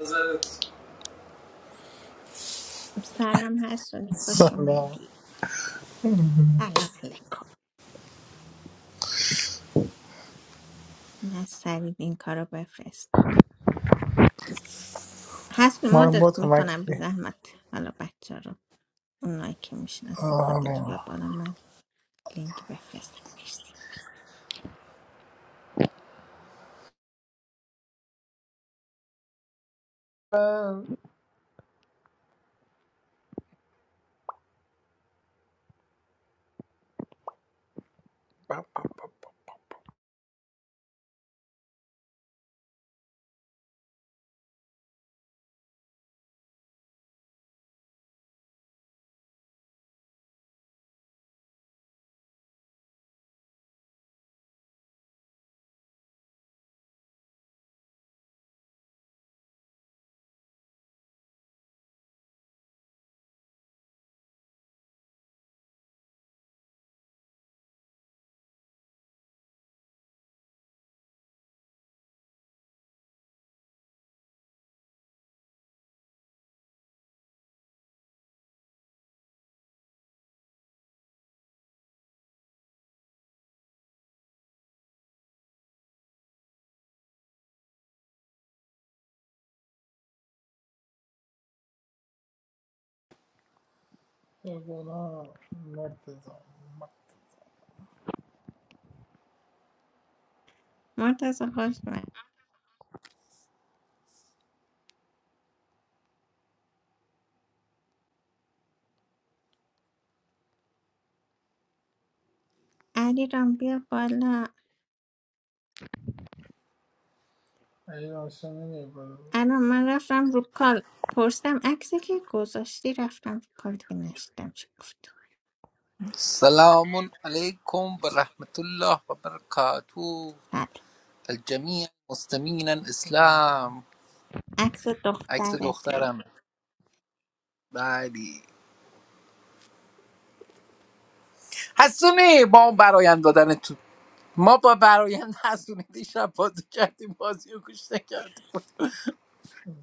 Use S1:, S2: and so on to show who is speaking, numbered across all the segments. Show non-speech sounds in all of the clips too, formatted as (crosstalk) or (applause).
S1: نظرت
S2: خب، سلام حسونی خوش
S1: لا
S2: اومدی سلام علیکم من سریع این کارو بفرستم حسونی
S1: من
S2: مدت میکنم بی
S1: مکتبی
S2: زحمت حالا بچه رو اونایی که میشناسی خودت بیا بالا من لینک بفرستم مرسی
S1: بیا بالا مرتزا
S2: مرتضی خوش اومد علیرام بیا بالا
S1: علی هاشمی نمیاد بالا
S2: الان من رفتم رو کال پرسیدم عکسی که گذاشتی رفتم رو کال دیگه نشدم چی گفت
S3: السلام عليكم ورحمة الله وبركاته
S2: سلام
S3: الجميع مستمعین اسلام
S2: عکس
S3: عکس
S2: دخترته
S3: دخترمه بلی حسونی با اون برایند دادن تو ما با برایند حسونی دیشب بازی کردیم بازی رو گوش نکرده بود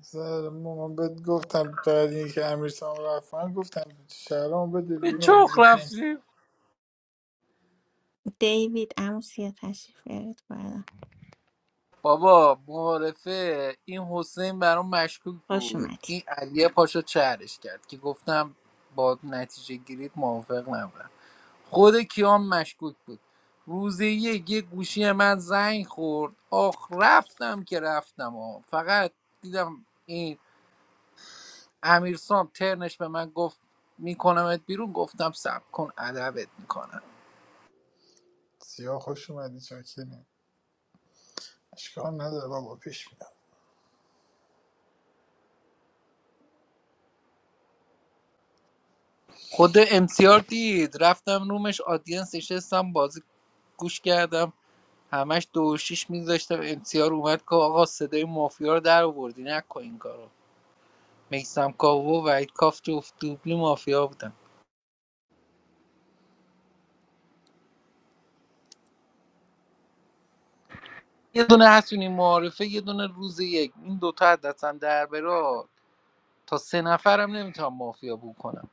S1: سر ما من بهت گفتم بعد اینکه امیر سام رفت من گفتم شهرام بده
S3: به
S1: بیرون
S3: چخ
S1: گفت نه
S3: رفتیم
S2: دیوید عمو سیا تشریف بیارید بالا
S3: بابا معارفه این حسین برام مشکوک
S2: خوش
S3: بود
S2: اومدید
S3: این علیه پاشو چهرش کرد که گفتم با نتیجه گیرید موافق نبودم خود کیان مشکوک بود روز یک یه گوشی من زنگ خورد آخ رفتم که رفتم آه. فقط دیدم این امیرسام ترنش به من گفت میکنمت بیرون گفتم سب کن ادبت میکنم
S1: سیاه خوش اومدی چاکریم اشکال نداره بابا پیش میدم
S3: خود امسیار دید رفتم رومش آدینس نشستم بازی گوش کردم همش دو و شیش میذاشتم امسیار اومد که آقا صدای مافیا رو در آوردی نکن این کارو میسم کاو و وحید کاف جفت دوبلی مافیا بودن یه دونه حسونی معارفه یه دونه روز یک این دوتا از دستم در بره تا سه نفرم نمیتونم مافیا بو کنم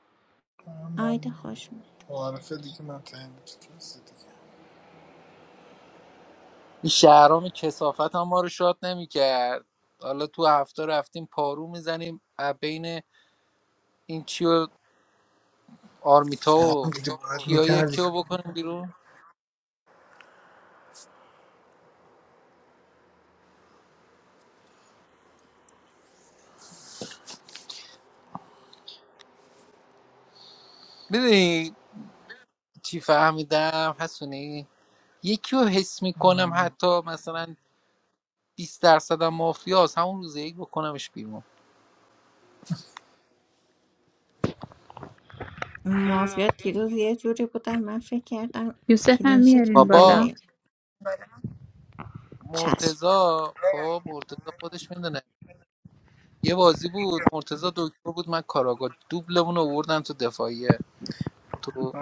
S1: اما
S2: آیدا خوش اومد
S1: معارفه دیگه من تعیین بود تو کلاس دیگه
S3: این شهرام کسافت هم ما رو شاد نمیکرد حالا تو هفته رفتیم پارو میزنیم بین این چی و آرمیتا
S1: شهرام
S3: و
S1: دیگه باید
S3: کیا یکی
S1: میکردیش
S3: رو بکنیم بیرون میدونی چی فهمیدم حسونی یکی رو حس میکنم حتی مثلا 20 درصد هم مافیاست همون روز یک بکنمش بیرون
S2: مافیا دیروز یه جوری بودم من فکر کردم
S4: یوسف هم
S2: کلینشیت
S4: میارین
S3: بابا
S4: بالا
S2: میبریم چشم
S3: مرتزا خب مرتزا خودش میدونه یه بازی بود مرتزا دکتر بود من کاراگاه دوبلمون رو آوردن تو دفاعیه تو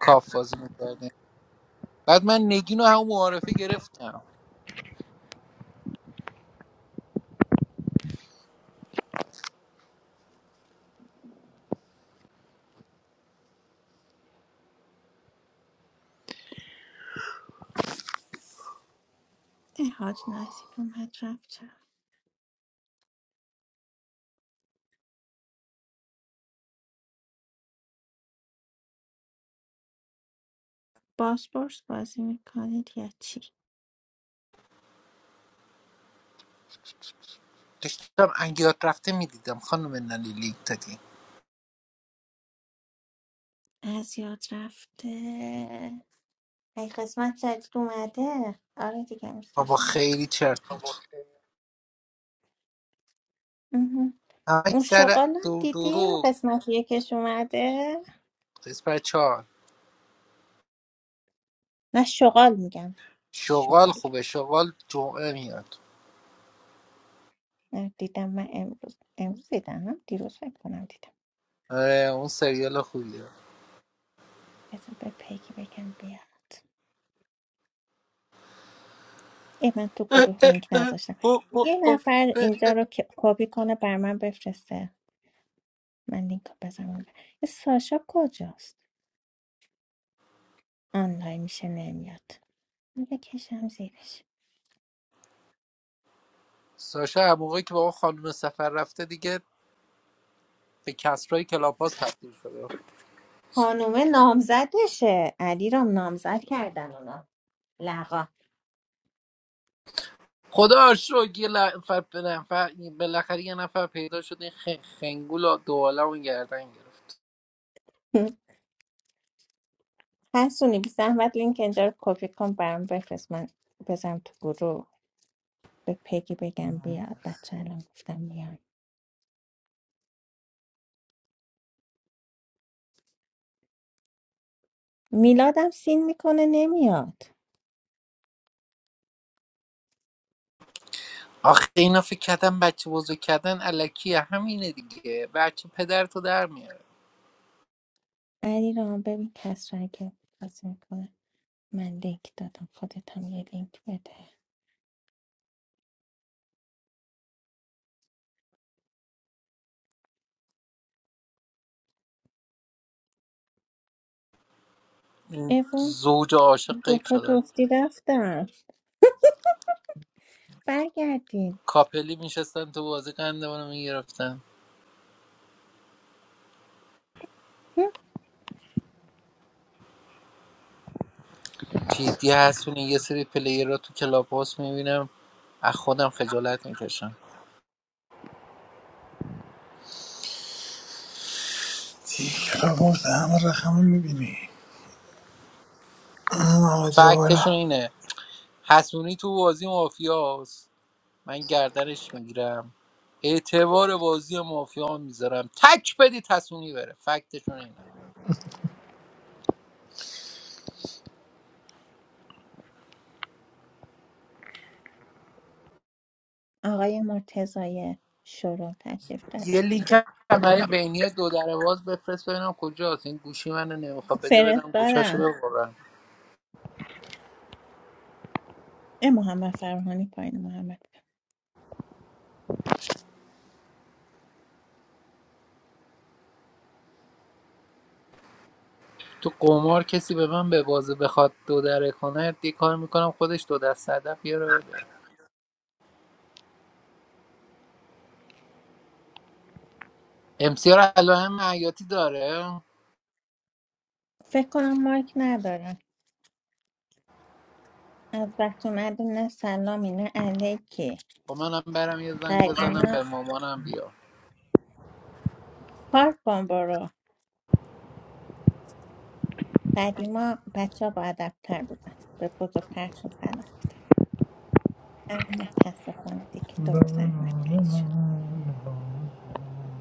S3: کاف بازی میکردیم بعد من نگین رو همون معارفه گرفتم
S2: اه، حاج نزید اومد رفت چرا باسپورس بازی میکنید یا چی
S3: داشتم انگیات رفته میدیدم خانم نالی لینک دادیم
S2: از یاد رفته ای قسمت جدید اومده آره دیگه میز
S3: بابا
S2: باشم
S3: خیلی
S2: بس
S3: چرت بود
S2: اها.
S3: همه
S2: اون
S3: سر
S2: شغالم
S3: دور
S2: دیدی
S3: دورو
S2: قسمت یکش اومده
S3: قسمت چهار
S2: نه شغال میگم
S3: شغال
S2: شغال
S3: خوبه شغال جمعه میاد
S2: نه، دیدم من امروز امروز دیدم دیروز فکر کنم دیدم
S3: آره اون سریال خوبیه
S2: بذار به پگی بگم بیاد ای من تو گروه لینک نذاشتم یه نفر
S3: (laughs)
S2: اینجا رو که- کپی کنه بر من بفرسته من لینک رو بذارم اون این ساشا کجاست آنلاین میشه نمیاد بکشم زیرش
S3: ساشا هم موقعی که با اون خانم سفر رفته دیگه به کسرای کلاب هاست تبدیل شده
S2: خانومه نامزدشه علی رام نامزد کردن اونا لقا
S3: خدا شو یه نفر به نفر بالاخره یه نفر پیدا شد این خ- خنگول و دواله اون گردن گرفت
S2: حسونی بی زحمت لینک اینجا رو کپی کن برام بفرست من بذارم تو گروه به پگی بگم بیاد بچه الان گفتم میان میلادم سین میکنه نمیاد
S3: آخه اینا فکر کردن بچه بزرگ کردن الکیه همینه دیگه بچه پدر تو در میاره
S2: علی رام ببین کس را که بازی میکنه من لینک دادم خودت هم یه لینک بده
S3: این
S2: ایوون
S3: زوج عاشق قیب
S2: دوتا
S3: شدن
S2: جفتی رفتم برگردین
S3: کاپلی میشستن تو بازی قندمونو میگرفتن
S2: هم.
S3: جدی هستون یه سری پلیر رو تو کلاب هاست میبینم از خودم خجالت میکشم
S1: دیگه را برده همه رقم میبینی آمدی بالا
S3: فکتشون اینه حسونی تو بازی مافیاست من گردنش میگیرم اعتبار بازی مافیا میذارم تک بدید حسونی بره فکتشون اینه
S2: آقای مرتضای شروع تشریف داری
S3: یه
S2: (laughs)
S3: لینک هم برای بینی دو در باز بفرست ببینم کجاست این گوشی من نمیخواد بده بدم گوشاشو
S2: فرستادم
S3: ببرم
S2: اه محمد فرهانی پایین محمد
S3: تو قمار کسی به من به بازه بخواد دو دره کنه یه کار میکنم خودش دو دست هدف بیاره بده امسیار علائم معیاتی داره
S2: فکر کنم مایک ندارم از وقت اومدی نه سلامی نه علیکی
S3: خب منم برم یه زنگ بزنم
S2: قدیما
S3: به مامانم بیا
S2: پارک بان برو قدیما بچه ها با ادبتر بودن به بزرگترشون سلام اما متاسفانه دیگه
S1: La
S2: دور
S1: la
S2: زمین بعدی
S1: la
S2: شد
S1: la. la.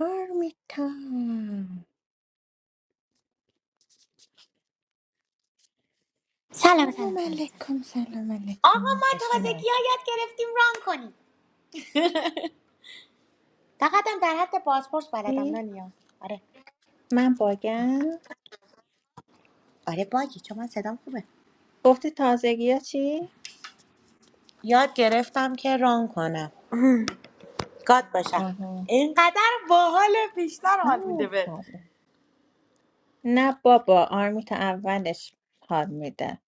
S2: آرمیتا
S5: سلام
S2: سلام
S5: سلام سلام سلام
S2: علیکم سلام
S5: آقا
S2: علیکم
S5: ما
S2: خوش
S5: تازگی ها یاد گرفتیم ران کنیم فقطم در حد پاسپورت بلدم
S2: اومدی
S5: دنیا آره
S2: من باگم
S5: آره باگی چون من صدام خوبه
S2: گفتی تازگی ها چی؟
S5: یاد گرفتم که ران کنم گاد باشم
S2: آها
S5: اینقدر باحال بیشتر حال میده
S2: آه.
S5: بهت
S2: آره. نه بابا آرمیتا اولش حال میده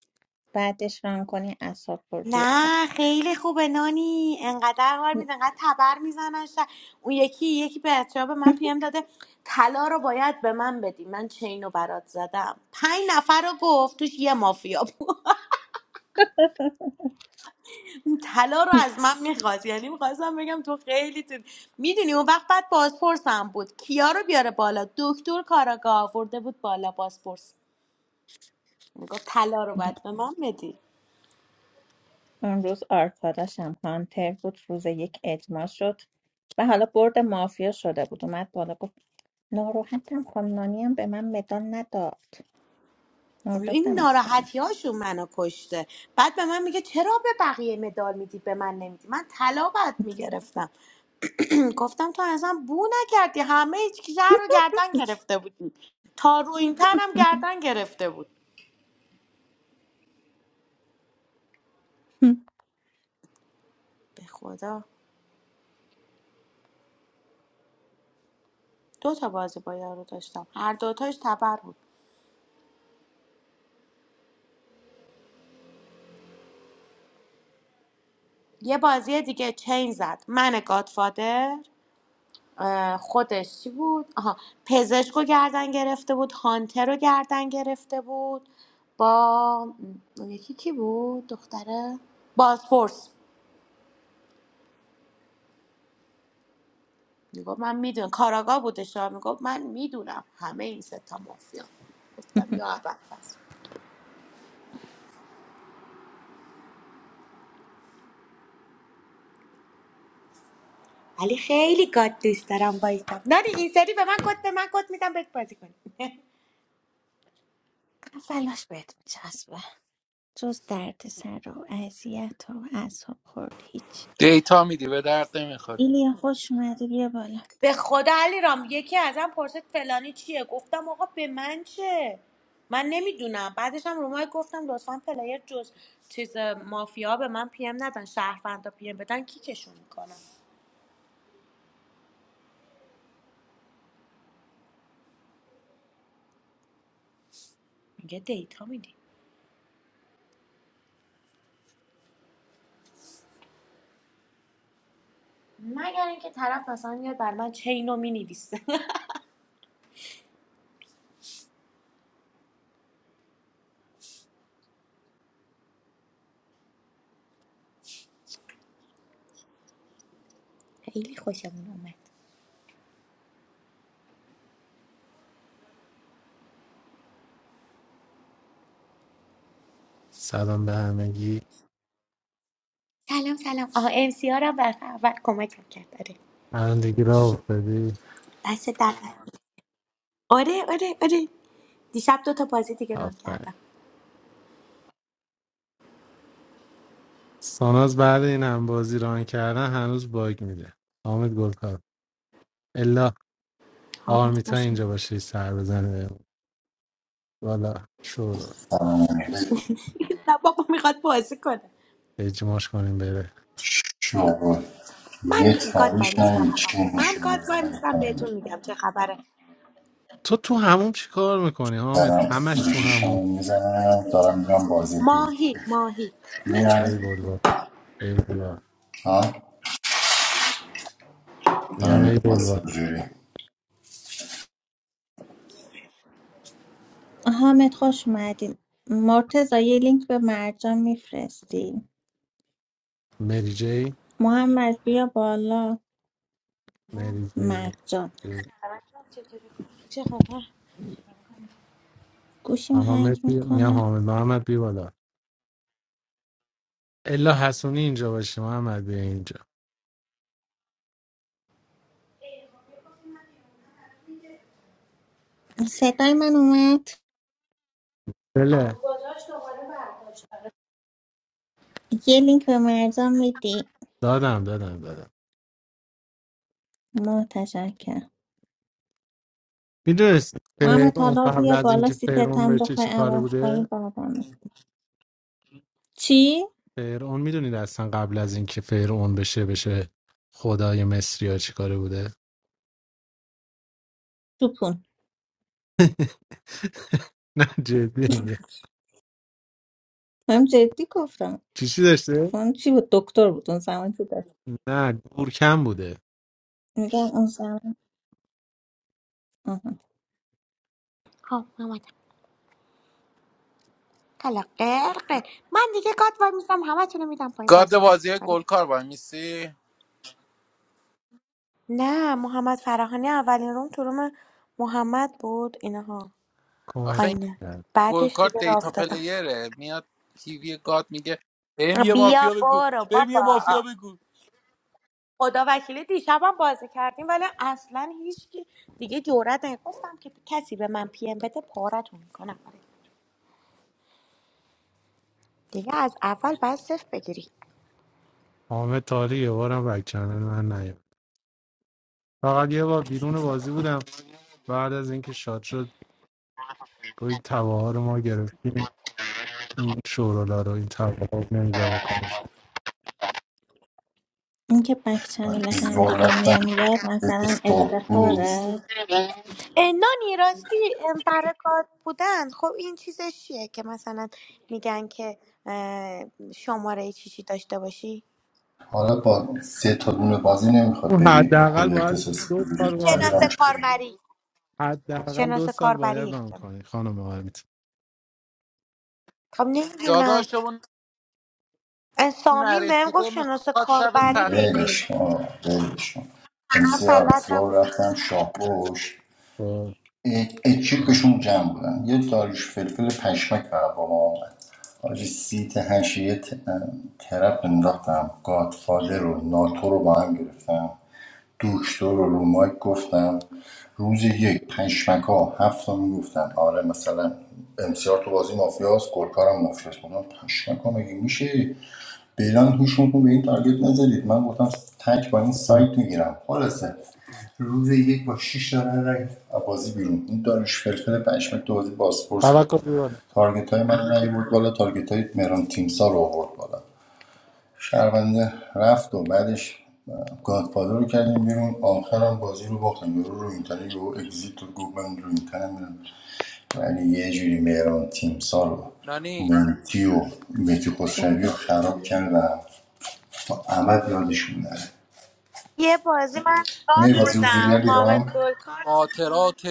S2: بعدش ران کنی اصاب بردی
S5: نه
S2: فقط
S5: خیلی خوبه نانی انقدر حال میده انقدر تبر میزنن ش- اون یکی یکی بچه به من پیم داده طلا رو باید به من بدی من چین رو برات زدم پنج نفر رو گفت توش یه مافیا بود این طلا رو از من میخواست یعنی میخواستم بگم تو خیلی تو میدونی اون وقت بعد بازپرسم بود کیا رو بیاره بالا دکتر کاراگاه آورده بود بالا بازپرس میگفت طلا رو باید
S2: (laughs)
S5: به من بدی
S2: اون روز آرکاداش هم هانتر بود روز یک اجماع شد و حالا برد مافیا شده بود اومد بالا ناراحتم خانم نانی هم به من مدال نداد
S5: این
S2: مردادم اصلا
S5: ناراحتی هاشون منو کشته بعد به من میگه چرا به بقیه مدال میدی به من نمیدی من طلا باید میگرفتم (clears throat) گفتم تو اصلا بو نکردی همه هیچ کی شهر رو گردن گرفته بودی تا روی این تنم
S2: (laughs)
S5: گردن گرفته بود به خدا دو تا بازی با یارو داشتم هر دوتاش تبر بود یه بازی دیگه چین زد من گادفادر اه، خودش چی بود آها پزشکو گردن گرفته بود هانتر رو گردن گرفته بود با اون یکی کی بود دختره بازپرس میگفت من میدونم کاراگاه بودش ها. میگفت من میدونم همه این سه ستا مافیا گفتم یا اول فصل، ولی خیلی گاد دوست دارم وایستم نه این سری به من گفت به من گفت میدم بهت بازی کنی
S2: فلاش بهت میچسبه جز درد سر و اذیت و اعصاب خورد هیچ
S3: دیتا میدی به درد نمیخواد
S2: ایلیا خوش اومدی بیا بالا
S5: به خدا علیرام یکی ازم پرسید فلانی چیه گفتم آقا به من چه من نمیدونم بعدش هم رومای گفتم لطفا پلیر جز چیز مافیا به من پیم ندن شهروندا پیم بدن کیکشون میکنم میگه دیتا میدی مگر اینکه طرف مثلا میاد بر من چینو مینویسه (laughs) خیلی خوشمون اومد
S6: سلام به همگی
S5: سلام سلام آها ام سی هم برفه اول کمکم کرد آره
S6: پرندگی را افتادی
S5: دست در نکنه. آره آره آره دیشب دو تا بازی دیگه ران
S6: آفرین
S5: کردم
S6: ساناز بعد این هم بازی ران کردن هنوز باگ میده حامد گلکار الا
S5: آه،
S6: آرمیتا
S5: خوش
S6: اینجا
S5: اومد.
S6: باشه سر بزنه بهمون. والا شور
S7: سرمایه
S5: (laughs) نه بابا میخواد بازی کنه
S6: اجماش کنیم بره
S7: شغل یه
S5: من گاد وای
S7: تاریش
S5: نیستم
S7: نبید
S5: آقا
S7: چی
S5: من گاد
S7: نشون
S5: وای
S7: بزنم
S5: نیستم
S7: میکنم
S5: بهتون میگم چه خبره
S6: تو تو هموم چی کار میکنی حامد
S7: دارم
S6: همش تو هموم
S7: گوشیشمو میزنم دارم میرم بازی
S5: ماهی ماهی
S6: ای
S7: میرم
S6: بلوا ای بلوا
S7: ها
S6: میگم
S7: دارم میرم
S6: ای بلوا
S7: واسه جوری
S2: حامد خوش اومدی مرتزا یه لینک به مرجان میفرستی
S6: مری جی
S2: محمد بیا بالا
S6: مری جی
S2: مرجان
S6: جی.
S5: چطوری؟ چه خبر
S2: گوشیم
S6: اما
S2: هنگ
S6: مسی میگم
S2: میکنه
S6: حامد محمد بی بالا الا حسونی اینجا باشه محمد بیا اینجا
S2: صدای من اومد
S6: بله
S2: یه لینک به مرجان میدی
S6: دادم دادم دادم
S2: متشکرم
S6: میدونست
S2: محمد
S6: فرعون
S2: طلا
S6: قبل
S2: بیا
S6: از
S2: بالا
S6: اینکه فرعون
S2: سیتتم
S6: بشه
S2: بخوای
S6: چی کاره
S2: عوض کنی
S6: بوده
S2: بعدم چی؟
S6: فرعون میدونید اصلا قبل از اینکه فرعون بشه بشه خدای مصری ها چی کاره بوده
S2: توپون
S6: (laughs) نه جدی میگه
S2: هم جدی گفتم
S6: چیشی داشته
S2: اون چی بود دکتر بود اون زمان که داشت
S6: نه گورکم بوده
S2: میگم اون زمان آها.
S5: خب من اومدم حالا قرقه من دیگه گاد وای میستم همه رو میدم پایین بازی
S3: گارد
S5: کنید
S3: بازی
S5: آره
S3: گلکار وای میسی
S5: نه محمد فراهانی اولین روم تو روم محمد بود اینها
S3: آخه
S6: کمک
S3: این
S5: پایینه
S6: کرد
S5: بعدش
S3: گلکار
S5: دیگه راه
S3: دیتا
S5: افتادم
S3: پلیره میاد تیوی گاد میگه بهم یه
S5: بیا
S3: مافیا بگو
S5: برو
S3: بهم یه مافیا
S5: بابا
S3: بگو
S5: خدا وکیلی دیشبم بازی کردیم ولی اصلا هیچ کی دیگه جرأت نه که کسی به من پی ام بده پارتون میکنم دیگه از اول باید صفر بگیری
S6: حامد تالی یه بارم بک چنل من نیاد فقط یه بار بیرون بازی بودم بعد از اینکه شاد شد گویی تباها رو ما گرفتیم این شورولا رو این تباها نمی‌ذاره بکنش
S2: اون که بک چنل هم
S7: زور
S2: دیگه
S7: رفتن
S2: نمیاد
S7: یکی
S2: مثلا
S7: صبح روز
S2: افتخاره
S5: اه، نانی راستی ام، برکات بودن خب این چیزش چیه که مثلا میگن که اه، شماره چی چی داشته باشی
S7: حالا با سه تا دونه بازی نمیخواد
S6: اون
S7: بری
S6: حداقل
S7: کد
S6: باید
S7: اختصاصی
S6: دو
S7: بگیری
S6: سال ران
S5: شناس
S7: نمیرم
S6: کنی
S7: چطوری
S5: کاربری
S6: حداقل دو
S5: شناس
S6: سال باید
S5: کاربری
S6: ران کنی خانم آرمیت
S5: خب نمیدونم
S3: داداشمون
S5: سامین بهم
S3: نرسیده
S5: گفت شناس
S3: میخواد شب
S5: کاربری
S3: صد
S5: بگی
S7: ولش کن آه، ولش کن
S5: من
S7: امسی
S5: بلد
S7: زور
S5: نبودم
S7: رفتم شاپوش
S6: خب.
S7: اکیپشون جمع بودن یه داریوش فلفل پشمک فقط با ما اومد حاجی سیت هشت یه ت- ترپ انداختم گادفادر رو ناتو رو با هم گرفتم دکتر رو رو مایک گفتم روز یک پشمک ها هفت تا میگفتن آره مثلا امسیار تو بازی مافیاست گلکارم مافیاست بودم پشمک ها مگه میشه فعلا گوش کن به این تارگت نزدید من گفتم تک با این
S6: خب.
S7: سایت میگیرم خلاصه روز یک با 6 داره رای بازی بیرون این داروش فلفل پشمک دوازی باسپورس بود
S6: توکل بیرون
S7: تارگت های من رای بود بالا تارگت های مهران تیمسا رو آورد بالا شهرونده رفت و بعدش گادفادر رو کردیم بیرون آخرم بازی رو باختیم یورو رو اینترنت یهو اگزییت رو گفت من رو اینترنت میرم ولی یه جوری مهران تیمسا رو
S3: نانی
S7: مونتی و مهدی خسروی رو
S2: بله
S7: خراب کردم تا ابد یادشون نره
S5: یه بازی من گاد
S7: میری بازی حضوری
S5: بودم
S7: علی
S5: حامد
S7: رام؟
S5: گلکار تو
S3: خاطرات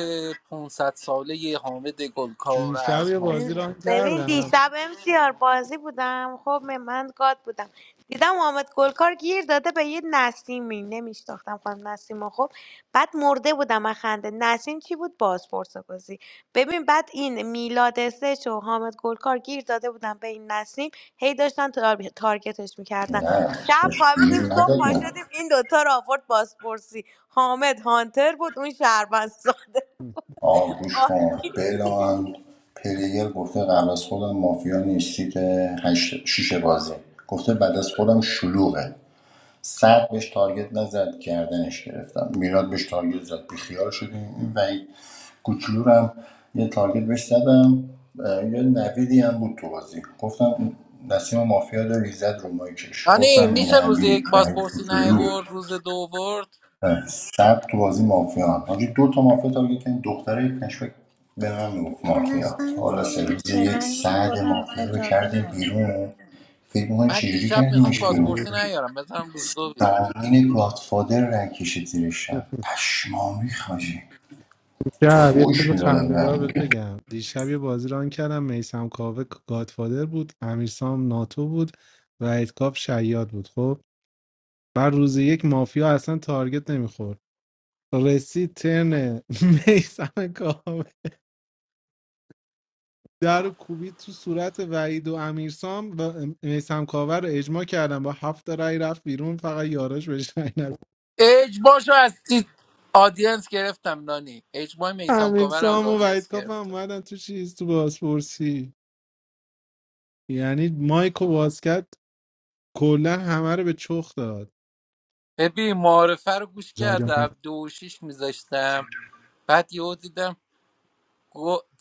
S3: 500 ساله حامد گلکار
S6: دیشب
S3: از
S6: یه بازی
S5: این-
S3: مافیا
S6: ران
S5: ببین
S6: کردم
S5: دیشب امسیار بازی بودم خب می- من گاد بودم دیدم محمد گلکار گیر داده به یه نسیمی نمیشناختم خانم نسیم رو، خب بعد مرده بودم از خنده نسیم چی بود بازپرس بازی ببین بعد این میلاد سش و حامد گلکار گیر داده بودم به این نسیم هی داشتن تار- تارگتش میکردن
S7: نه
S5: شب
S7: بهش
S5: خوابیدیم
S7: ایمیل
S5: صبح پا
S7: ندادم
S5: شدیم این دوتا رو آورد بازپرسی حامد هانتر بود اون شهروند ساده
S7: آه گوش
S5: آه،
S7: کن بلان پلیر گفته قبل از خودم مافیا نیست سیت هشت- شیشه بازی گفته بعد از خودم شلوغه صد بهش تارگت نزد گردنش گرفتم میلاد بهش تارگت زد بیخیال شدیم این وحید کوچولو رو هم یه تارگت بهش زدم اه، یه نویدی هم بود تو بازی گفتم نسیم مافیا داری زد رو مایکش
S3: نانی
S7: گفتم
S3: میشه روز
S7: نوید
S3: یک
S7: وحید
S3: بازپرسی
S7: کوچولو
S3: نیورد روز دو ورد
S7: اه، سعد تو بازی مافیا هم حاجی دو تا مافیا تارگت کردن دختره پشمک به من گفت مافیا
S2: تونستم
S7: حالا
S2: شما
S7: سرویس
S2: میشه
S7: یک
S2: ولی من
S7: سعد
S2: خودم
S7: مافیا رو
S2: اجازه
S7: کردیم
S2: نمیدم
S7: بیرون فکر میکنی
S3: من
S7: چجوری
S3: دیشب میخواد
S7: کردیمش بیرون
S6: چجوری؟
S3: بازپرسی نیارم بذارم روز دو بیارم
S7: فهمین گادفادر رای کشید زیر شب پشمامی خاجی
S6: دیشب یه
S7: فوش
S6: چیز
S7: میدادم به
S6: خندهدار
S7: هم
S6: بهت
S7: دیگه
S6: بگم دیشب یه بازی ران کردم میسم کاوه گادفادر بود امیرسام ناتو بود و کاف شیاد بود خب بعد روز یک مافیا اصلا تارگت نمیخورد رسید ترن (laughs) میسم کاوه در رو کوبید تو صورت وحید و امیرسام و میسم کاور رو اجماع کردن با هفت رای رفت بیرون فقط یارش بهش رای نداد.
S3: اجباشو از تی- آدینس گرفتم نانی اجبای میسم کاور از
S6: امیرسام و وحید
S3: آدینس
S6: کاف هم
S3: گرفتم
S6: اومدن تو چیز تو بازپرسی یعنی مایکو باز کرد کلا همه رو به چخ داد
S3: ببین معارفه رو گوش کردم
S6: جاجا
S3: دو و شیش میذاشتم بعد یهو دیدم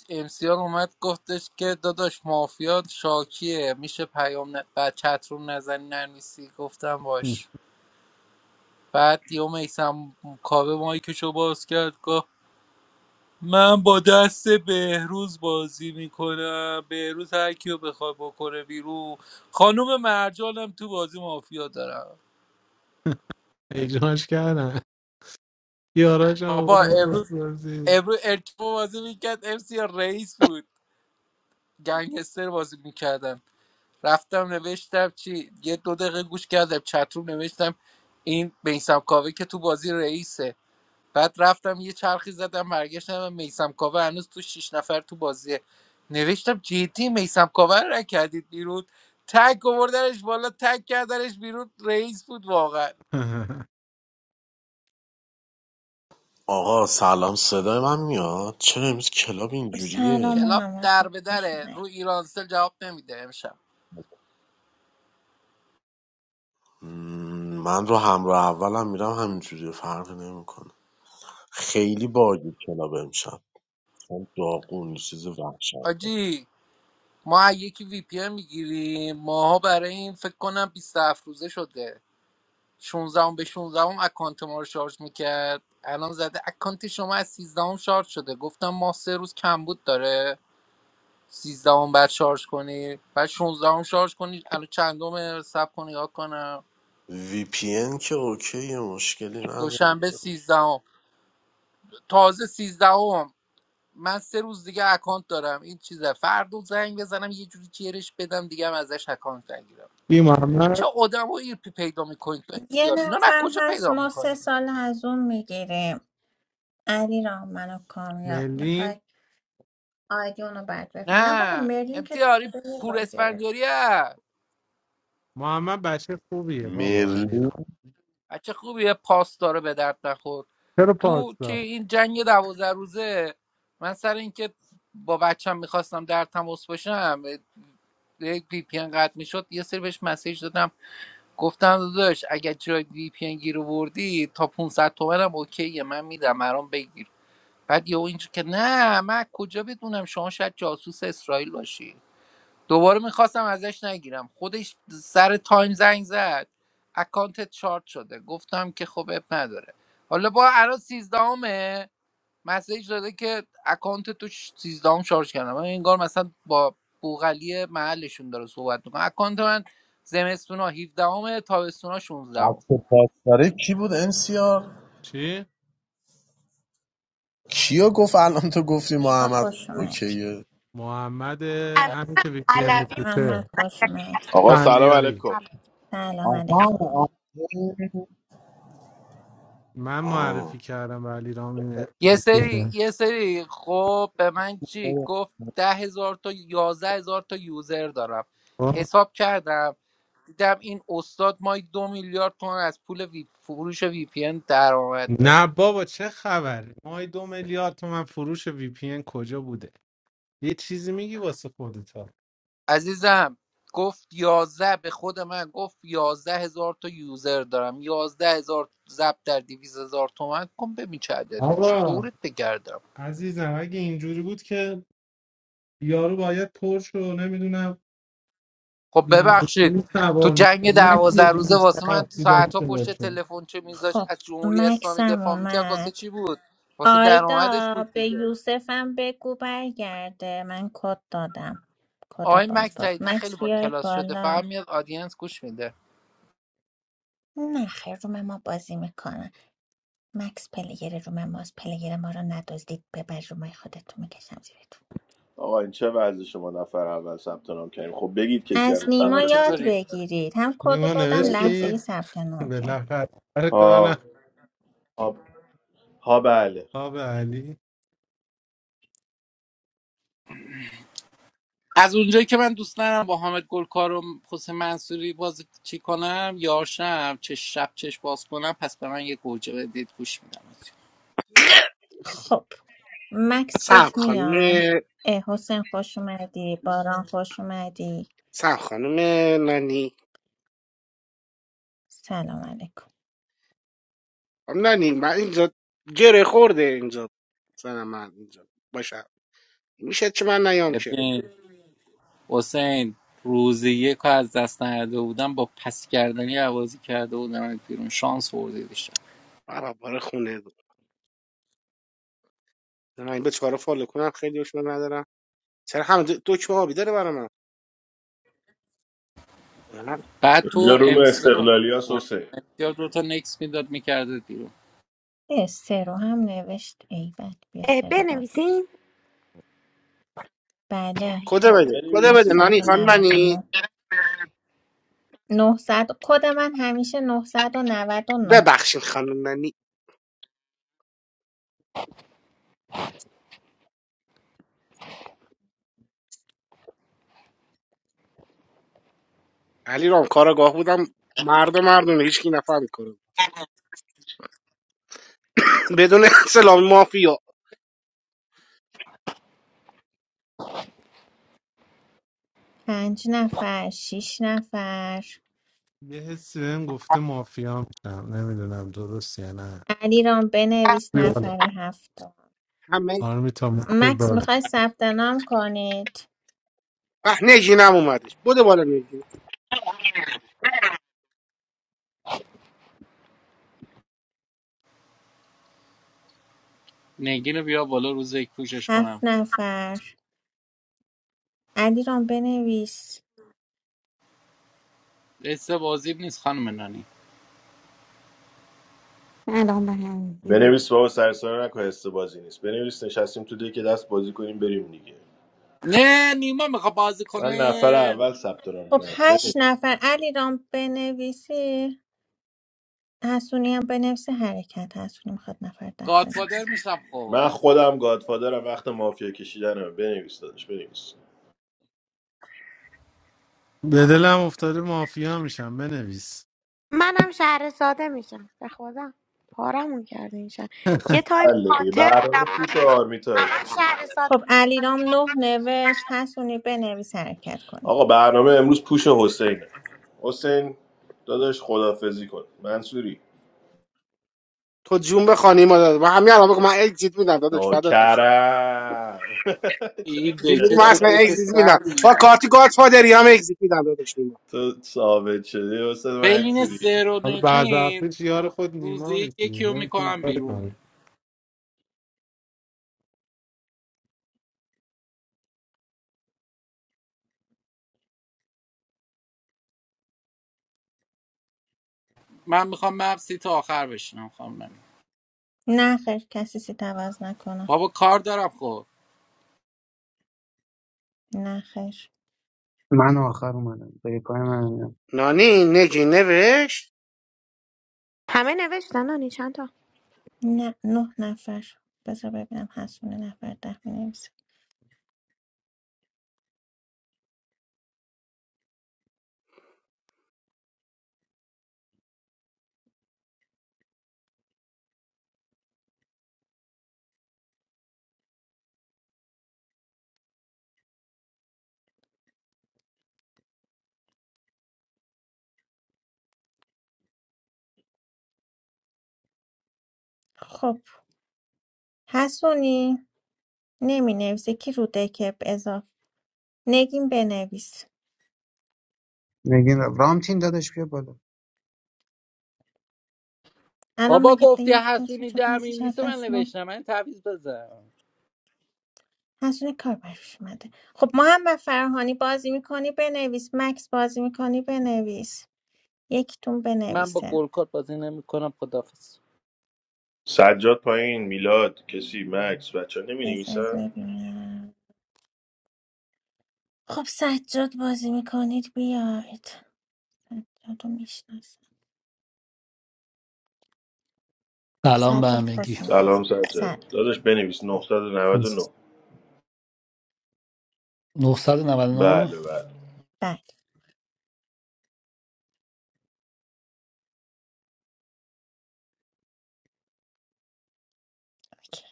S3: امسیار اومد گفتش که داداش مافیات شاکیه میشه پیام ن... بعد چتروم نزنی ننویسی گفتم باش بعد یهو میسم کاوه مایکشو باز کرد من با دست بهروز بازی میکنم بهروز هر کیو بخواد بکنه بیرون خانوم مرجانم تو بازی مافیا دارم
S6: اجماعش کردن یاراش هم
S3: بابا
S6: آوردن
S3: امروز
S6: بازپرسی
S3: امروز ارتبا بازی میکرد امسی رئیس بود گنگستر بازی میکردم رفتم نوشتم چی یه دو دقیقه گوش کردم چتروم نوشتم این بیسم کاوه که تو بازی رئیسه بعد رفتم یه چرخی زدم برگشتم میسم کاوه هنوز تو شیش نفر تو بازیه نوشتم جدی میسم کاوه رو نکردید بیرون تک آوردنش بالا تک کردنش بیرون رئیس بود واقعا
S6: (laughs)
S8: آقا سلام صدای من میاد چرا امروز کلاب اینجوریه
S2: سلام
S3: کلاب
S2: محمد
S3: در به
S2: خوش
S3: دره
S2: اومد
S3: رو ایرانسل جواب نمیده امشب
S8: مم، من رو همراه اولم میرم همینجوریه فرقی نمیکنه خیلی باگی کلاب امشب مثلا داغون یه چیز وحشت
S3: آجی ما یکی وی پی ان میگیریم ماها برای این فکر کنم 27 روزه شده 16 به 16 اکانت ما رو شارژ میکرد الان زده اکانت شما از 13 شارژ شده گفتم ما سه روز کمبود داره سیزدهم بعد شارژ کنی بعد 16 هم شارژ کنی الان چندم سب کنی یاد کنم
S8: وی پی ان که اوکی مشکلی نداره
S3: دوشنبه 13 هم. تازه 13 هم. من سه روز دیگه اکانت دارم این چیزه فردا زنگ بزنم یه جوری جرش بدم دیگه هم ازش اکانت بگیرم
S6: این
S3: چه
S6: محمد
S3: آدمایی پی- پیدا میکنید تو
S2: یه
S3: امتیار اینا نه
S2: نفر
S3: کجا
S2: هست
S3: پیدا
S2: ما سه
S3: میکنی
S2: سال از اون میگیریم علی را منو کامیاب
S6: ملین
S2: میخوای آیدیون رو برداشت نه بابا
S3: نه
S2: مرلین که
S3: امتیاری
S2: تازه یه
S3: پور
S2: بار گرفت
S3: اسفندیاری هست.
S6: محمد بچه خوبیه بابا
S8: مرلین
S6: علیرام
S3: بچه خوبیه پاس داره به درد نخور
S6: چرا
S3: تو
S6: پاس
S3: که
S6: داد
S3: این جنگ دوازده روزه من سر اینکه با بچم میخواستم در تماس باشم یک وی پی ان قطع میشد یه سری بهش مسیج دادم گفتم داداش اگر جای وی پی ان گیر آوردی تا 500 تومن هم اوکیه من میدم برام بگیر بعد یهو اینجور که نه من کجا بدونم شما شاید جاسوس اسرائیل باشی دوباره میخواستم ازش نگیرم خودش سر تایم زنگ زد اکانت چارت شده گفتم که خب اب نداره حالا با الان 13 مسیج داده که اکانت تو 13 هم شارژ کردم من انگار مثلا با بوغلی محلشون داره صحبت میکنه اکانت من زمستونا 17 همه تابستونا 16 هم.
S8: عکس پاس داره کی بود امسیار
S6: چی؟
S8: کیو گفت الان تو گفتی
S2: نیما
S8: محمد
S2: خوش اومدی
S8: اوکیه
S6: محمد همین که ویپی ام
S2: محمد
S6: میفروشه
S2: خوش اومدی
S9: آقا سلام
S6: بندیاری
S9: علیکم
S2: سلام
S8: آها
S2: علیکم
S8: آها.
S6: من معرفی کردم به علی رام این
S3: یه
S6: ویپی
S3: سری
S6: ام
S3: یه سری خب به من چی
S8: آه.
S3: گفت ده هزار تا یازده هزار تا یوزر دارم
S6: خب؟
S3: حساب کردم دیدم این استاد مای دو میلیارد تومن از پول وی... فروش وی پی ان درآمد داره
S6: نه بابا چه خبره مای دو میلیارد تومن فروش وی پی ان کجا بوده یه چیزی میگی واسه خودتا
S3: عزیزم گفت یازده به خود من گفت یازده هزار تا یوزر دارم یازده هزار ضرب در دیویز هزار تومن کن ببین چه عددی میشه
S6: آقا
S3: دورت بگردم
S6: عزیزم اگه اینجوری بود که یارو باید پرش رو نمیدونم
S3: خب ببخشید
S6: لامبورگینی
S3: تو
S6: سوار
S3: جنگ
S6: می‌شد. نه که
S3: دوازده
S6: یه
S3: روزه واسه من
S6: 270
S3: ساعتها
S6: داشته
S3: پشت
S6: باشه
S3: تلفن چه میذاش
S2: خب
S3: از جمهوری اسلامی
S2: مکسم
S3: دفاع میکرد واسه
S2: اومد
S3: چی بود واسه درآمدش
S2: آیدا
S3: بود
S2: به
S3: دیگه
S2: یوسفم بگو برگرده من کد دادم کد
S3: آقای مکس
S2: بازپرس
S3: جدیدن خیلی
S2: مکس
S3: با
S2: بیارید
S3: کلاس شده
S2: بالا
S3: فقط میاد آدینس گوش میده
S2: نه خیر روم ما بازی میکنن مکس پلیر روم ماست پلیر ما رو ندزدید ببر رومای خودتون میکشم زیرتون
S9: آقا این چه وضع شما نفر اول ثبت نام کردیم خب بگید کسی هم
S2: از
S3: نیما
S2: نیما
S9: ثبت نام
S2: یاد
S3: چطوری
S9: نکرد
S2: بگیرید هم کد رو
S6: نیما
S2: دادم لحظه ای
S6: نوشتی
S9: نکردم.
S2: ثبت نام کرد
S6: بالاخره کار نه
S9: ها ها ها بله
S6: آب علی
S3: از اونجایی که من دوست ندارم با حامد گلکار و حسین منصوری بازی چی کنم یاشم چه شب چش باز کنم پس به من یه گوجه بدید گوش میدم
S2: خب مکس
S10: سلام
S2: گفت میام
S10: خانم
S2: اه حسین خوش اومدی باران خوش اومدی
S10: سلام خانم نانی
S2: سلام علیکم
S10: خانم نانی من اینجا گره خورده اینجا زن من اینجا باشم میشه چه من نیام که
S3: ببین حسین روزی یک رو از دست نداده بودم با پس کردنی عوازی کرده بودم از بیرون شانس برده داشتم
S10: برا باره خونه بود من این به چهار فالو کنم خیلی دشمن ندارم سر هم دکمه آبی داره برا من من
S3: بعد
S9: اینجا
S3: تو
S9: روم
S3: امسیار رو
S9: استقلالی ها
S3: برد
S9: سوسه
S3: امسیار دوتا نکس میداد میکرده بیرون
S2: اه سرو هم نوشت ای بد بیا
S5: اه،
S2: سرو بالا
S5: بنویسیم
S2: بله
S10: کده
S9: آقا
S10: بده کده بده
S9: بنویسید
S10: نانی خانم
S9: دیگه
S10: نانی
S2: 999 900 کد من همیشه 999
S10: ببخشید خانم نانی علی رام کارگاه بودم مرد و مردونه هیچ کی نفهمی کنه (laughs) بدون سلام مافیا
S2: پنج نفر شیش نفر
S6: یه حسی بهم گفته مافیا میشم نمیدونم درست یا نه
S2: علی رام بنویس
S6: بیا بالا.
S2: نفر هفتم
S10: همه
S6: آرمیتا مشکل
S2: مکس
S6: باز
S2: میخوای ثبت نام کنید
S10: اه نجینم اومدش بوده بالا نجی
S3: نگین رو بیا بالا روز یک پوشش کنم
S2: هفت نفر علی رام بنویس
S3: قصه بازی نیست خانم نانی
S11: And on the hand.
S9: بنویس بابا سرسانه نکن حس بازی نیست بنویس نشستیم تو که دست بازی کنیم بریم دیگه
S3: نه نیما میخواد بازی
S9: من نفر
S3: کنه
S9: اول ثبت نام
S2: خب
S9: کردم بنویس
S2: هشت نفر علیرام بنویسی حسونی هم بنویسی حرکت حسونی میخواد نفر ده
S3: گادفادر
S2: بنویسی
S3: میشم
S9: من
S3: خب
S9: خودم گادفادرم وقت مافیا کشیدنم بنویس داداش بنویس
S6: به دلم افتاده مافیا میشم بنویس
S5: منم شهر ساده میشم به خدا پارمون کرده این شهر
S9: آفرین.
S5: یه
S6: (laughs)
S5: تایم
S9: حله دیگه.
S5: هانتر بودم
S9: برنامه پوش و آرمیتا
S5: همه
S9: بچه‌ها.
S5: شهر ساده
S2: خب علیرام
S5: میشم
S2: نه نوشت حسونی بنویس حرکت کنی
S9: آقا برنامه امروز پوش حسین حسین داداش خدافزی کن منصوری
S10: تو جون بخوانی مادر من همین الان بگو من اگزییت میدم داداش فدات بشم
S9: نوکرم (laughs)
S3: این
S10: تو
S3: دیگه
S10: بگو من
S3: چه
S10: اصلا
S3: دیگه
S10: اگزییت میدم
S3: سر
S10: با
S3: میاد
S10: کارتی گاد فادری هم اگزییت میدم داداش نیما
S9: تو ثابت شده حسین
S3: بین
S9: منصوری
S3: سر و
S6: حالا بعد
S3: نگین
S6: وقتش یار خود نیما
S3: روزی
S6: میشی
S3: یکی رو
S6: نمیتونی
S3: میکنم
S6: کاری
S3: بیرون
S6: کنی
S3: من میخوام مبسی تا آخر بشینم خانم نگین.
S2: نه خیر کسی سیت عوض نکنه
S3: بابا کار دارم خب
S2: نه خیر
S12: من آخر اومدم به یه پای من
S10: نانی نگی نوشت
S5: همه نوشتن نانی چند تا
S2: نه نه نفر بذار ببینم حسونی نفر ده بنویسه خب حسونی نمی نویسه کی رو دکه اضافه نگین بنویس
S12: میگین رامتین دادش بیا بالا
S2: الان
S3: بابا
S2: مگه ده-
S3: گفتی
S2: یک دو سه
S3: حسونی
S2: چهار پنج
S3: دمیم
S2: شیش
S3: نیست من
S2: هفت
S3: نوشتم من تعویض بزن
S2: از روی کار برش اومده خب محمد فرهانی بازی میکنی بنویس مکس بازی میکنی بنویس یکتون
S3: من با
S2: بنویسه
S3: گلکات بازی نمیکنم خدافظ
S9: سجاد پایین میلاد کسی مکس بچه نمی
S2: بذار
S9: نویسن
S2: ببینم خب سجاد بازی میکنید بیاید سجاد رو میشناسم
S13: سلام به
S2: سجاد
S13: همگی
S2: خوش اومدی
S9: سلام
S2: سر
S9: سجاد داداش بنویس 999
S13: 999
S9: بله بله
S2: بعد اوکی.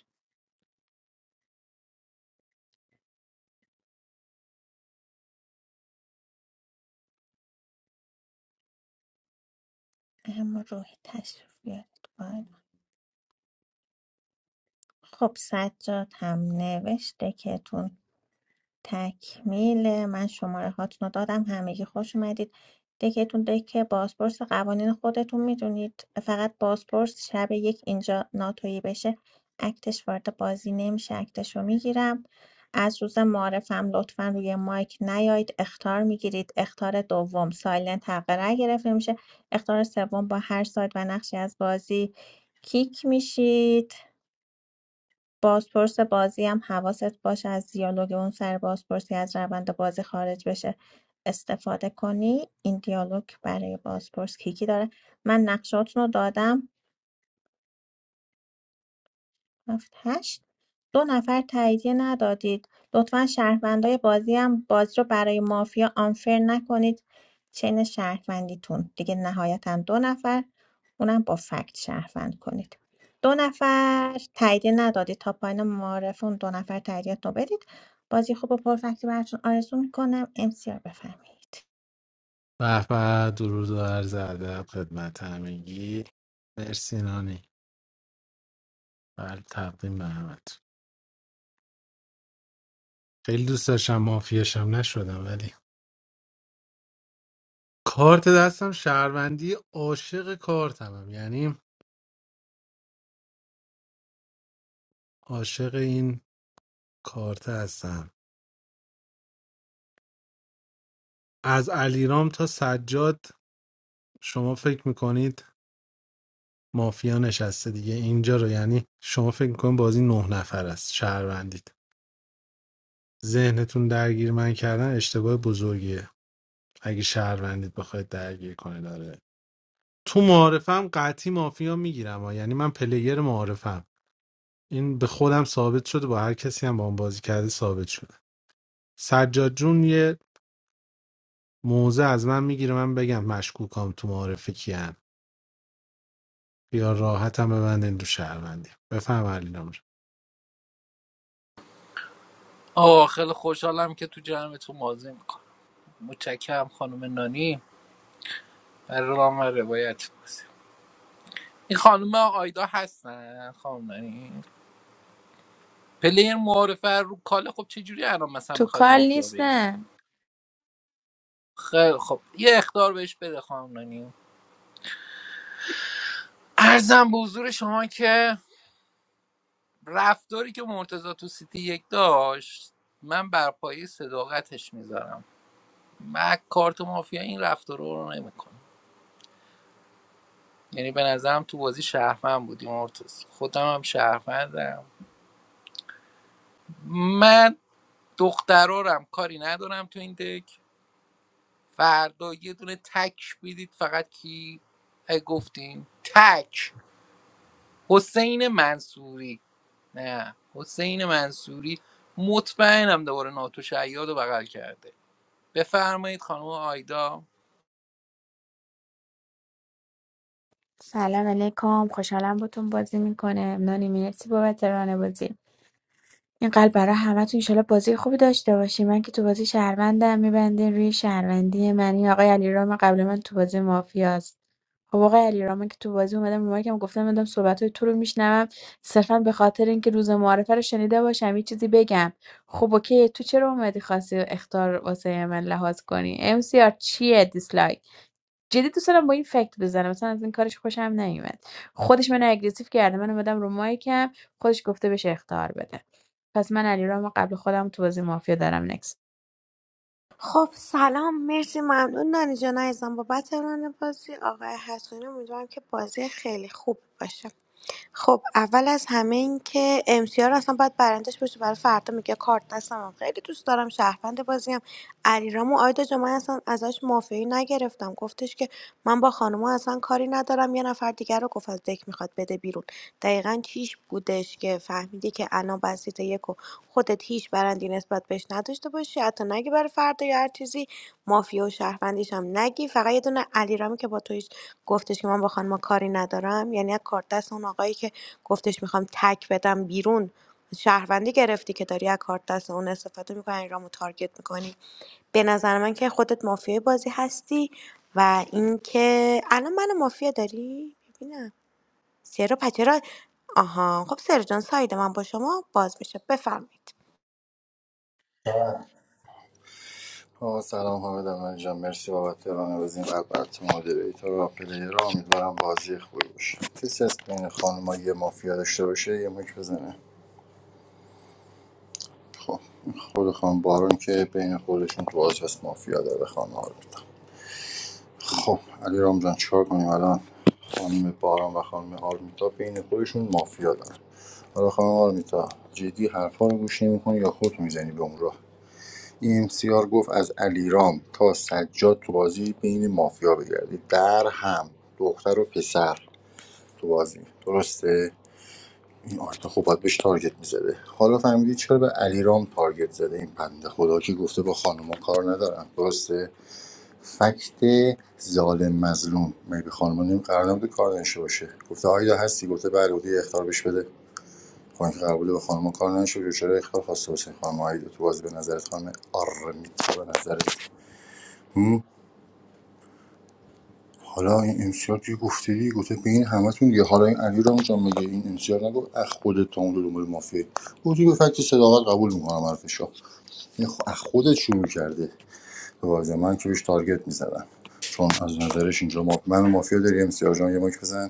S2: اما روحی تشریف بیارید بالا. خب سجاد هم نوشته که تون تکمیل من شماره هاتون رو دادم همگی خوش اومدید دکتون دک بازپرس قوانین خودتون میدونید فقط بازپرس شب یک اینجا ناتویی بشه اکتش وارد بازی نمیشه اکتش رو میگیرم از روز معرفم لطفا روی مایک نیاید اختار میگیرید اختار دوم سایلنت حق رأی گرفته میشه اختار سوم با هر ساید و نقشی از بازی کیک میشید بازپرس بازی هم حواست باشه از دیالوگ اون سر بازپرسی از روند بازی خارج بشه استفاده کنی این دیالوگ برای بازپرس کیکی داره من نقشاتون رو دادم هفت هشت دو نفر تاییدیه ندادید لطفا شهروندای بازی هم بازی رو برای مافیا آنفر نکنید چین شهروندیتون دیگه نهایتا دو نفر اونم با فکت شهروند کنید دو نفر تاییدیه ندادید تا پایین معارف اون دو نفر تاییدیت رو بدید بازی خوب و پرفکتی براتون آرزو میکنم امسیار بفرمایید
S6: به به درود و عرض ادب خدمت همگی مرسی نانی بله تقدیم به همت خیلی دوست داشتم مافیاشم نشدم ولی کارت دستم شهروندی عاشق کارتمم یعنی عاشق این کارت هستم از علیرام تا سجاد شما فکر میکنید مافیا نشسته دیگه اینجا رو یعنی شما فکر میکنید بازی نه نفر است شهروندید ذهنتون درگیر من کردن اشتباه بزرگیه اگه شهروندید بخواید درگیر کنه داره تو معارفم قطعی مافیا میگیرم ها. یعنی من پلیر معارفم این به خودم ثابت شده با هر کسی هم با اون بازی کرده ثابت شده سجاد جون یه موزه از من میگیره من بگم مشکوکام تو معارفه کیان خیال راحتم ببندین رو شهروندی بفهم علی نمر
S3: آه خیلی خوشحالم که تو جمعتون بازی میکنم متشکرم خانم نانی برای رام و روایت بازی این خانم آیدا هستن خانم نانی پلیر معارفه رو کاله خب چجوری الان مثلا
S4: تو
S3: میخواد
S4: کار
S3: مافیا بگیره
S4: نیستم
S3: خیلی خب یه اختار بهش بده خانم نانی ارزم به حضور شما که رفتاری که مرتضی تو سیتی یک داشت من بر پایه صداقتش میذارم من کارت مافیا این رفتار رو نمیکنم یعنی به نظرم تو بازی شهرمند بودی مرتضی خودم هم شهرمندم من دخترارم کاری ندارم تو این دک فردا یه دونه تک بیدید فقط کی اه، گفتیم تک حسین منصوری نه حسین منصوری مطمئنم دوباره ناتو شیاد رو بغل کرده بفرمایید خانم آیدا
S4: سلام علیکم خوشحالم باتون بازی میکنه نانی مرسی بابت ران بازی این قلب برای همتون انشالله بازی خوبی داشته باشی من که تو بازی شهروندم میبندین روی شهروندی من این آقای علیرام قبل من تو بازی مافیاست خب آقای علیرام که تو بازی اومدم رو که گفتم من صحبت های تو رو میشنوم صرفا به خاطر اینکه روز معارفه رو شنیده باشم یه چیزی بگم خب اوکی تو چرا اومدی خواستی اختار واسه من لحاظ کنی ام سی آر چیه دیسلایک جدی دوست دارم با این فکت بزنم مثلا از این کارش خوشم نیومد خودش منو اگریسیو کرده من اومدم رو مایکم خودش گفته بهش اختار بده پس من علیرامو قبل خودم تو بازی مافیا دارم نکست
S5: خب سلام مرسی ممنون نانی جان عزیزم بابت ران بازی آقای حسونی امیدوارم که بازی خیلی خوب باشه خب اول از همه این که امسیار اصلا باید برندش باشه برای فردا میگه کارت دستم خیلی دوست دارم شهروند بازیم علیرام و آیدا جان من اصلا ازش مافیایی نگرفتم گفتش که من با خانوما اصلا کاری ندارم یه نفر دیگر رو گفت از دک میخواد بده بیرون دقیقا چیش بودش که فهمیدی که الان بسیط یک و خودت هیچ برندی نسبت بهش نداشته باشی حتی نگی برای فردا یا هر چیزی مافیا و شهروندیش هم نگی فقط یه دونه علیرام که با تویش گفتش که من با خانوما کاری ندارم یعنی از کارت دست اون آقایی که گفتش میخوام تک بدم بیرون شهروندی گرفتی که داری از کارت دست اون استفاده میکنی رامو تارگت میکنی به نظر من که خودت مافیای بازی هستی و اینکه الان من مافیا داری ببینم سیرو پچرا آها خب سیرو جان ساید من با شما باز میشه بفرمایید
S7: آقا سلام حامد من جان مرسی بابت رانه بزین قلب برات مدیریتور و پلیر امیدوارم بازی خوبی باشه کسی از بین خانم یه مافیا داشته باشه یه مک بزنه خود خانم بارون که بین خودشون تو بازی هست مافیا داره خانم آرمیتا خب علی رام جان چیکار کنیم الان خانم بارون و خانم آرمیتا بین خودشون مافیا دارن حالا خانم آرمیتا جدی حرفا رو گوش نمی‌کنی یا خودتو میزنی به اون راه این امسیار گفت از علیرام تا سجاد تو بازی بین مافیا بگردید در هم دختر و پسر تو بازی درسته این آرتا خب باید بهش تارگت میزده حالا فهمیدی چرا به علیرام تارگت زده این بنده خدا که گفته با خانوما کار ندارم درسته فکت ظالم مظلوم مگه به خانوما نیم قرار نبوده کار نشه باشه گفته آیدا هستی گفته بله بودی اختار بهش بده بانک قرارداد به خانم کار نشد چرا اختار خواسته واسه خانم آیدا تو بازی به نظرت خانم آره میتونه به نظرت هم؟ حالا این امسیار یه گفته دیگه گفته به این همتون دیگه حالا این علی رام جان میگه این امسیار نگفت اخ خودت تا اون دو دنبال مافیا گفتی به فکت صداقت قبول میکنم حرفشو این خ- اخ خودت شروع کرده به بازی من که بهش تارگت میزدم چون از نظرش اینجا ما من مافیا داری امسیار جان یه ماک بزن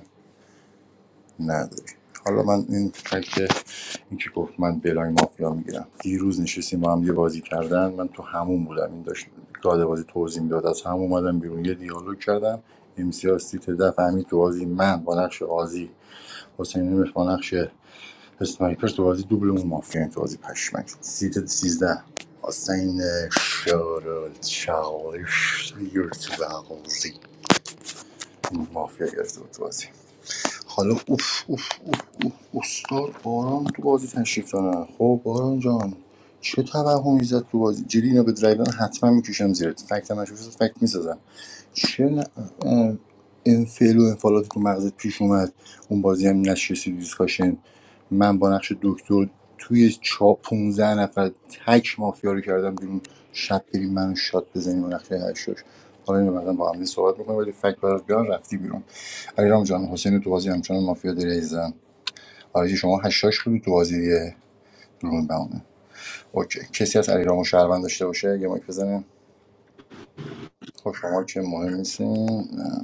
S7: نداری حالا من این فکت این که گفت من بلاین مافیا میگیرم دیروز نشستیم با هم یه بازی کردن من تو همون بودم این داشت گاده بازی توضیح میداد از هم اومدم بیرون یه دیالوگ کردم امسیا سیت ده فهمید تو بازی من با نقش آزی حسین نمیخ با نقش اسنایپر تو بازی دوبل مافیا تو بازی پشمک سیت 13 حسین شارل چالش یورت و بغوزی مافیا گرفته بود تو بازی حالا اوف اوف اوف اوف استاد باران تو بازی تشریف دارن خب باران جان چه توهمی زد تو بازی جدی اینا به درایدن حتما میکشم زیرت فکت مشروف فکت میسازم چه نه انفعل و انفعالاتی که مغزت پیش اومد اون بازی هم نشستی دیسکاشن من با نقش دکتر توی چا 15 نفر تک مافیا رو کردم بیرون شب بریم منو شات بزنیم و نقشه هشتاش حالا اینو بعدا با هم دیگه صحبت می‌کنم ولی فکر برات بیان رفتی بیرون علیرام جان حسین تو بازی همچنان مافیا داری عزیزم آرزی شما هشتاش بودی تو بازی دیگه درون بمونه اوکی کسی از علیرام و شهروند داشته باشه یه مایک بزنه خب شما که مهم نیستین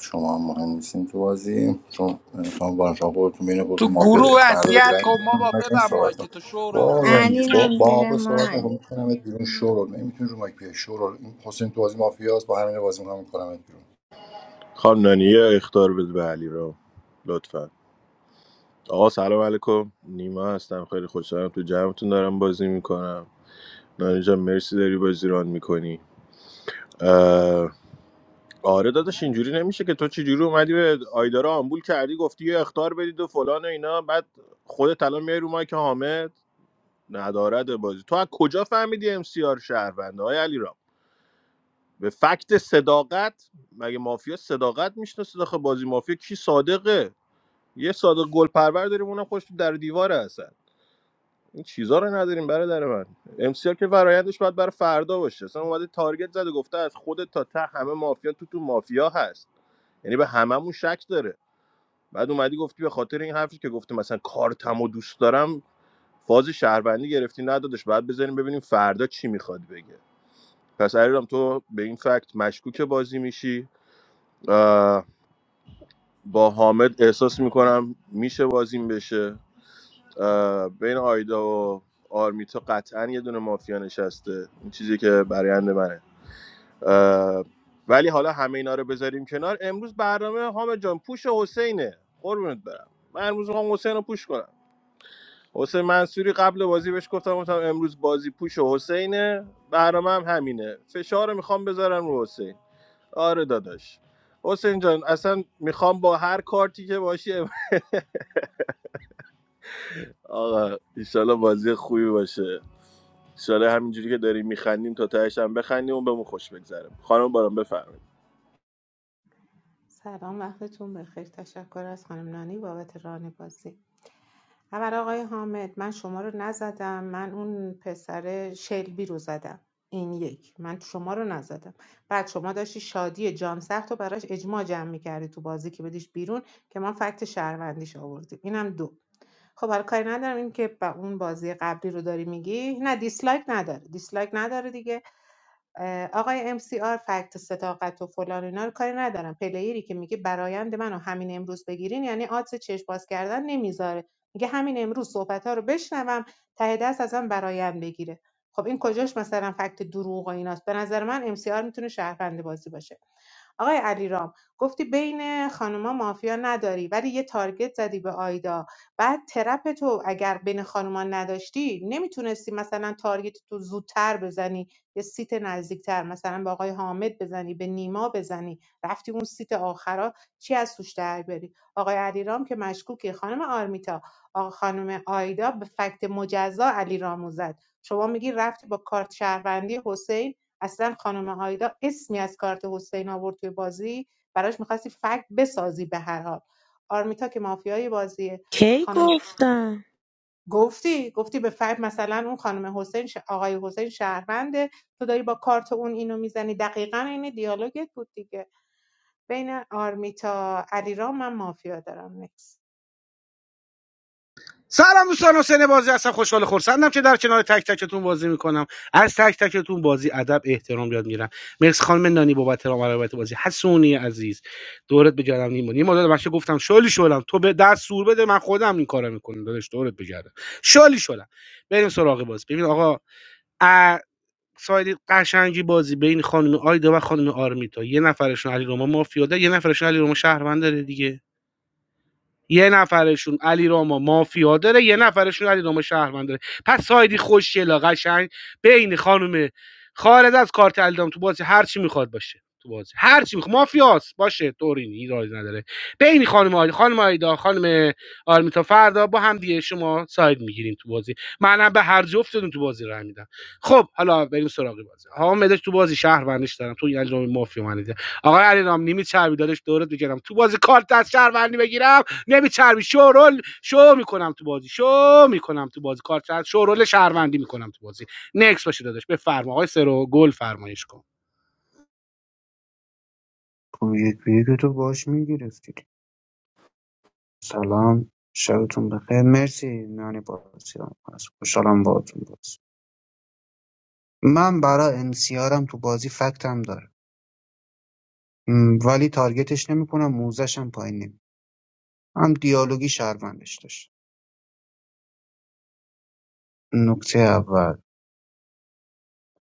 S7: شما هم مهم نیستین تو بازی چون خانم بانشان خودتون بین
S3: تو
S7: خودتون مافیا داریم
S3: گروه
S7: فردا به
S3: وصیت
S7: درنگ
S3: کن ما
S7: می‌کنم.
S3: با
S7: از این
S3: ببر
S7: صحبت
S3: مایک
S7: کنم
S3: تو شورو
S7: با با
S2: علی رام زیر
S7: بابا صحبت
S2: مایک
S7: نکنم میکنم بیرون شورول نمیتونی رو مایک بیای شورول این حسین تو بازی مافیاست با همین بازی میکنم میکنم بیرون
S9: خانم نانی، یه اختار بده به علی را لطفا آقا سلام علیکم نیما هستم خیلی خوشحالم تو جمعتون دارم بازی میکنم نانی جان مرسی داری بازی ران میکنی آره داداش اینجوری نمیشه که تو چجوری اومدی به آیدارا آمبول کردی گفتی یه اختار بدید و فلان و اینا بعد خودت الان میای رو مایک حامد ندارد بازی تو از کجا فهمیدی ام سی آر شهرونده های علی رام به فکت صداقت مگه مافیا صداقت میشناسه داخل بازی مافیا کی صادقه یه صادق گل پرور داریم اونم خوش تو در و دیواره هستن این چیزا رو نداریم برادر من امسیار که فرایندش باید برای فردا باشه اصلا اومده تارگت زده گفته از خودت تا ته همه مافیا تو تو مافیا هست یعنی به هممون شک داره بعد اومدی گفتی به خاطر این حرفی که گفته مثلا کارتم و دوست دارم فاز شهروندی گرفتی ندادش بعد بذاریم ببینیم فردا چی میخواد بگه پس علیرام تو به این فکت مشکوک بازی میشی با حامد احساس میکنم میشه بازیم بشه بین آیدا و آرمیتا قطعا یه دونه مافیا نشسته این چیزی که برایند منه اه، ولی حالا همه اینا رو بذاریم کنار امروز برنامه حامد جان پوش حسینه قربونت برم من امروز میخوام حسین رو پوش کنم حسین منصوری قبل بازی بهش گفتم گفتم امروز بازی پوش حسینه برنامه هم همینه فشار رو میخوام بذارم رو حسین آره داداش حسین جان اصلا میخوام با هر کارتی که باشی آقا ایشالله بازی خوبی باشه ساله همینجوری که داریم میخندیم تا تهش هم بخندیم و بهمون خوش بگذره خانم باران بفرمایید
S14: سلام وقتتون بخیر تشکر از خانم نانی بابت ران بازی اول آقای حامد من شما رو نزدم من اون پسر شلبی رو زدم این یک من شما رو نزدم بعد شما داشتی شادی جان سخت و براش اجماع جمع میکردی تو بازی که بدیش بیرون که من فکت شهروندیش آوردیم اینم دو خب حالا کاری ندارم این که با اون بازی قبلی رو داری میگی نه دیسلایک نداره دیسلایک نداره دیگه اه، آقای MCR فکت صداقت و فلان اینا رو کاری ندارم پلیری که میگه برایند منو همین امروز بگیرین یعنی آدز چشم باز کردن نمیذاره میگه همین امروز صحبت ها رو بشنوم ته دست ازم برایند بگیره خب این کجاش مثلا فکت دروغ و ایناست به نظر من MCR میتونه شهروند بازی باشه آقای علیرام گفتی بین خانوما مافیا نداری ولی یه تارگت زدی به آیدا بعد ترپ تو اگر بین خانوما نداشتی نمیتونستی مثلا تارگت تو زودتر بزنی یه سیت نزدیکتر مثلا به آقای حامد بزنی به نیما بزنی رفتی اون سیت آخرا چی از توش در بری آقای علیرام که مشکوکی خانم آرمیتا آقا خانم آیدا به فکت مجزا علیرامو زد شما میگی رفتی با کارت شهروندی حسین اصلا خانم آیدا اسمی از کارت حسین آورد توی بازی براش میخواستی فکت بسازی به هر حال آرمیتا که مافیای بازیه
S5: کی
S14: خانم
S5: گفتم
S14: گفتی گفتی به فرد مثلا اون خانم حسین ش- آقای حسین شهرونده تو داری با کارت اون اینو میزنی دقیقا این دیالوگت بود دیگه بین آرمیتا علیرام من مافیا دارم نکس
S10: سلام دوستان حسین بازی هستم خوشحال و خرسندم که در کنار تک تکتون بازی میکنم از تک تکتون بازی ادب احترام یاد میرم مرسی خانم نانی بابت رام روایت بازی حسونی عزیز دورت بگردم نیما نیما داداش من گفتم شالی شدم تو به دست سور بده من خودم این کارو میکنم داداش دورت بگردم شالی شدم بریم سراغ باز ببین آقا ساید قشنگی بازی بین خانم آیدا و خانم آرمیتا یه نفرشون علیرضا مافیا ده یه نفرشون علیرضا شهروند داره دیگه یه نفرشون علی راما مافیا داره یه نفرشون علی راما شهروند داره پس سایدی خوشگلا قشنگ بین خانم خارج از کارت الدام تو بازی هر چی میخواد باشه تو بازی هر چی میخواد مافیاس باشه طوری ایرادی نداره بین خانم آیدا خانم آیدا خانم آرمیتا فردا با هم دیگه شما ساید میگیرین تو بازی منم به هر جفتتون تو بازی راه میدم خب حالا بریم سراغ بازی ها مدش تو بازی شهروندش دارم تو این علی مافیا من دیدم. آقای علی رام نیمی چربی دادش دورت بگیرم تو بازی کارت از شهروندی بگیرم نمیچربی شورول شو میکنم تو بازی شو میکنم تو بازی کارت شورول شهروندی میکنم تو بازی نکس باشه داداش بفرما آقای سرو گل فرمایش کن
S12: خب یک به یک تو باش میگرفتی سلام شبتون بخیر مرسی نانی بازیرم هست خوشحالم باهاتون باز من برای انسیارم تو بازی فکتم داره م، ولی تارگتش نمیکنم موزشم پایین نمی هم دیالوگی شهروندش داشت نکته اول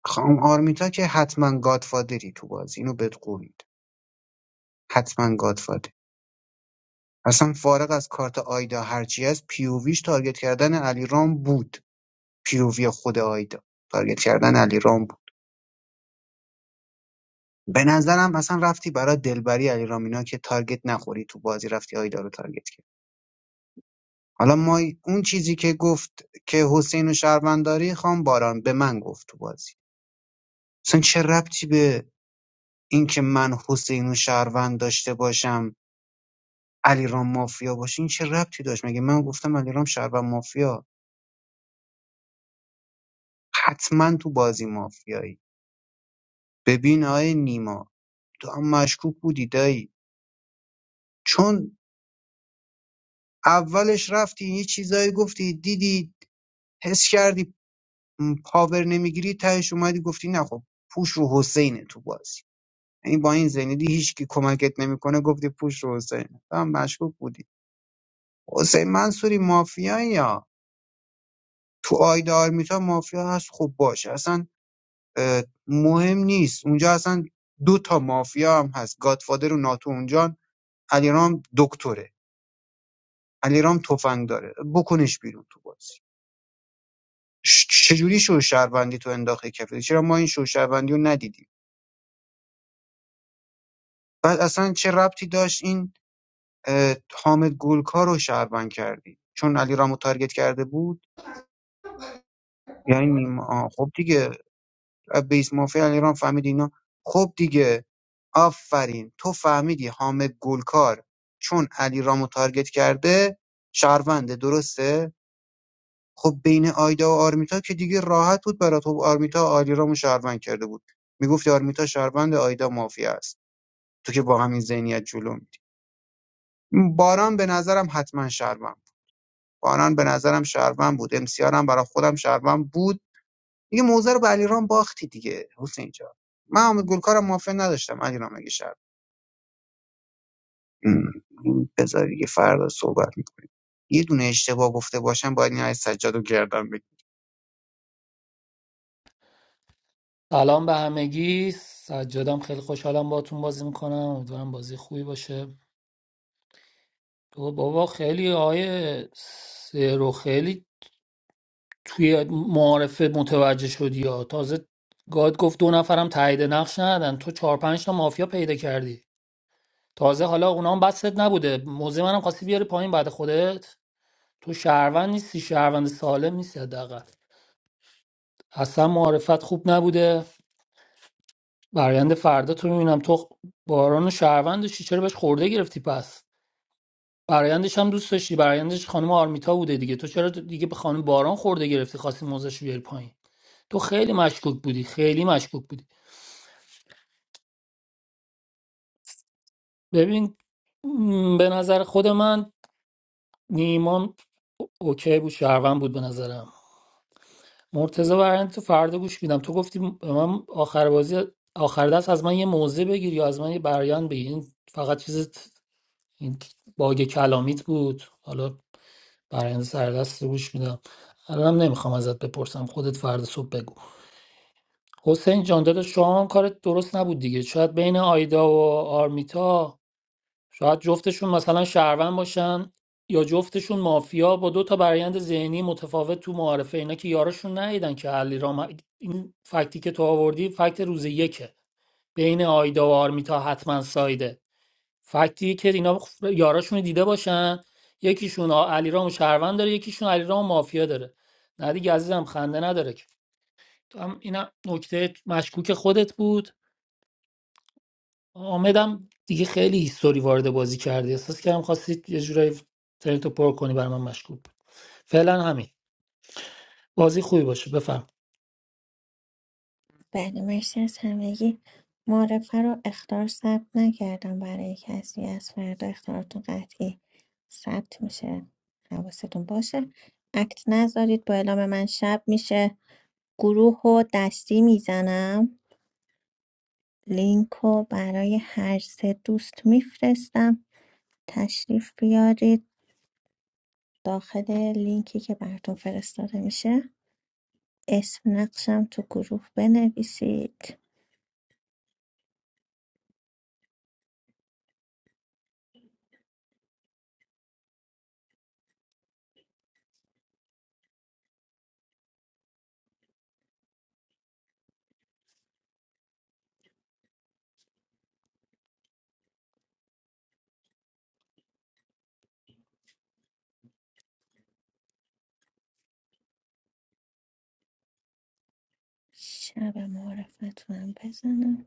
S12: خانم آرمیتا که حتما گادفادری تو بازی اینو بهت قول میده حتما اصلا فارغ از کارت آیدا هرچی هست پی تارگت کردن علیرام بود پی خود آیدا تارگت کردن علیرام بود به نظرم اصلا رفتی برای دلبری علیرام اینا که تارگت نخوری تو بازی رفتی آیدا رو تارگت کرد حالا ما اون چیزی که گفت که حسین و شهرونداری خان باران به من گفت تو بازی اصلا چه ربطی به اینکه من حسین و شهروند داشته باشم علیرام مافیا باشه این چه ربطی داشت مگه من گفتم علیرام شهروند مافیا حتما تو بازی مافیایی ببین آقای نیما تو هم مشکوک بودی دایی چون اولش رفتی یه چیزایی گفتی دیدی حس کردی م، پاور نمیگیری تهش اومدی گفتی نه خب پوش رو حسینه تو بازی یعنی با این زنیدی هیچکی کمکت نمیکنه گفتی پوش رو حسینه تو هم مشکوک بودی حسین منصوری مافیایی یا تو آیدا آرمیتا مافیا هست خب باشه اصلا اه، مهم نیست اونجا اصلا دو تا مافیا هم هست گادفادر و ناتو اونجان علیرام دکتره علیرام تفنگ داره بکنش بیرون تو بازی ش- چجوری شوشهروندی تو انداخته کفه چرا ما این شوشهروندی رو ندیدیم بعد اصلا چه ربطی داشت این حامد گلکار رو شهروند کردی چون علیرام رو تارگت کرده بود یعنی میم- آه، خب دیگه از بیس مافیا علیرام فهمید اینا خب دیگه آفرین تو فهمیدی حامد گلکار چون علیرام رو تارگت کرده شهرونده درسته خب بین آیدا و آرمیتا که دیگه راحت بود برات خب آرمیتا آلیرامو شهروند کرده بود میگفت آرمیتا شهروند آیدا مافیا است تو که با همین ذهنیت جلو میری باران به نظرم حتما شهروند بود. باران به نظرم شهروند بود امسیار هم برای خودم شهروند بود دیگه موزه رو به علیرام باختی دیگه حسین جان من حامد گلکارم مافیا نداشتم علیرام اگه شهر ام، بذار دیگه فردا صحبت می‌کنم. یه دونه اشتباه گفته باشم باید این آیه سجاد رو گردم بگیرم
S13: سلام به همگی سجادم خیلی خوشحالم باهاتون بازی میکنم امیدوارم بازی خوبی باشه بابا بابا خیلی آیه رو خیلی توی معارفه متوجه شدی یا تازه گاد گفت دو نفرم تایید نقش ندن تو چهار پنج تا مافیا پیدا کردی تازه حالا اونا هم بست نبوده موزه منم خواستی بیاری پایین بعد خودت تو شهروند نیستی شهروند سالم نیستی حداقل اصلا معرفت خوب نبوده برایند فردا تو میبینم تو باران و شهروند داشتی چرا بهش خورده گرفتی پس برایندش هم دوست داشتی برایندش خانم آرمیتا بوده دیگه تو چرا دیگه به خانم باران خورده گرفتی خواستی موزش بیاری پایین تو خیلی مشکوک بودی خیلی مشکوک بودی ببین م، به نظر خود من نیمان اوکی بود شهروند بود به نظرم مرتضی برایند تو فردا گوش میدم تو گفتی به من آخر بازی آخر دست از من یه موزه بگیر یا از من یه برایند بگیر این فقط چیز این باگ کلامیت بود حالا برای این سردست گوش میدم الانم نمیخوام ازت بپرسم خودت فردا صبح بگو حسین جان داداش شما هم کارت درست نبود دیگه شاید بین آیدا و آرمیتا شاید جفتشون مثلا شهروند باشن یا جفتشون مافیا با دو تا برایند ذهنی متفاوت تو معارفه اینا که یاراشون ندیدن که علی رام این فکتی که تو آوردی فکت روز یکه بین آیدا و آرمیتا حتما سایده فکتیه که اینا خ- یاراشون رو دیده باشن یکیشون آ- علیرام و شهروند داره یکیشون علیرام و مافیا داره نه دیگه عزیزم خنده نداره که تو هم اینم نکته مشکوک خودت بود آمدم دیگه خیلی هیستوری وارد بازی کردی احساس کردم خواستی یه جورایی ترنتو پر کنی برای من مشکوک بود فعلا همین بازی خوبی باشه بفهم
S2: بله مرسی از همگی معرفه رو اختار ثبت نکردم برای کسی از فردا اختارتون قطعی ثبت میشه حواستون باشه اکت نذارید با اعلام من شب میشه گروه و دستی میزنم لینک رو برای هر سه دوست میفرستم تشریف بیارید داخل لینکی که براتون فرستاده میشه اسم نقشم تو گروه بنویسید شب معرفتونم بزنم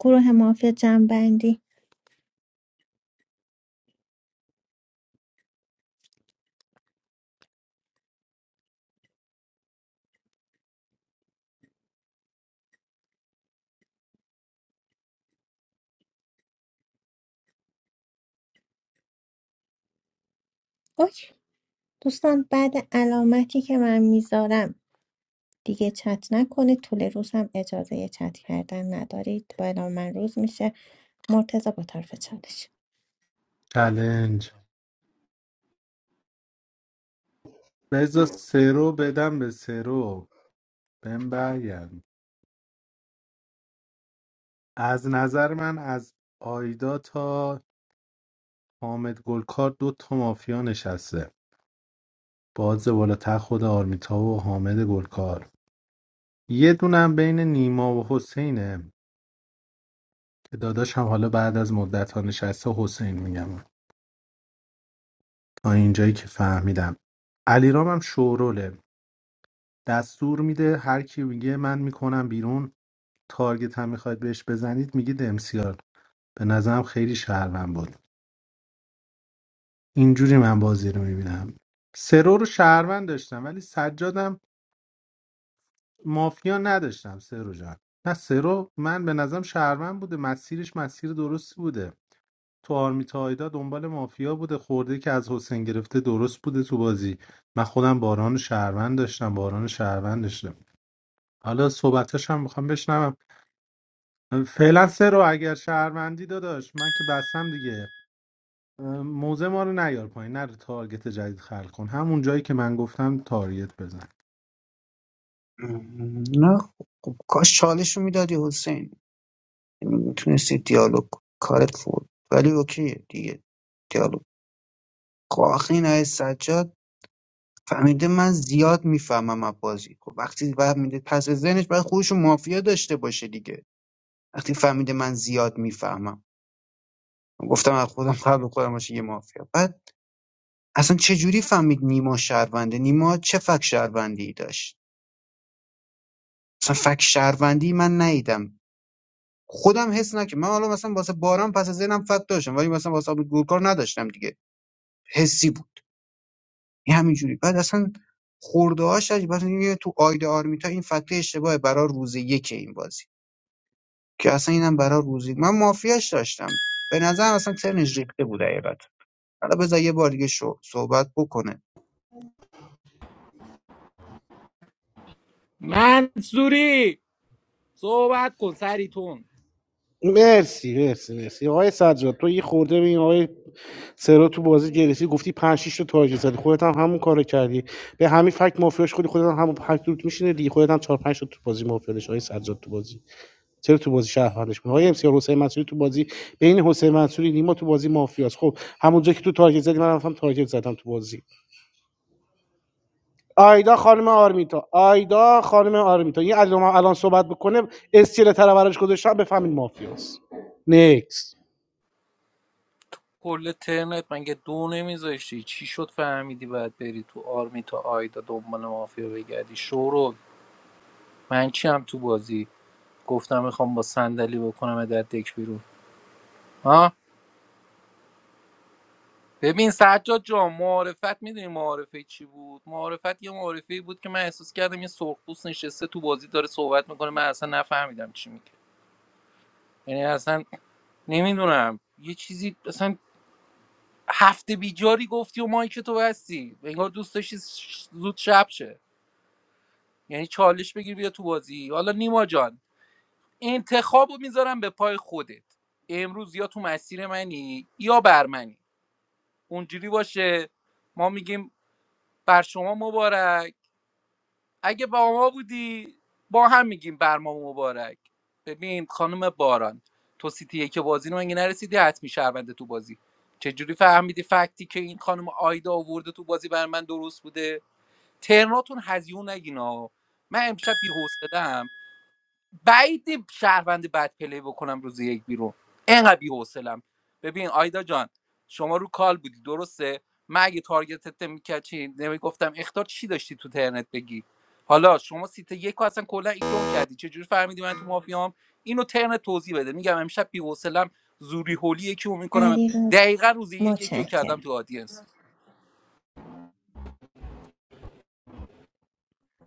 S2: گروه مافیا جمعبندی اوکی دوستان بعد علامتی که من میذارم دیگه چت نکنه طول روز هم اجازه چت کردن ندارید با اعلام من روز میشه مرتضی با طرف چالش
S6: چلنج بذار سرو بدم به سرو بهم برگرد از نظر من از آیدا تا حامد گلکار دو تا مافیا نشسته باز بالاتر خود آرمیتا و حامد گلکار یه دونم بین نیما و حسینه که داداش هم حالا بعد از مدت ها نشسته حسین میگم تا اینجایی که فهمیدم علیرام هم شوروله دستور میده هر کی میگه من میکنم بیرون تارگت هم میخواید بهش بزنید میگید امسیار به نظرم خیلی شهروند بود اینجوری من بازی رو میبینم سرو رو شهروند داشتم ولی سجادم مافیا نداشتم سرو جان نه سرو من به نظرم شهروند بوده مسیرش مسیر درستی بوده تو آرمیتا آیدا دنبال مافیا بوده خورده که از حسین گرفته درست بوده تو بازی من خودم باران رو شهروند داشتم باران رو شهروند داشتم حالا صحبتاش هم میخوام بشنوم فعلا سرو اگر شهروندی داداش من که بستم دیگه موزه ما رو نیار پایین نره تارگت جدید خلق کن همون جایی که من گفتم تارگت بزن
S12: ام، نه خب کاش چالش رو میدادی حسین میتونستی دیالوگ کنی. کارت فول ولی اوکیه دیگه دیالوگ خب آخه این آقای سجاد فهمیده من زیاد میفهمم از بازی خب وقتی فهمیده پس از ذهنش باید خودشو مافیا داشته باشه دیگه وقتی فهمیده من زیاد میفهمم گفتم از خودم قبل خودم باشه یه مافیا بعد اصلا چه جوری فهمید نیما شهرونده نیما چه فک شهروندی داشت اصلا فک شهروندی من نیدم خودم حس نکردم من حالا مثلا واسه باران پس از ذهنم فک داشتم ولی مثلا واسه گورکار نداشتم دیگه حسی بود این همینجوری بعد اصلا خورده هاش مثلا یه تو آیده آرمیتا این فکت اشتباه برای روز یک این بازی که اصلا اینم برای روزی من مافیاش داشتم به نظر اصلا ترنش ریخته بود حقیقت حالا بذار یه بار دیگه شو صحبت بکنه
S3: منصوری صحبت کن سریتون کل ترنت مگه دو نمیذاشتی چی شد فهمیدی باید بری تو آرمی تا آیدا دنبال مافیا بگردی شورو من چیم تو بازی گفتم میخوام با صندلی بکنم در دک بیرون ها ببین سجاد جان معارفت میدونی معارفه چی بود معارفت یه معارفه بود که من احساس کردم یه سرخپوست نشسته تو بازی داره صحبت میکنه من اصلا نفهمیدم چی میگه یعنی اصلا نمیدونم یه چیزی اصلا هفته بیجاری گفتی و مایک تو بستی انگار دوست داشتی ش- زود شب شه یعنی چالش بگیر بیا تو بازی حالا نیما جان انتخابو میذارم به پای خودت امروز یا تو مسیر منی یا بر منی اونجوری باشه ما میگیم بر شما مبارک اگه با ما بودی با هم میگیم بر ما مبارک ببین خانم باران تو سیتی که بازی رو مگه نرسیدی حتمی شهرونده تو بازی چجوری فهمیدی فکتی که این خانم آیدا آورده تو بازی بر من درست بوده ترناتون هزیون نگینا من امشب بی بعید شهروند بد پلی بکنم روز یک بیرون انقدر بی‌حوصله‌ام ببین آیدا جان شما رو کال بودی درسته من اگه تارگتت میکرد چی نمیگفتم اختار چی داشتی تو ترنت بگی حالا شما سیت یک رو اصلا کلا ایگنور کردی چه جوری فهمیدی من تو مافیام اینو ترنت توضیح بده میگم امشب بی‌حوصله‌ام زوری هولی یکی رو میکنم
S2: علی رو
S3: دقیقا روز یک یکی رو کردم
S2: متشکرم
S3: تو آدینس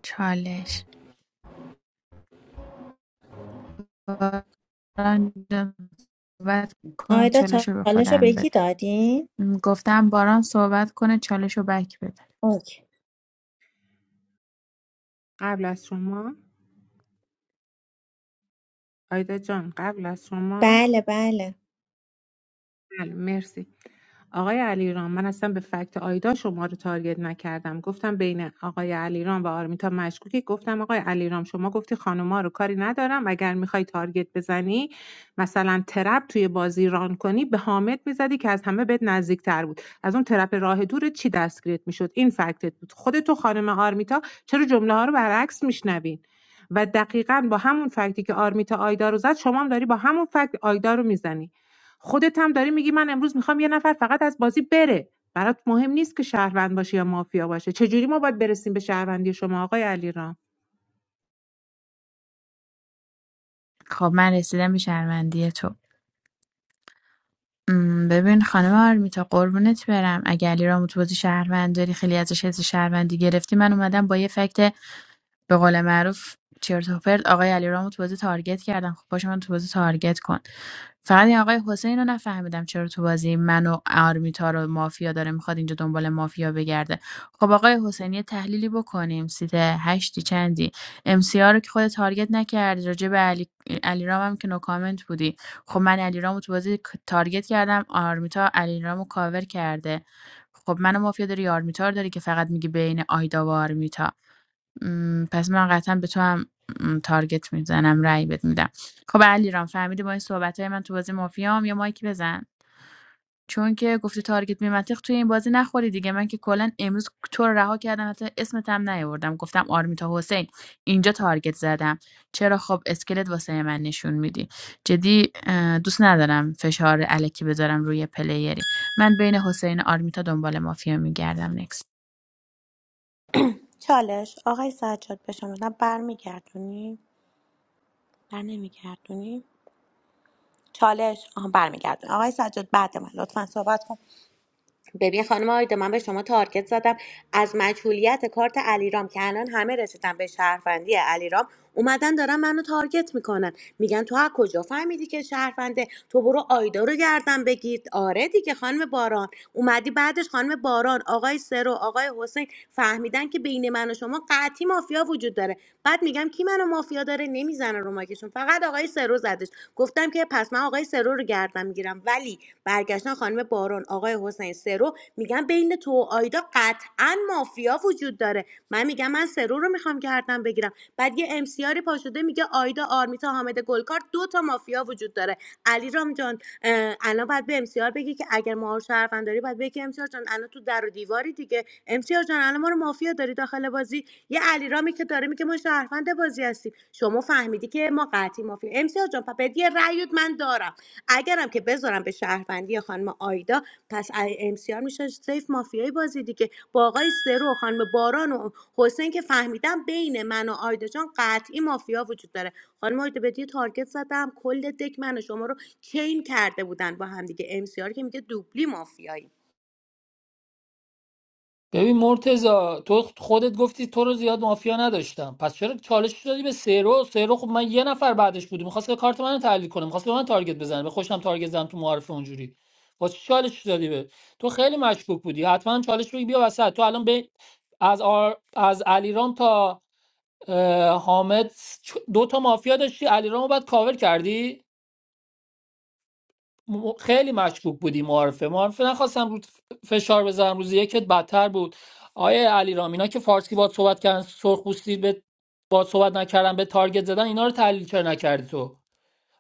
S4: چالش باران جان، صحبت کن
S2: آیدا
S4: چالش رو به
S2: چالش رو به
S4: خودم
S2: یکی
S4: بده
S2: دادین؟
S4: م، گفتم باران صحبت کنه چالش رو بک بده
S2: اوکی
S14: قبل از شما آیدا جان قبل از شما
S2: بله بله
S14: بله مرسی آقای علیرام من اصلا به فکت آیدا شما رو تارگت نکردم گفتم بین آقای علیرام و آرمیتا مشکوکی گفتم آقای علیرام شما گفتی خانوما رو کاری ندارم اگر میخوای تارگت بزنی مثلا ترپ توی بازی ران کنی به حامد میزدی که از همه بهت نزدیکتر بود از اون ترپ راه دور چی دستگیرت میشد این فکتت بود خودت تو خانم آرمیتا چرا جمله ها رو برعکس میشنوین و دقیقا با همون فکتی که آرمیتا آیدا رو زد شما هم داری با همون فکت آیدا رو میزنی خودت هم داری میگی من امروز میخوام یه نفر فقط از بازی بره برات مهم نیست که شهروند باشه یا مافیا باشه چجوری ما باید برسیم به شهروندی شما آقای علیرام
S4: خب من رسیدم به شهروندی تو م، ببین خانم آرمیتا قربونت برم اگه علی رامو تو بازی شهروند داری خیلی ازش حس شهروندی گرفتی من اومدم با یه فکت به قول معروف چرت و پرت آقای علیرامو تو بازی تارگت کردن خب پاشو من تو بازی تارگت کن فقط این آقای حسین رو نفهمیدم چرا تو بازی من و آرمیتا رو مافیا داره میخواد اینجا دنبال مافیا بگرده خب آقای حسین یه تحلیلی بکنیم سیت هشتی چندی ام سی رو که خود تارگت نکردی راجع به علی علیرام هم که نو کامنت بودی خب من علیرامو تو بازی ک- تارگت کردم آرمیتا علیرامو کاور کرده خب منو مافیا داری آرمیتا رو داری که فقط میگی بین آیدا و آرمیتا م، پس من قطعا به تو هم م، تارگت میزنم رأی بهت میدم خب علیرام فهمیدی با این صحبت های من تو بازی مافیام یا مایک بزن چون که گفتی تارگت بی توی این بازی نخوری دیگه من که کلا امروز تو رو رها کردم حتی اسمت هم نیاوردم گفتم آرمیتا حسین اینجا تارگت زدم چرا خب اسکلت واسه من نشون میدی جدی اه، دوست ندارم فشار الکی بذارم روی پلیری من بین حسین و آرمیتا دنبال مافیا میگردم
S5: چالش آقای سجاد به شما نه برمیگردونی بر نمیگردونی چالش آها برمیگردونی آقای سجاد بعد من لطفا صحبت کن ببین خانم آیدا من به شما تارگت زدم از مجهولیت کارت علیرام که الان همه رسیدن به شهروندی علیرام اومدن دارن منو تارگت میکنن میگن تو از کجا فهمیدی که شهرونده تو برو آیدا رو گردن بگیر آره دیگه خانم باران اومدی بعدش خانم باران آقای سرو آقای حسین فهمیدن که بین من و شما قطعی مافیا وجود داره بعد میگم کی منو مافیا داره نمیزنه رو ماکشون فقط آقای سرو زدش گفتم که پس من آقای سرو رو گردم میگیرم ولی برگشتن خانم بارون آقای حسین سرو میگن بین تو و آیدا قطعا مافیا وجود داره من میگم من سرو رو میخوام گردم بگیرم بعد یه ام سی آر پاشده میگه آیدا آرمیتا حامد گلکار دو تا مافیا وجود داره علیرام رام جان اه، الان باید به ام سی آر بگی که اگر ما رو شهروند داری باید بگی ام سی آر جان الان تو در و دیواری دیگه ام سی آر جان الان ما رو مافیا داری داخل بازی یه علیرامی که داره میگه ما شهروند بازی هستیم شما فهمیدی که ما قطعی مافی امسیار جان پپت یه رأیت من دارم اگرم که بذارم به شهروندی خانم آیدا پس امسیار میشه سیف مافیای بازی دیگه با آقای سرو و خانم باران و حسین که فهمیدم بین من و آیدا جان قطعی مافیا وجود داره خانم آیدا بهت یه تارگت زدم کل دک من و شما رو چین کرده بودن با هم دیگه ام سی آر که میگه دوبلی مافیایی
S13: ببین مرتزا تو خودت گفتی تو رو زیاد مافیا نداشتم پس چرا چالش دادی به سیرو سیرو خب من یه نفر بعدش بودم میخواست که کارت منو تحلیل کنه میخواست به من تارگت بزنه به خوشم تارگت زدم تو معارف اونجوری واسه چی چالش دادی به تو خیلی مشکوک بودی حتما چالش بگی بیا وسط تو الان به از آر... از علیرام تا اه، حامد چ- دو تا مافیا داشتی علیرامو بعد کاور کردی م- خیلی مشکوک بودی معارفه معارفه نخواستم رو فشار بذارم روز یکت بدتر بود آیا علی رامینا که فارسی باد صحبت کردن سرخپوستی به باد صحبت نکردن به تارگت زدن اینا رو تحلیل چرا نکردی تو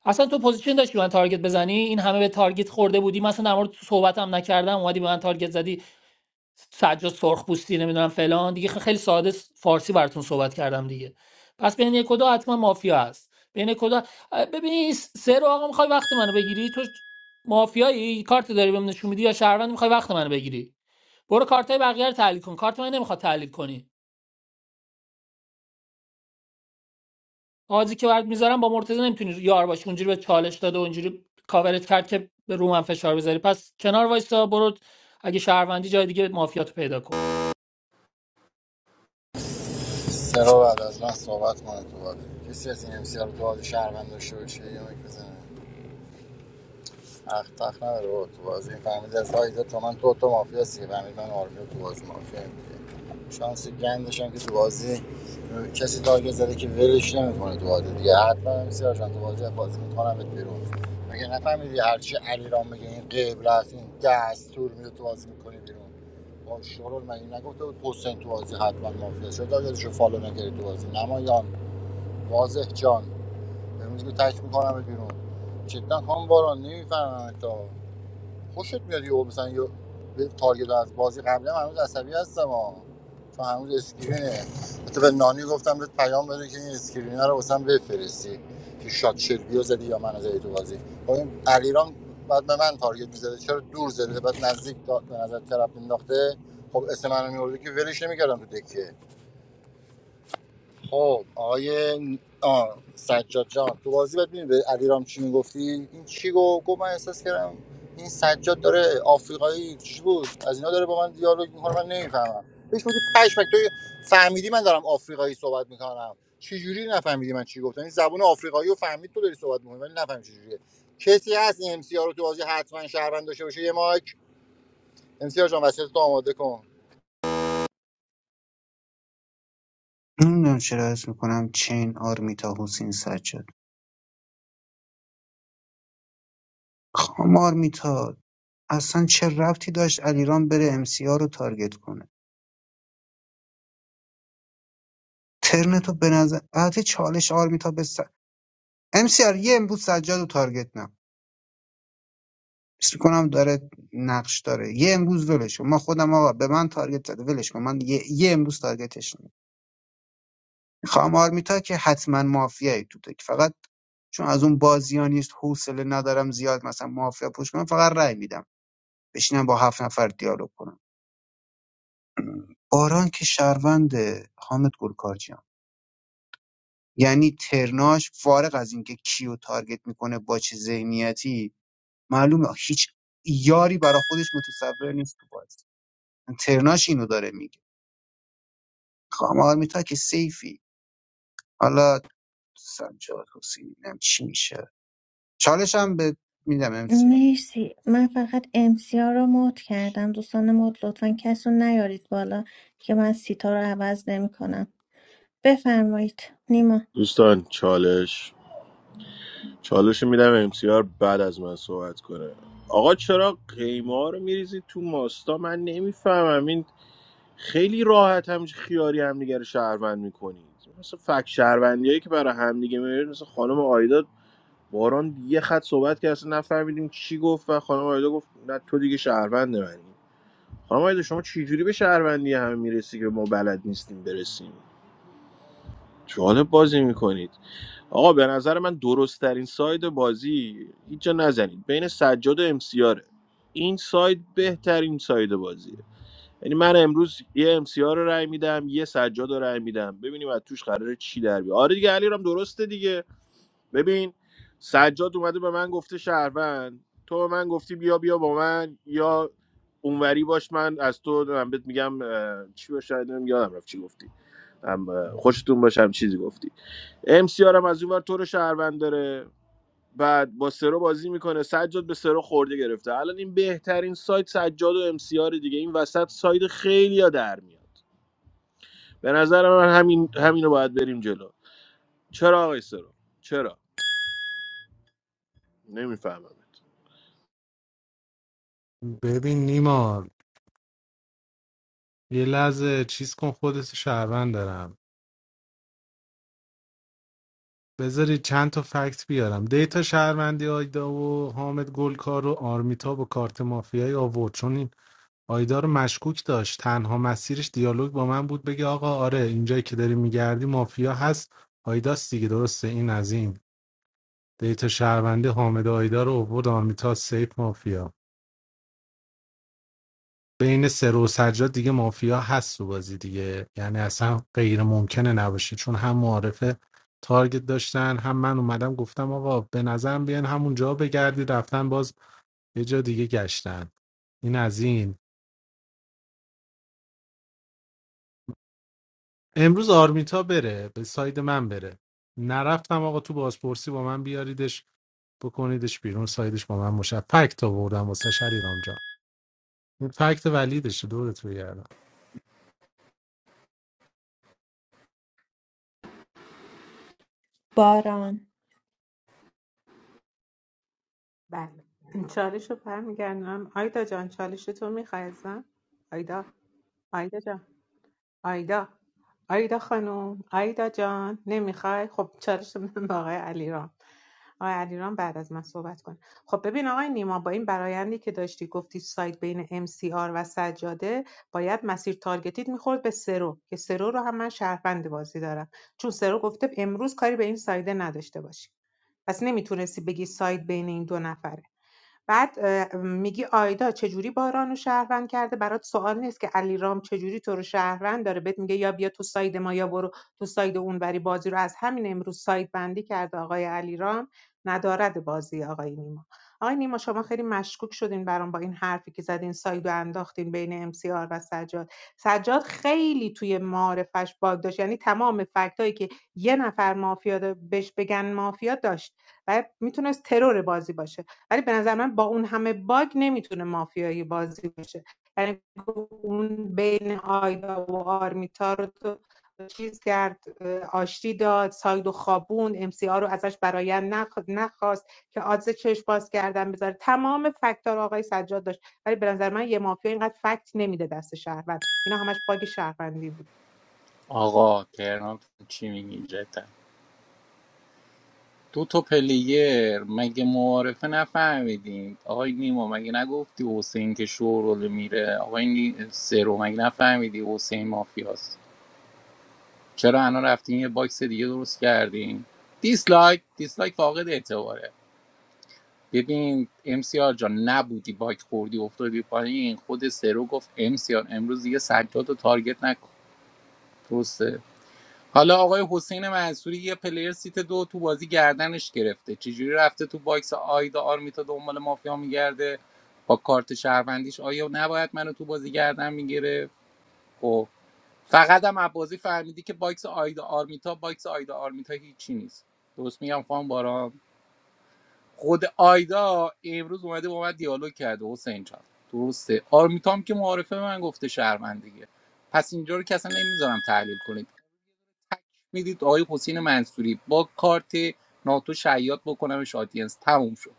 S13: اصلا تو پوزیشن داشتی به من تارگت بزنی این همه به تارگت خورده بودی مثلا در مورد تو صحبت نکردم اومدی به من تارگت زدی سجاد سرخپوستی نمیدونم فلان دیگه خیلی ساده س- فارسی براتون صحبت کردم دیگه پس بین یک و دو حتما مافیا هست بین کدا ببین این سه رو آقا میخوای وقت منو بگیری تو مافیایی کارت داری بهم نشون میدی یا شهروند میخوای وقت منو بگیری برو کارتای بقیه رو تحلیل کن کارت من نمیخواد تحلیل کنی آزی که برات میذارم با مرتضی نمیتونی یار باشی اونجوری به چالش داده و اونجوری کاورت کرد که به رومن فشار بذاری پس کنار وایسا برو اگه شهروندی جای دیگه مافیاتو پیدا کن
S7: سرا بعد از من صحبت کنه تو بازی کسی از این امسیار تو بازی شهروند داشته باشه یه مک بزنه تخت تخت نداره بابا. تو بازی فهمید از های دو تا من تو تو مافیا سی فهمید من آرمی تو بازی مافیا شانسی شانس گندش هم که تو بازی کسی تارگت زده که ولش نمیکنه تو بازی دیگه حتما هم تو بازی بازی میکنم بهت بیرون مگه نفهمیدی هرچی علیرام میگه این قبل است این دستور میده تو بازی میکنی بیرون اون شورول مگه نگفته بود حسین تو بازی حتما مافیا شد تارگتشو فالو نکردی تو بازی نمایان واضح جان امروز که تک میکنم بهت بیرون جدا هم باران نمیفهمم تا خوشت میاد یهو مثلا یه به تارگت از بازی قبلا هنوز عصبی هستم ها چون هنوز اسکرینه حتی به نانی گفتم بهت پیام بده که این اسکرینه رو واسم بفرستی که شات شلبیو زدی یا منو زدی تو بازی خب این علیرام بعد به من تارگت میزده چرا دور زده بعد نزدیک تا- به نظر طرف انداخته خب اسم منو میورده که ولش نمیکردم تو دکه خب آقای آه، سجاد جان تو بازی بعد می‌دونی به علیرام چی میگفتی این چی گفت گفت من احساس کردم این سجاد داره آفریقایی چی بود از اینا داره با من دیالوگ میکنه من نمیفهمم بهش بودی پشمک تو فهمیدی من دارم آفریقایی صحبت میکنم چه جوری نفهمیدی من چی گفتم این زبون آفریقایی رو فهمید تو داری صحبت میکنی ولی نفهمی چه جوریه کسی هست این ام سی آر رو تو بازی حتما شهروند داشته باشه یه مایک ام سی آر جان وسیلت آماده کن
S12: نمیدونم چرا حس میکنم چین آرمیتا حسین سجاد خام آرمیتا اصلا چه ربطی داشت علیرام بره ام سی رو تارگت کنه ترنتو به نظر البته چالش آرمیتا به س... MCR یه امروز سجاد رو تارگت نکن حس میکنم داره نقش داره یه امروز ولش کن. ما خودم آقا به من تارگت زده ولش کن من یه, یه امروز تارگتش نمی خام آرمیتا که حتما مافیایی تو دک فقط چون از اون بازی ها نیست حوصله ندارم زیاد مثلا مافیا پوش کنم فقط رأی میدم بشینم با هفت نفر دیالوگ کنم باران که شهروند حامد گلکارجیان یعنی ترناش فارغ از اینکه کیو تارگت میکنه با چه ذهنیتی معلومه هیچ یاری برا خودش متصور نیست تو بازی ترناش اینو داره میگه خام آرمیتا که سیفی حالا سجاد حسینی نم چی میشه چالش هم به میدم امسیار
S2: مرسی من فقط امسیا رو مود کردم دوستان مود لطفا کس رو نیارید بالا که من سیتا رو عوض نمی کنم بفرمایید نیما
S9: دوستان چالش چالش رو میدم امسیار بعد از من صحبت کنه آقا چرا قیمه ها رو میریزید تو ماستا من نمیفهمم این خیلی راحت همش خیاری همدیگه رو شهروند میکنید مثل فک شهروندی که برای همدیگه میارید مثل خانم آیدا باران یه خط صحبت که اصلا نفهمیدیم چی گفت و خانم آیدا گفت نه تو دیگه شهروند منی خانم آیده شما چجوری به شهروندی همه میرسی که ما بلد نیستیم برسیم جالب بازی میکنید آقا به نظر من درست ترین ساید بازی هیچ جا نزنید بین سجاد و امسیاره این ساید بهترین ساید بازیه یعنی من امروز یه امسیار رو رای میدم یه سجاد رو رای میدم ببینیم از توش قراره چی در بیاد آره دیگه علی رام درسته دیگه ببین سجاد اومده به من گفته شهروند تو به من گفتی بیا بیا با من یا اونوری باش من از تو من بهت میگم اه، چی باشه نمی‌دونم، یادم رفت چی گفتی هم اه، خوشتون باشم چیزی گفتی ام سی هم از اونور تو رو شهروند داره بعد با سرو بازی میکنه سجاد به سرو خورده گرفته الان این بهترین سایت سجاد و ام سی دیگه این وسط سایت خیلی ها در میاد به نظر من همین همینو باید بریم جلو چرا آقای سرو چرا نمیفهمم
S6: ببین نیما یه لحظه چیز کن خودت شهروند دارم بذاری چند تا فکت بیارم دیتا شهروندی آیدا و حامد گلکار و آرمیتا با کارت مافیایی آورد چون این آیدا رو مشکوک داشت تنها مسیرش دیالوگ با من بود بگه آقا آره اینجایی که داری میگردی مافیا هست آیداست دیگه درسته این از این دیتا شهروندی حامد و آیدا رو آورد آرمیتا سیف مافیا بین سرو و سجاد دیگه مافیا هست تو بازی دیگه یعنی اصلا غیر ممکنه نباشه چون هم معارفه تارگت داشتن هم من اومدم گفتم آقا به نظرم بیان همون جا بگردید رفتن باز یه جا دیگه گشتن این از این امروز آرمیتا بره به ساید من بره نرفتم آقا تو بازپرسی با من بیاریدش بکنیدش بیرون سایدش با من مشفکت آوردم واسه شریرام جان این فکت ولیدشه دورت بگردم
S2: باران
S14: بله چالش رو برمیگردم آیدا جان چالش تو میخوای ازم آیدا آیدا جان آیدا آیدا خانم آیدا جان نمیخوای خب چالش رو بدم به آقای علیرام آقای علیرام بعد از من صحبت کن خب ببین آقای نیما با این برایندی که داشتی گفتی سایت بین MCR و سجاده باید مسیر تارگتیت میخورد به سرو که سرو رو هم من شهروند بازی دارم چون سرو گفته امروز کاری به این سایده نداشته باشی پس نمیتونستی بگی سایت بین این دو نفره بعد میگی آیدا چجوری باران رو شهروند کرده برات سوال نیست که علیرام چجوری تو رو شهروند داره بهت میگه یا بیا تو ساید ما یا برو تو ساید اون اونوری بازی رو از همین امروز ساید بندی کرده آقای علیرام ندارد بازی آقای نیما آقای نیما شما خیلی مشکوک شدین برام با این حرفی که زدین ساید و انداختین بین ام امسیار و سجاد سجاد خیلی توی معارفش باگ داشت یعنی تمام فکتایی که یه نفر مافیا دا- بهش بگن مافیا داشت و میتونست ترور بازی باشه ولی به نظر من با اون همه باگ نمیتونه مافیایی بازی بشه یعنی اون بین آیدا و آرمیتا رو تو چیز کرد اه، آشتی داد ساید و خوابون ام سی آر رو ازش براین نخواست که آدز چشم باز کردن بذاره تمام فکت‌ها آقای سجاد داشت ولی به نظر من یه مافیا اینقدر فکت نمیده دست شهروند اینا همش باگ شهروندی بود
S3: آقا تهران چی میگی دو تا پلیر مگه معارفه نفهمیدین آقای نیما مگه نگفتی حسین که شورول میره آقای نی... سرو مگه نفهمیدی حسین مافیاست چرا الان رفتین یه باکس دیگه درست کردین دیسلایک دیسلایک فاقد اعتباره ببین امسیار جان نبودی باک خوردی افتادی پایین خود سرو گفت امسیار امروز دیگه سجاد رو تارگت نکن درسته؟ حالا آقای حسین منصوری یه پلیر سیت دو تو بازی گردنش گرفته چجوری رفته تو باکس آیدا آرمیتا دنبال مافیا میگرده با کارت شهروندیش آیا نباید منو تو بازی گردن میگرفت خب فقط هم بازی فهمیدی که باکس آیدا آرمیتا باکس آیدا آرمیتا هیچی نیست درست میگم خانم باران خود آیدا امروز اومده با من دیالوگ کرده حسین جان درسته آرمیتا هم که معارفه به من گفته شهروند دیگه پس اینجا رو که اصلا نمیذارم تحلیل کنید میدید آقای حسین منصوری با کارت ناتو شیاد بکنمش آدینس تموم شد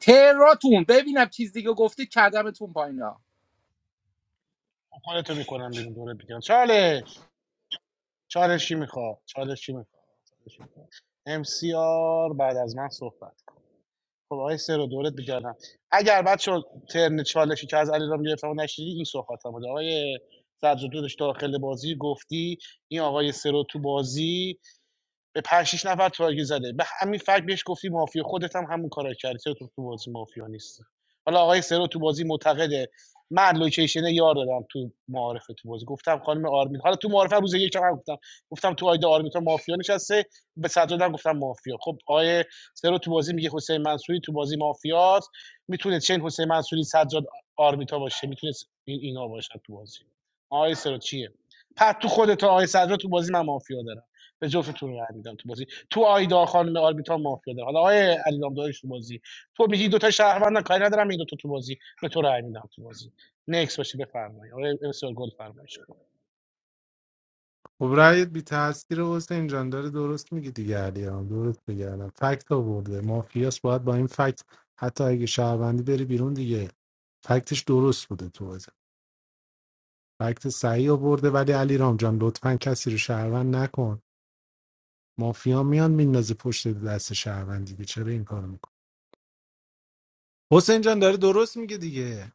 S3: تراتون ببینم چیز دیگه گفتید کردمتون پایینا
S6: خب رأیت بی تاثیر حسین جان داره درست میگی دیگه علی هم. درست میگه الان فکت آورده مافیاس باید با این فکت حتی اگه شهروندی بری بیرون دیگه فکتش درست بوده تو بازی فکت صحیح آورده ولی علی رام جان لطفا کسی رو شهروند نکن مافیا میان میندازه پشت دست شهروند دیگه چرا این کارو میکن حسین جان داره درست میگه دیگه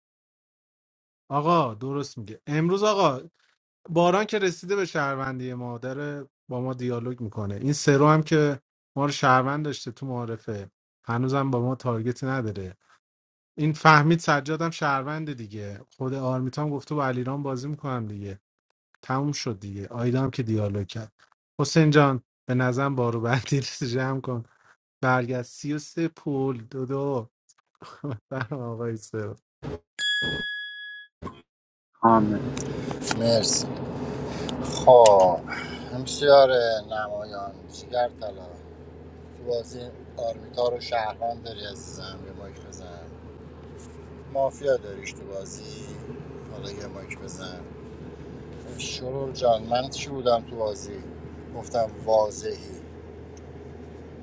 S6: آقا درست میگه امروز آقا باران که رسیده به شهروندی ما داره با ما دیالوگ میکنه این سرو هم که ما رو شهروند داشته تو معارفه هنوزم با ما تارگتی نداره این فهمید سجادم شهروند دیگه خود آرمیتام گفته با علیرام بازی میکنم دیگه تموم شد دیگه آیدا هم که دیالوگ کرد حسین جان به نظرم بارو بندی جمع (laughs) کن برگشت سی و سه پول دو دو (laughs) برم آقای سرو.
S12: کامل
S7: مرسی خب امسیار نمایان جیگر طلا تو بازی آرمیتا رو شهروند داری عزیزم یه مایک بزن مافیا داریش تو بازی حالا یه مایک بزن شرور جان من چی بودم تو بازی گفتم واضحی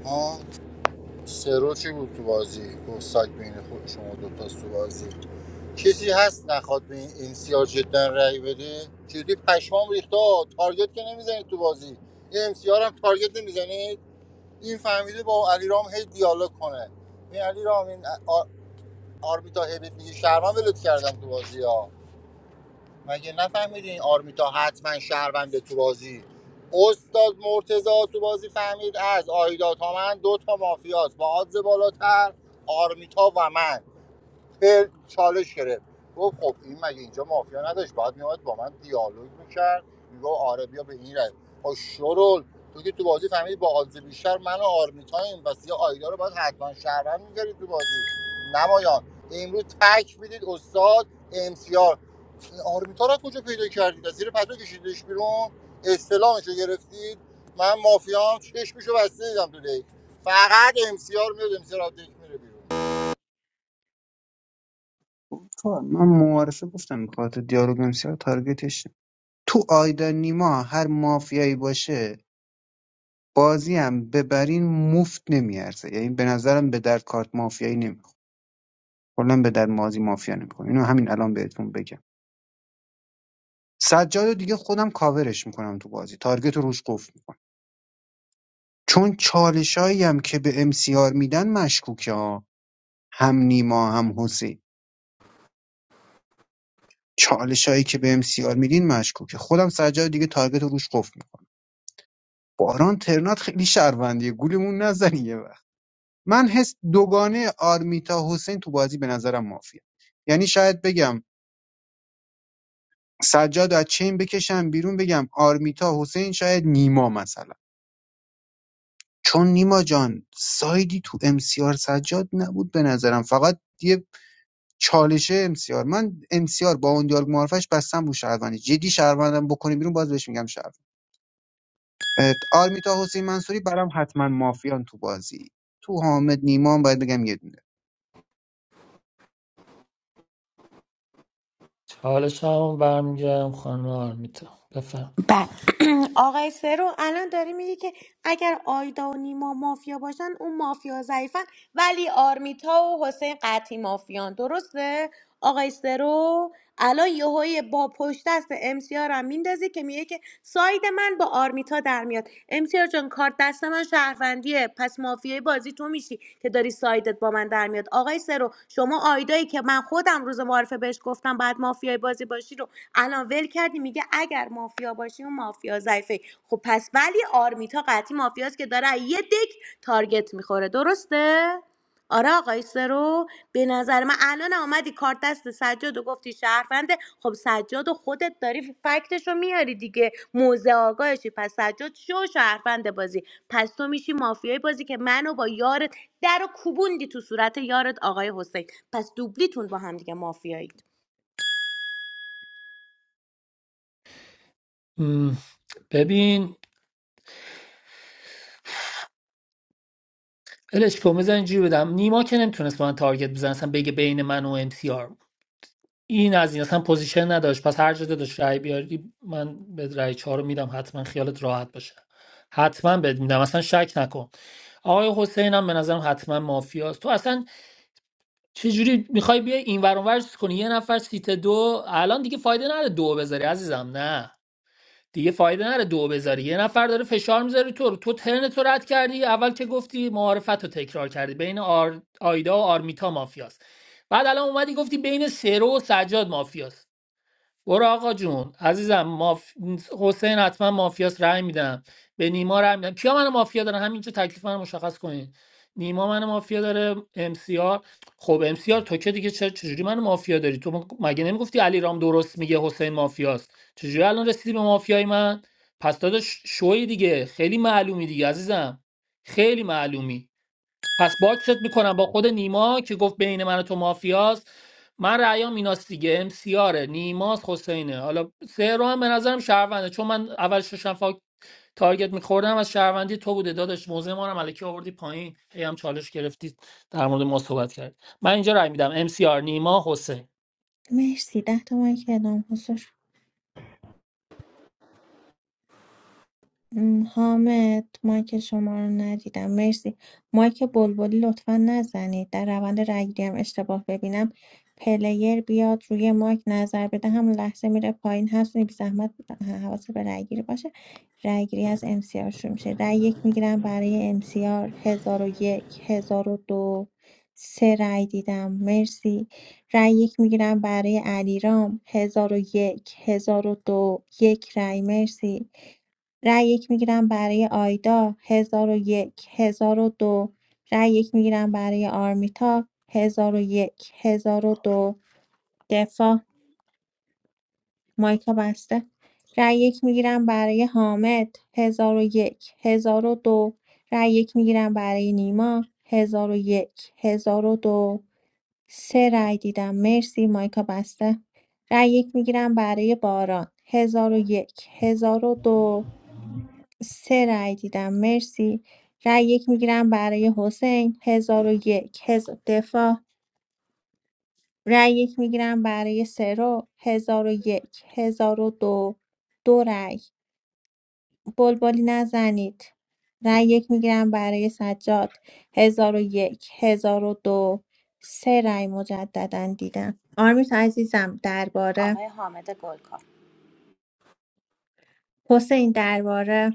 S7: ها سرو چی بود تو بازی گفت سایت بین خود شما دوتاست تو بازی کسی هست نخواد به این امسیار جدا رأی بده جدی پشمام ریخته تارگت که نمیزنید تو بازی این امسیار هم تارگت نمیزنید این فهمیده با علیرام هی دیالوگ کنه این علیرام این آرمیتا هیبت بهت میگه شهروند ولت کردم تو بازی ها مگه نفهمیدی این آرمیتا حتما شهرونده تو بازی استاد مرتزا تو بازی فهمید از آیدا تا من دو تا مافیاست با آدز بالاتر آرمیتا و من به چالش گرفت گفت خب این مگه اینجا مافیا نداشت بعد میاد با من دیالوگ میکرد میگو آره بیا به این رای خب شرول تو که تو بازی فهمیدی با آدز بیشتر من و آرمیتایم و سیا آیدا رو باید حتما شهروند می‌گاری تو بازی نمایان امروز تک میدید استاد امسیار آرمیتا رو از کجا پیدا کردید از زیر پتو کشیدش بیرون استلامش رو گرفتید من مافیام چشمشو بسته دیدم تو دیگ فقط ام امسیار میاد امسیار از دیگ میره بیرون
S12: گفتم، من معارفه گفتم میخواد دیالوگ امسیار تارگتش نیم. تو آیدا نیما هر مافیایی باشه بازی هم ببرین مفت نمیارزه یعنی به نظرم به درد کارت مافیایی نمیخوره کلا به درد مازی مافیا نمیخوره اینو همین الان بهتون بگم سجاد رو دیگه خودم کاورش میکنم تو بازی تارگت رو روش قفل میکنم چون چالشایی هم که به امسیار میدن مشکوکه ها هم نیما هم حسین چالشایی که به امسیار میدین مشکوکه خودم سجاد دیگه تارگت رو روش قفل میکنم باران ترنات خیلی شهروندیه گولمون نزنی یه وقت من حس دوگانه آرمیتا حسین تو بازی به نظرم مافیه یعنی شاید بگم سجاد از چین بکشم بیرون بگم آرمیتا حسین شاید نیما مثلا چون نیما جان سایدی تو امسیار سجاد نبود به نظرم فقط یه چالشه امسیار من امسیار با اون دیالوگ معرفش بستم رو شهروندی جدی شهروندم بکنی بیرون باز بهش میگم شهروند اه، آرمیتا حسین منصوری برام حتما مافیان تو بازی تو حامد نیمان باید بگم یه دونه
S13: حالش هم برمیگردم خانم آرمیتا بفهم
S5: آقای فرو الان داری میگی که اگر آیدا و نیما مافیا باشن اون مافیا ضعیفن ولی آرمیتا و حسین قطعی مافیان درسته آقای سرو الان یهوی با پشت دست امسیار هم میندازه که میگه که ساید من با آرمیتا در میاد ام سی آر جان کارت دست من شهروندیه پس مافیای بازی تو میشی که داری سایدت با من در میاد آقای سرو شما آیدایی که من خودم روز معارفه بهش گفتم بعد مافیای بازی باشی رو الان ول کردی میگه اگر مافیا باشی اون مافیا ضعیفه خب پس ولی آرمیتا قطعی مافیاست که داره از یه دک تارگت میخوره درسته آره آقای سرو به نظر من الان آمدی کارت دست سجاد و گفتی شهرفنده خب سجاد و خودت داری فکتش رو میاری دیگه موزه آگاهشی پس سجاد شو شهرفنده بازی پس تو میشی مافیای بازی که منو با یارت در و کوبوندی تو صورت یارت آقای حسین پس دوبلیتون با هم دیگه مافیایید
S13: م، ببین الش کو میزن اینجوری بدم نیما که نمیتونست به من تارگت بزنه اصلا بگه بین من و ام سی آر این از این اصلا پوزیشن نداشت پس هر جا داشت رای بیاری من به رای چهار رو میدم حتما خیالت راحت باشه حتما بهت میدم اصلا شک نکن آقای حسین هم به نظرم حتما مافیاست تو اصلا چجوری میخوای بیای این ور اون ور چیز کنی یه نفر سیت دو الان دیگه فایده نداره دو بذاری عزیزم نه دیگه فایده نره دو بذاری یه نفر داره فشار میذاره تو رو. تو ترن تو رد کردی اول که گفتی معارفت رو تکرار کردی بین آر... آیدا و آرمیتا مافیاست بعد الان اومدی گفتی بین سرو و سجاد مافیاست برو آقا جون عزیزم ماف... حسین حتما مافیاس رأی میدم به نیما رأی میدم کیا من مافیا دارن همینجا تکلیف من رو مشخص کنین نیما من مافیا داره ام سی آر خب ام سی آر تو که دیگه چرا چجوری من مافیا داری تو م- مگه نمیگفتی علی رام درست میگه حسین مافیاست چجوری الان رسیدی به مافیای من پس داداش شوی دیگه خیلی معلومی دیگه عزیزم خیلی معلومی پس باکست میکنم با خود نیما که گفت بین من و تو مافیاست من رأیام ایناست دیگه امسیاره نیماست حسینه حالا سه رو هم به نظرم شهرونده چون من اول ششم فاک تارگت میخوردم از شهروندی تو بوده داداش موزه ما رو هم الکی آوردی پایین هی هم چالش گرفتی در مورد ما صحبت کرد من اینجا رأی میدم امسیار نیما حسین
S2: مرسی ده تومن که اعلام حضور م، حامد مایک شما رو ندیدم مرسی مایک بلبلی لطفا نزنید در روند رگیری هم اشتباه ببینم پلیر بیاد روی مایک نظر بده هم لحظه میره پایین هست بی زحمت حواس به رگیری باشه رگیری از ام سی آر شروع میشه رای یک میگیرم برای ام سی آر هزار و یک هزار و دو سه رای دیدم مرسی رای یک میگیرم برای علیرام هزار و یک هزار و دو یک رای مرسی رای یک میگیرم برای آیدا ۱۰۰۱ دو رای یک میگیرم برای آرمیتا ۱۰۰۱ دو دفاع مایکا بسته رای یک میگیرم برای حامد ۱۰۰۱ دو رای یک میگیرم برای نیما ۱۰۰۱ دو سه رای دیدم مرسی مایکا بسته رای یک میگیرم برای باران ۱۰۰۱ دو سه رأی دیدم مرسی رأی یک میگیرم برای حسین هزار و یک هزار دفاع رأی یک میگیرم برای سرو 1001 1002 دو دو رأی بلبلی نزنید رأی یک میگیرم برای سجاد 1001 دو سه رأی مجددا دیدم آرمیت عزیزم درباره
S5: آقای حامد گلکار
S2: حسین درباره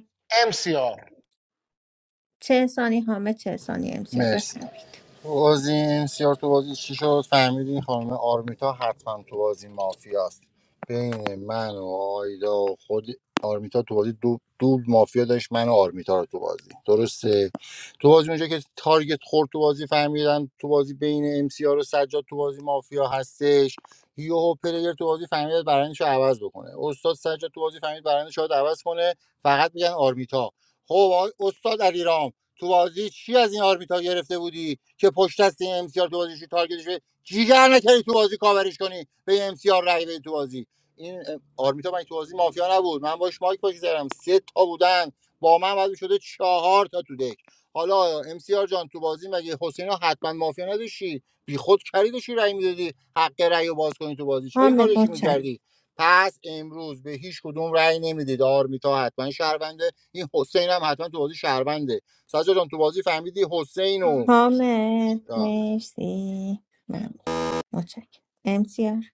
S2: چه ثانی حامد چه ثانی امسیار
S7: مرسی
S2: بفرمایید
S7: تو بازی امسیار تو بازی چی شد فهمیدی این خانم آرمیتا حتما تو بازی مافیاست بین من و آیدا و خود آرمیتا تو بازی دو, دو مافیا داشت من و آرمیتا رو تو بازی درسته تو بازی اونجا که تارگت خورد تو بازی فهمیدن تو بازی بین امسیار و سجاد تو بازی مافیا هستش یوهو پلیر تو بازی فهمید برندش رو عوض بکنه استاد سجاد تو بازی فهمید برندش رو عوض کنه فقط میگن آرمیتا خب آقای استاد علیرام تو بازی چی از این آرمیتا گرفته بودی که پشت دست این ام سی آر تو بازی شو تارگتش بده جیگر نکردی تو بازی کاورش کنی به ام سی آر رای بدی تو بازی این ام، آرمیتا من تو بازی مافیا نبود من باش مایک پاش زدم سه تا بودن با من بعد شده چهار تا تو دک حالا ام سی آر جان تو بازی مگه حسین حتما مافیا نداشتی بیخود خریدشی رای میدادی حق رای رو باز کنی تو بازی چرا این
S2: حامد
S7: کارشی
S2: متشکرم
S7: میکردی پس امروز به هیچ کدوم رأی نمیدید آرمیتا حتما شهرونده این حسین هم حتما تو بازی شهرونده سجا جان تو بازی فهمیدی حسین و
S2: حامد
S7: آه،
S2: مرسی ممنون. متشکرم امسیار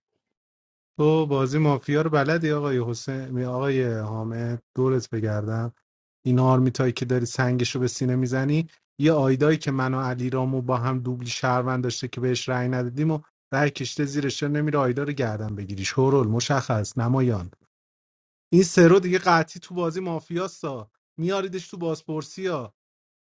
S6: تو بازی مافیا رو بلدی آقای حسین آقای حامد دورت بگردم این آرمیتایی که داری سنگش رو به سینه میزنی یه آیدایی که من و علیرامو با هم دوبلی شهروند داشته که بهش رأی ندادیم و رأی کشته زیرش چرا نمیره آیدا رو گردن بگیری شورول مشخص نمایان این سرو دیگه قطعی تو بازی مافیاستا میاریدش تو بازپرسی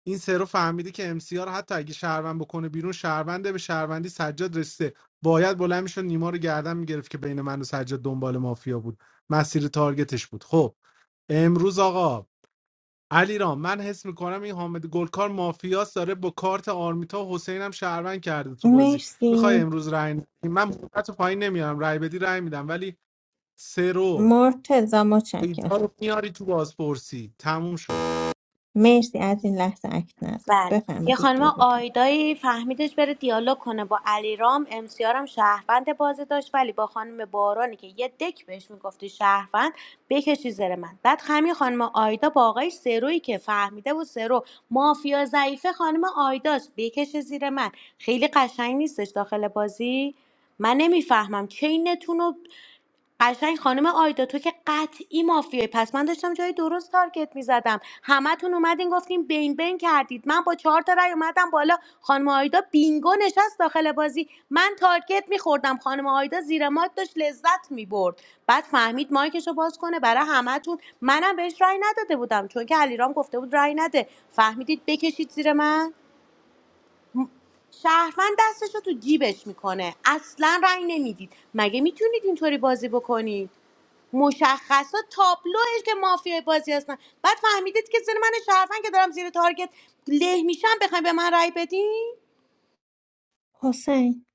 S6: این سرو فهمیده که امسیار حتی اگه شهروند بکنه بیرون شهرونده به شهروندی سجاد رسیده باید بلند میشد نیما رو گردن میگرفت که بین من و سجاد دنبال مافیا بود مسیر تارگتش بود خب امروز آقا علیرام من حس میکنم این حامد گلکار مافیاس داره با کارت آرمیتا و حسین هم شهروند کرده تو بازی میخوای
S2: مرسی
S6: امروز رای ندی؟ من مدت پایین نمیارم رای بدی رای میدم ولی سرو
S2: مرتزا متشکرم
S6: ایدار رو میاری تو بازپرسی تموم شد
S2: مرسی از این لحظه اکت نذارید
S5: بله یه
S2: بفرمایید یک
S5: خانم
S2: دقیقه بتر
S5: آیدایی فهمیدش بره دیالوگ کنه با علیرام امسیارم شهروند بازی داشت ولی با خانم بارانی که یه دک بهش میگفتی شهروند بکشی زیر من بعد همین خانم آیدا با آقای سرویی که فهمیده بود سرو مافیا ضعیفه خانم آیداست بکشه زیر من خیلی قشنگ نیستش داخل بازی من نمیفهمم چینتون رو قشنگ خانم آیدا تو که قطعی مافیایی پس من داشتم جای درست تارگت میزدم همتون اومدین گفتین بین بین کردید من با چهار تا رای اومدم بالا خانم آیدا بینگو نشست داخل بازی من تارگت میخوردم خانم آیدا زیر مات داشت لذت میبرد بعد فهمید مایکشو باز کنه برای همتون منم بهش رای نداده بودم چون که علیرام گفته بود رای نده فهمیدید بکشید زیر من شهروند دستشو تو جیبش میکنه اصلا رای نمیدید مگه میتونید اینطوری بازی بکنید مشخصا تابلوش که مافیای بازی هستن بعد فهمیدید که زیر من شرفن که دارم زیر تارگت له میشم بخواین به من رای بدین
S2: حسین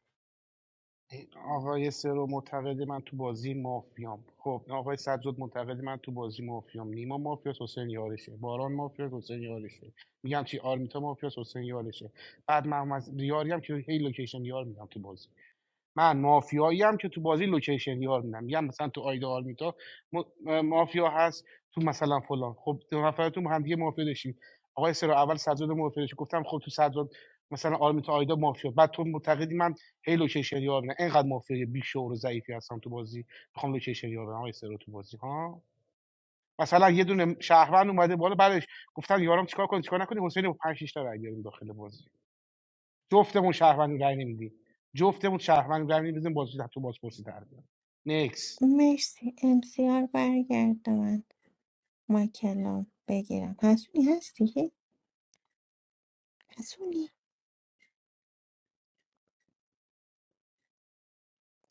S2: مرسی امسیار برگرد من مایکلام بگیرم حسونی هستی؟ حسونی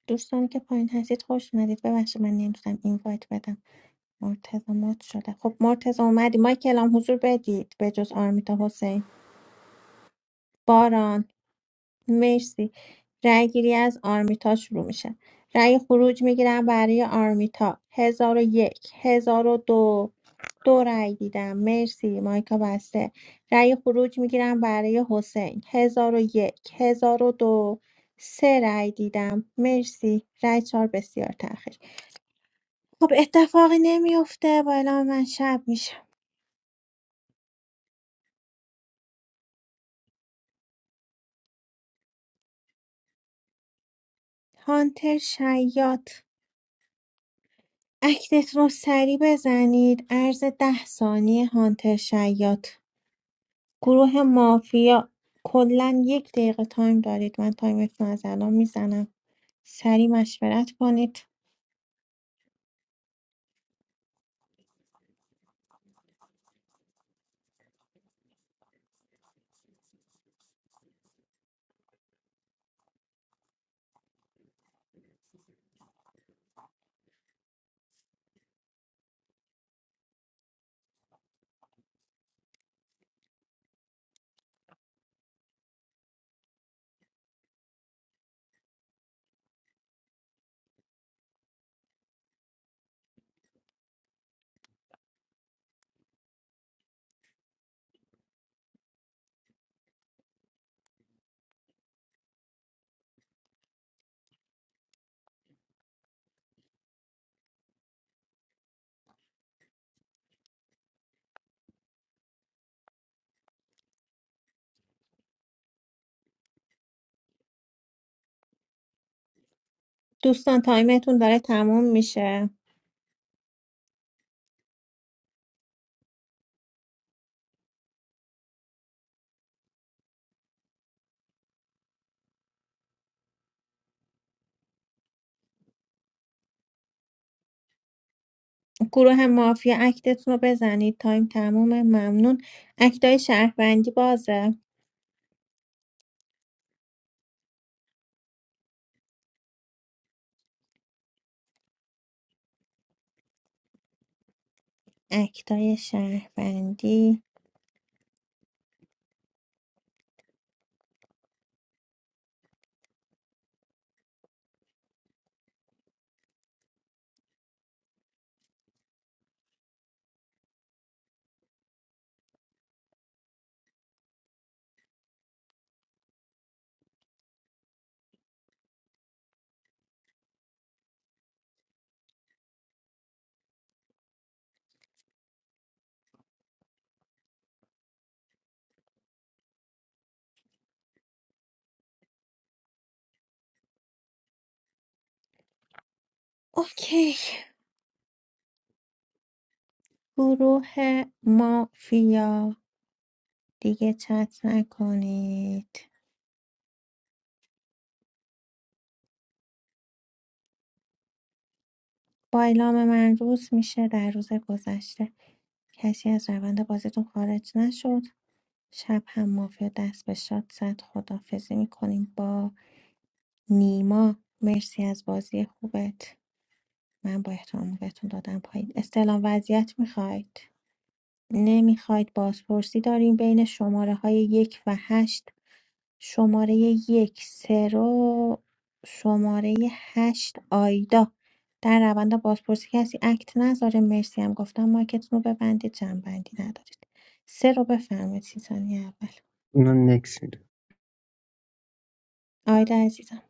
S2: دوستانی که پایین هستید خوش اومدید ببخشید من نمیتونم این بدم مرتضی مات شده خب مرتضی اومدی مایکلام حضور بدید به جز آرمیتا حسین باران مرسی رأیگیری از آرمیتا شروع میشه رأی خروج میگیرم برای آرمیتا هزار و یک هزار و دو دو رأی دیدم مرسی مایکا بسته رأی خروج میگیرم برای حسین هزار و یک هزار و دو سه رأی دیدم مرسی رأی چهار بسیار تأخیر خب اتفاقی نمیفته با اعلام من شب میشه هانتر شیاد اکتت را سریع بزنید عرض ده ثانیه هانتر شیاط گروه مافیا کلا یک دقیقه تایم دارید من تایمتون از الان میزنم سریع مشورت کنید دوستان تایمتون داره تموم میشه گروه مافیا اکتتون رو بزنید تایم تموم ممنون اکتای شهروندی بازه اکتای شهروندی اوکی گروه مافیا دیگه چت نکنید با اعلام من روز میشه در روز گذشته کسی از روند بازیتون خارج نشد شب هم مافیا دست به شاد زد خدافزی میکنیم با نیما مرسی از بازی خوبت من با احترام بهتون دادم پایین استعلام وضعیت میخواید نمیخواید بازپرسی داریم بین شماره های یک و هشت شماره یک سرو شماره هشت آیدا در روند بازپرسی کسی اکت نذاره مرسی هم گفتم مایکتون رو ببندید جنبندی ندارید سه رو بفرمایید سی ثانیه اول
S12: اینا نکس میده
S2: آیدا عزیزم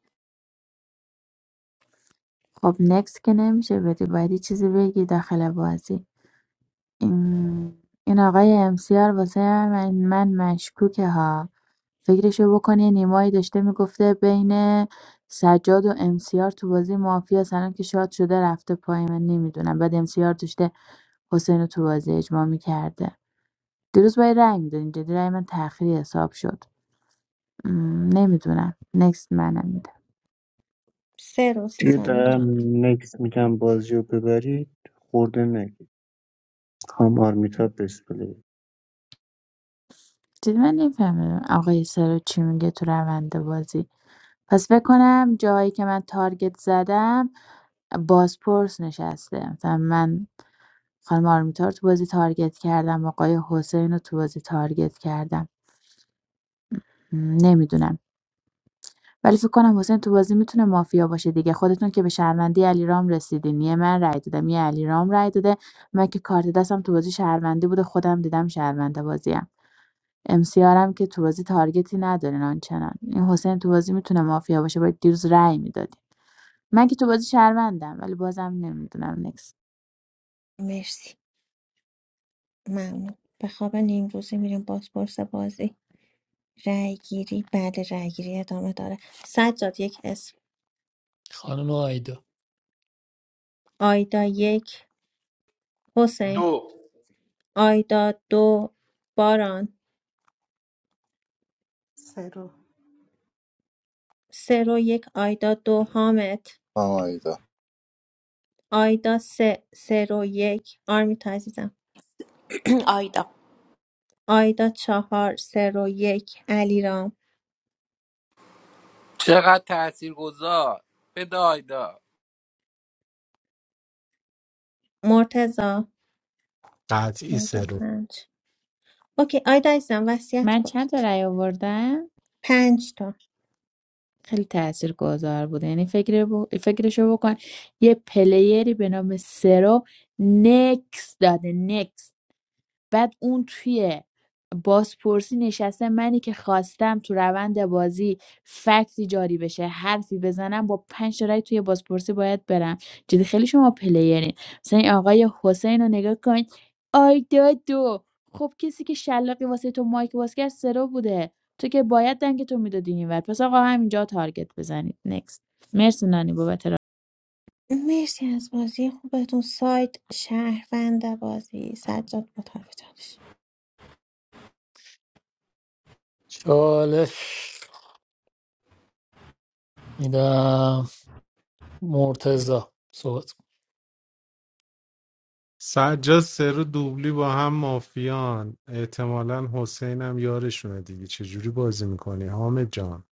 S4: خب نکس که نمیشه بدی باید یه چیزی بگی داخل بازی این, این آقای امسیار واسه من, من مشکوکه ها فکرشو بکنی نیمایی داشته میگفته بین سجاد و امسیار تو بازی مافیا سلام که شاد شده رفته پای من نمیدونم بعد امسیار داشته حسین رو تو بازی اجماع میکرده دیروز باید رأی میدونیم جدی رأی من تأخیری حساب شد نمیدونم نکست منم میدم
S2: سه رو سی
S12: دیگه
S2: ثانیه دو
S12: دارم نکس میگم بازی رو ببرید خورده نگید کام آرمیتا بسپلی
S4: جدی من نمیفهمیدم آقای سرو چی میگه تو روند بازی پس فکر کنم جاهایی که من تارگت زدم بازپرس نشسته مثلا من خانم آرمیتا رو تو بازی تارگت کردم آقای حسین رو تو بازی تارگت کردم م، نمیدونم ولی فکر کنم حسین تو بازی میتونه مافیا باشه دیگه خودتون که به شهروندی علیرام رسیدین یه من رای دادم یه علیرام رای داده من که کارت دستم تو بازی شهروندی بوده خودم دیدم شهرونده بازیم امسیارم که تو بازی تارگتی ندارین آنچنان این حسین تو بازی میتونه مافیا باشه باید دیروز رای میدادین من که تو بازی شهروندم ولی بازم نمیدونم نکس
S2: مرسی ممنون به خواب نیم روزی میریم بازپرس بازی رای گیری بعد رای گیری ادامه داره سجاد یک اسم
S13: خانم آیدا
S2: آیدا یک حسین
S10: دو
S2: آیدا دو باران سه رو یک آیدا دو حامد
S7: آیدا
S2: آیدا سه سه رو یک آرمیتا عزیزم
S5: (clears throat) آیدا
S2: آیدا چهار سه رو یک علیرام
S3: چقدر تاثیرگذار بده آیدا
S2: مرتزا
S6: قطعی
S2: آیدا
S6: سرو
S2: پنج اوکی آیدا عزیزم وصیت
S4: من چند تا
S2: کنید
S4: رأی آوردم
S2: پنج تا
S4: خیلی تاثیرگذار بوده یعنی فکر ب... فکرشو بکن یه پلیری به نام سرو نکس داده نکس بعد اون توی بازپرسی نشسته منی که خواستم تو روند بازی فکتی جاری بشه حرفی بزنم با پنج تا رای توی بازپرسی باید برم جدی خیلی شما پلیرین مثلا این آقای حسین رو نگاه کن آیدا دو خب کسی که شلاقی واسه تو مایک باز کرد سرو بوده تو که باید دنگ تو میدادی اینور پس آقا همینجا تارگت بزنید نکست مرسی نانی بابت
S2: مرسی از بازی خوبتون سایت شهروند بازی سجاد با طرف چالش
S13: چالش میدم مرتضی صحبت کن.
S6: سجاد سرو دوبلی با هم مافیان احتمالا حسینم یارشونه دیگه چجوری بازی میکنی حامد جان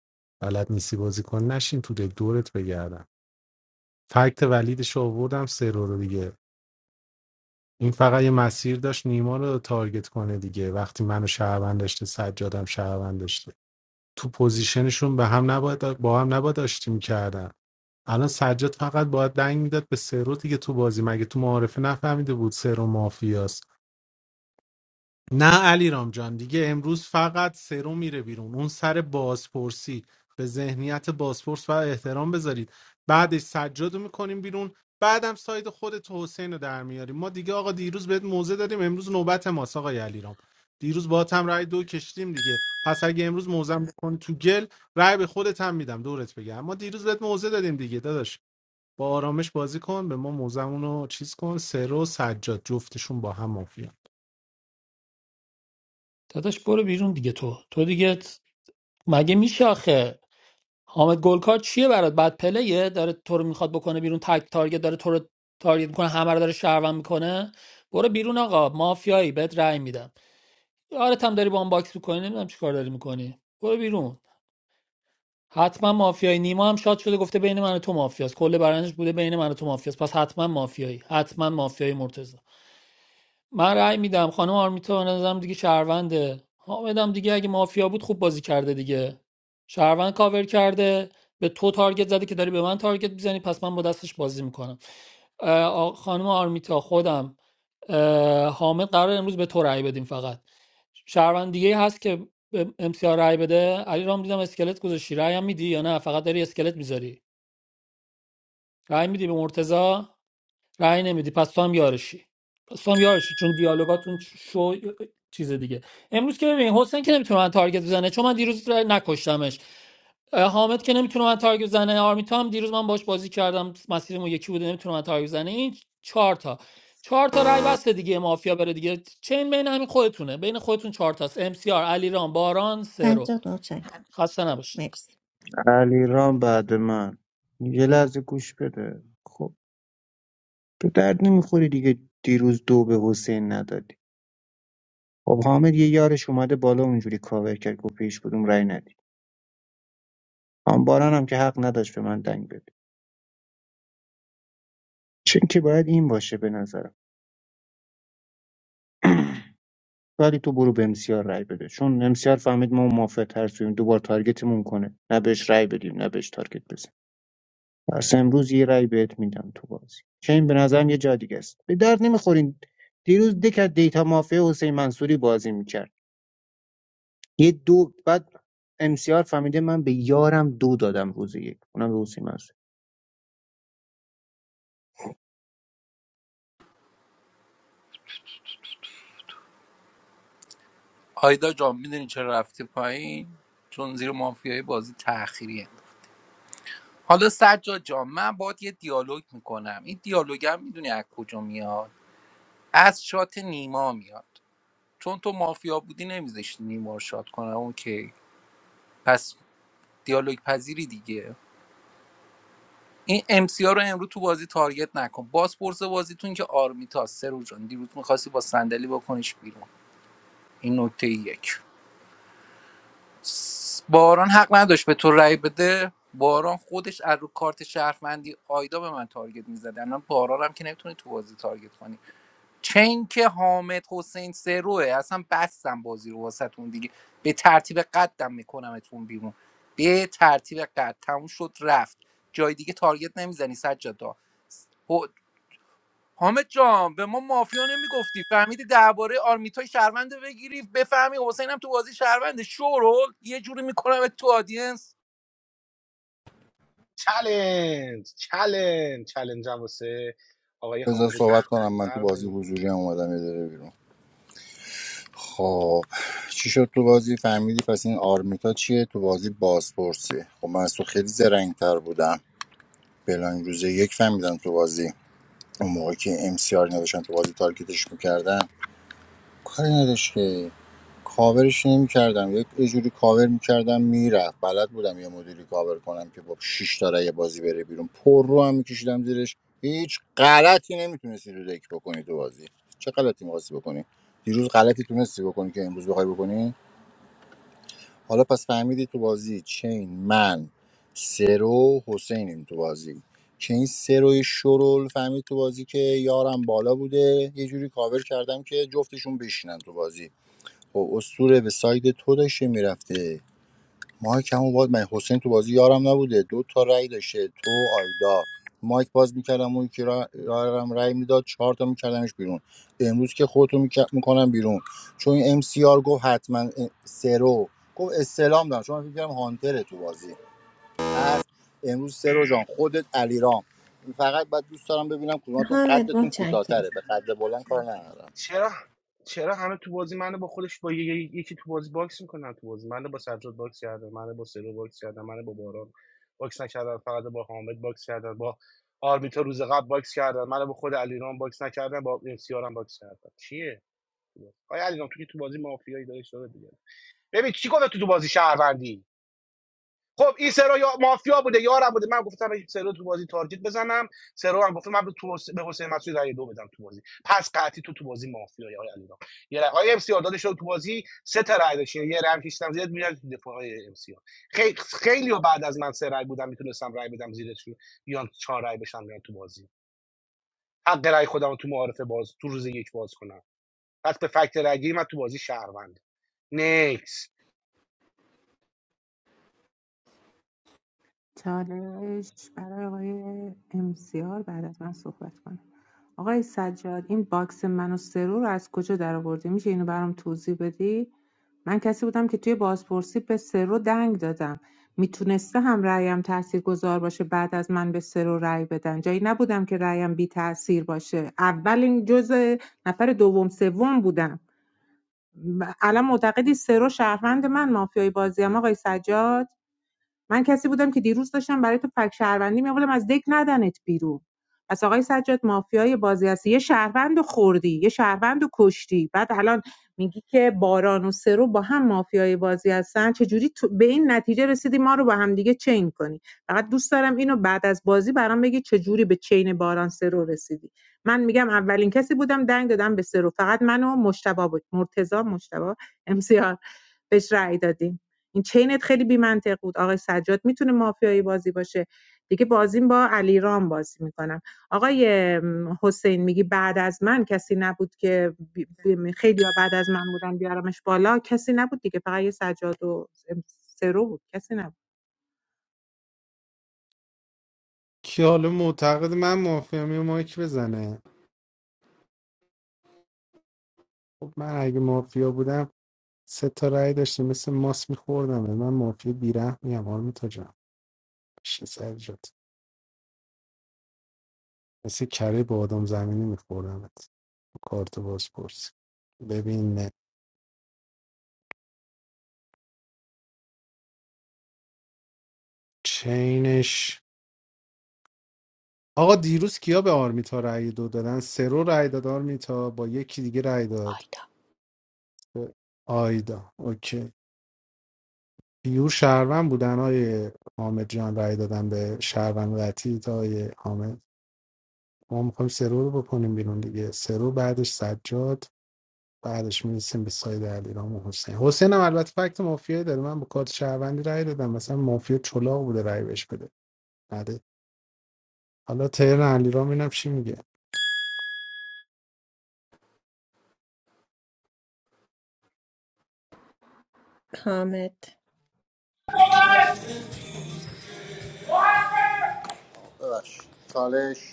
S6: بلد نیستی بازی کن نشین تو دک دورت بگردم فکت ولیدش رو آوردم سرو رو دیگه این فقط یه مسیر داشت نیما رو تارگت کنه دیگه وقتی منو شهروند داشته سجادم شهروند داشته تو پوزیشنشون به هم نباید با هم نباید آشتی میکردن الان سجاد فقط باید دنگ میداد به سرو دیگه تو بازی مگه تو معارفه نفهمیده بود سرو مافیاست نه علی جان دیگه امروز فقط سرو میره بیرون اون سر بازپرسی به ذهنیت بازپرس و احترام بذارید بعدش سجاد رو میکنیم بیرون بعدم ساید خودت و حسین رو در میاریم ما دیگه آقا دیروز بهت موزه دادیم امروز نوبت ماست آقای علیرام دیروز با هم رای دو کشتیم دیگه پس اگه امروز موزم بکن تو گل رای به خودت هم میدم دورت بگم ما دیروز بهت موزه دادیم دیگه داداش با آرامش بازی کن به ما موزمون رو چیز کن سرو و سجاد جفتشون با هم مافیان.
S13: داداش برو بیرون دیگه تو تو دیگه مگه میشه آخه حامد گلکار چیه برات بد پلیه داره تو رو میخواد بکنه بیرون تک تارگت داره تو رو تارگت میکنه همه رو داره شهروند میکنه برو بیرون آقا مافیایی بهت رأی میدم یارت هم داری با هم باکس میکنی نمیدونم چیکار داری میکنی برو بیرون حتما مافیایی نیما هم شاد شده گفته بین من و تو مافیاست کل برنامه‌ش بوده بین من و تو مافیاست پس حتما مافیایی حتما مافیایی مرتضی من رأی میدم خانم آرمیتا به نظرم دیگه شهرونده حامدم دیگه اگه مافیا بود خوب بازی کرده دیگه شهروند کاور کرده به تو تارگت زده که داری به من تارگت میزنی پس من با دستش بازی میکنم خانم آرمیتا خودم اه، حامد قرار امروز به تو رأی بدیم فقط شهروند دیگه ای هست که به امسیار رأی بده علی رام دیدم اسکلت گذاشتی رأی هم میدی یا نه فقط داری اسکلت میذاری رأی میدی به مرتضی رأی نمیدی پس تو هم یارشی پس تو هم یارشی چون دیالوگاتون شو چیز دیگه امروز که ببین حسین که نمیتونه من تارگت بزنه چون من دیروز رأی نکشتمش اه، حامد که نمیتونه من تارگت بزنه آرمیتا هم دیروز من باش بازی کردم مسیرمون یکی بوده نمیتونه من تارگت بزنه این چهار تا چهار تا رای بسته دیگه مافیا بره دیگه چین بین همین خودتونه بین خودتون چهار تاست ام سی آر علیرام باران سرو
S2: سجاد متشکرم
S13: خسته نباشید
S2: مرسی
S12: علی رام بعد من یه لحظه گوش بده خب به درد نمیخوری دیگه دیروز دو به حسین ندادی خب حامد یه یارش اومده بالا اونجوری کاور کرد گفت به هیچ کدوم رأی ندید آن باران هم که حق نداشت به من دنگ بده چون که باید این باشه به نظرم (clears throat) ولی تو برو به امسیار رأی بده چون امسیار فهمید ما موافق ترسویم دوبار تارگتمون کنه نه بهش رأی بدیم نه بهش تارگت بزن پس امروز یه رأی بهت میدم تو بازی چه این به نظرم یه جا دیگه است به درد نمیخورین دیروز دکت دیتا مافیا حسین منصوری بازی میکرد یه دو بعد امسیار فهمیده من به یارم دو دادم روز یک اونم به حسین منصوری
S3: آیدا جان میدونی چرا رفتی پایین چون زیر مافیای بازی تأخیریه حالا سجاد جان من باید یه دیالوگ میکنم این دیالوگم میدونی از کجا میاد از شات نیما میاد چون تو مافیا بودی نمیذاشتی نیما رو شات کنم اوکی پس دیالوگ پذیری دیگه این امسیا رو امروز تو بازی تارگت نکن باز پرس بازیتون که آرمیتا سرو جان دیروز میخواستی با صندلی بکنیش بیرون این نکته یک باران حق نداشت به تو رأی بده باران خودش از رو کارت شهروندی آیدا به من تارگت میزد الان باران هم که نمیتونی تو بازی تارگت کنی چین که حامد حسین سروه اصلا بستم بازی رو واسهتون دیگه به ترتیب قدم میکنمتون بیرون به ترتیب قد تموم شد رفت جای دیگه تارگت نمیزنی سجادا حامد جان به ما مافیا نمیگفتی فهمیدی درباره آرمیتای شهروند بگیری بفهمی حسینم تو بازی شهروند شورول یه جوری میکنم تو آدینس
S7: بذار صحبت کنم من تو بازی حضوری هم اومدم یه دقیقه بیرون خب چی شد تو بازی فهمیدی پس این آرمیتا چیه تو بازی بازپرسیه خب من از تو خیلی زرنگتر بودم بلاین روزه یک فهمیدم تو بازی اون موقع که ام سی آر نداشتن تو بازی تارگتش میکردن کاری نداشت که کاورش نمی‌کردم یک یه جوری کاور می‌کردم میرفت بلد بودم یه مدیری کاور کنم که با 6 تا رای بازی بره بیرون پر رو هم می‌کشیدم زیرش هیچ غلطی نمیتونستی رو دک بکنی تو بازی چه غلطی می‌خواستی بکنی دیروز غلطی تونستی بکنی که امروز بخوای بکنی حالا پس فهمیدی تو بازی چین من سرو حسینیم تو بازی که این سروی شرول فهمید تو بازی که یارم بالا بوده یه جوری کاور کردم که جفتشون بشینن تو بازی خب اسطوره به ساید تو داشته میرفته مایک همون باز من حسین تو بازی یارم نبوده دو تا رأی داشته تو آیدا مایک باز میکردم اون که را- یارم رأی میداد چهار تا میکردمش بیرون امروز که خودتو میکنم بیرون چون این ام سی آر گفت حتما سرو گفت استلام دارم چون من فکر کردم هانتره تو بازی پس امروز سرو جان خودت علیرام فقط بعد دوست دارم ببینم کدوماتون
S2: حامد
S7: قدتون کوتاه‌تره
S2: متشکرم
S7: به قد بلند کار ندارم
S14: چالش برای آقای امسیار بعد از من صحبت کنه آقای سجاد این باکس من و سرو رو از کجا درآوردی میشه اینو برام توضیح بدی من کسی بودم که توی بازپرسی به سرو دنگ دادم میتونسته هم رأیم تأثیر گذار باشه بعد از من به سرو رأی بدن جایی نبودم که رأیم بی تأثیر باشه اولین جزء نفر دوم سوم بودم ب- الان معتقدی سرو شهروند من مافیای بازیم آقای سجاد من کسی بودم که دیروز داشتم برای تو فک شهروندی می‌آوردم از دک ندنت بیرون پس آقای سجاد مافیای بازی هستی یه شهروند خوردی یه شهروند رو کشتی بعد الان میگی که باران و سرو با هم مافیای بازی هستن چجوری تو به این نتیجه رسیدی ما رو با هم دیگه چین کنی فقط دوست دارم اینو بعد از بازی برام بگی چجوری به چین باران سرو رسیدی من میگم اولین کسی بودم دنگ دادم به سرو فقط منو مشتبه بود مرتضی مشتبه ام سی بهش رأی دادیم این چینت خیلی بی‌منطق بود آقای سجاد میتونه مافیایی بازی باشه دیگه بازیم با علیرام بازی میکنم آقای حسین میگی بعد از من کسی نبود که خیلی ها بعد از من بودن بیارمش بالا کسی نبود دیگه فقط یه سجاد و سرو بود کسی نبود
S6: که حالا معتقد من مافیام یه مایک بزنه خب من اگه مافیا بودم سه تا رأی داشتم مثل ماس میخوردم من مافیا بیره میم آرمی تا جان چه سر جات مثل کره با آدم زمینی میخوردمت کارت بازپرس ببین چینش آقا دیروز کیا به آرمیتا رأی دو دادن سرو رأی داد آرمیتا با یکی دیگه رأی داد
S5: آیدا
S6: آیدا اوکی پیور شهروند بودن های حامد جان رای دادن به شهروند قطعی تا های حامد ما میخوایم سرو رو بکنیم بیرون دیگه سرو بعدش سجاد بعدش میرسیم به ساید علیرام و حسین حسین هم البته فکت مافیایی داره من با کارت شهروندی رای دادم مثلا مافیا چلاق بوده رای بهش بده نده حالا تهران علیرام اینم چی میگه
S2: حامد
S7: ببخشید چالش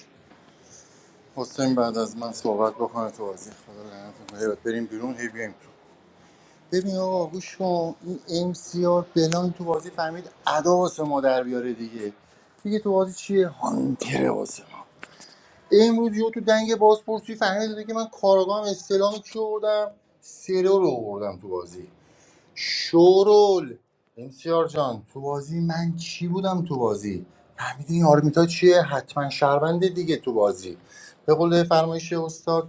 S7: حسین بعد از من صحبت بکنه تو بازی خدا لعنت کنه هیبت بریم بیرون هی بیایم تو ببین آقا گوش کن این ام سی آر بلان تو بازی فهمید ادا واسه ما در بیاره دیگه دیگه تو بازی چیه هانتر واسه ما امروز یو تو دنگ بازپرسی فهمید دیگه من کارگاه استلام کیو بردم سرو رو آوردم تو بازی شورول امسیار جان تو بازی من چی بودم تو بازی فهمیدی این آرمیتا چیه حتما شهرونده دیگه تو بازی به قول فرمایش استاد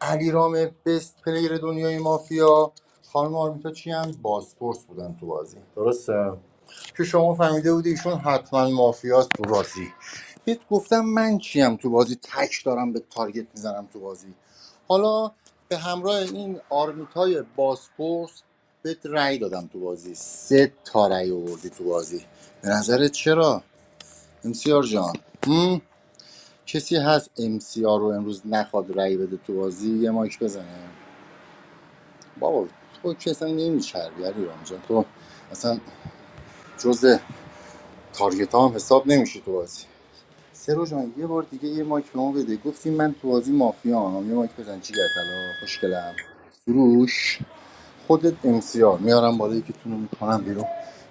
S7: علی رام بست پلیر دنیای مافیا خانم آرمیتا چی هم بازپرس بودن تو بازی درسته که شما فهمیده بودی ایشون حتما مافیاست تو بازی بهت گفتم من چیم تو بازی تک دارم به تارگت میزنم تو بازی حالا به همراه این آرمیت باسپورس بهت رأی دادم تو بازی سه تا رأی آوردی تو بازی به نظرت چرا امسیار جان کسی هست امسیار رو امروز نخواد رأی بده تو بازی یه مایک بزنه بابا تو که اصلا نمیچربی علی رام جان تو اصلا جز تارگت هم حساب نمیشی تو بازی سرو جان یه بار دیگه یه مایک به ما بده گفتی من تو بازی مافیا یه مایک بزن چی گرد الا خوشگلم فروش خودت امسیار میارم بالا که تونو میکنم بیرون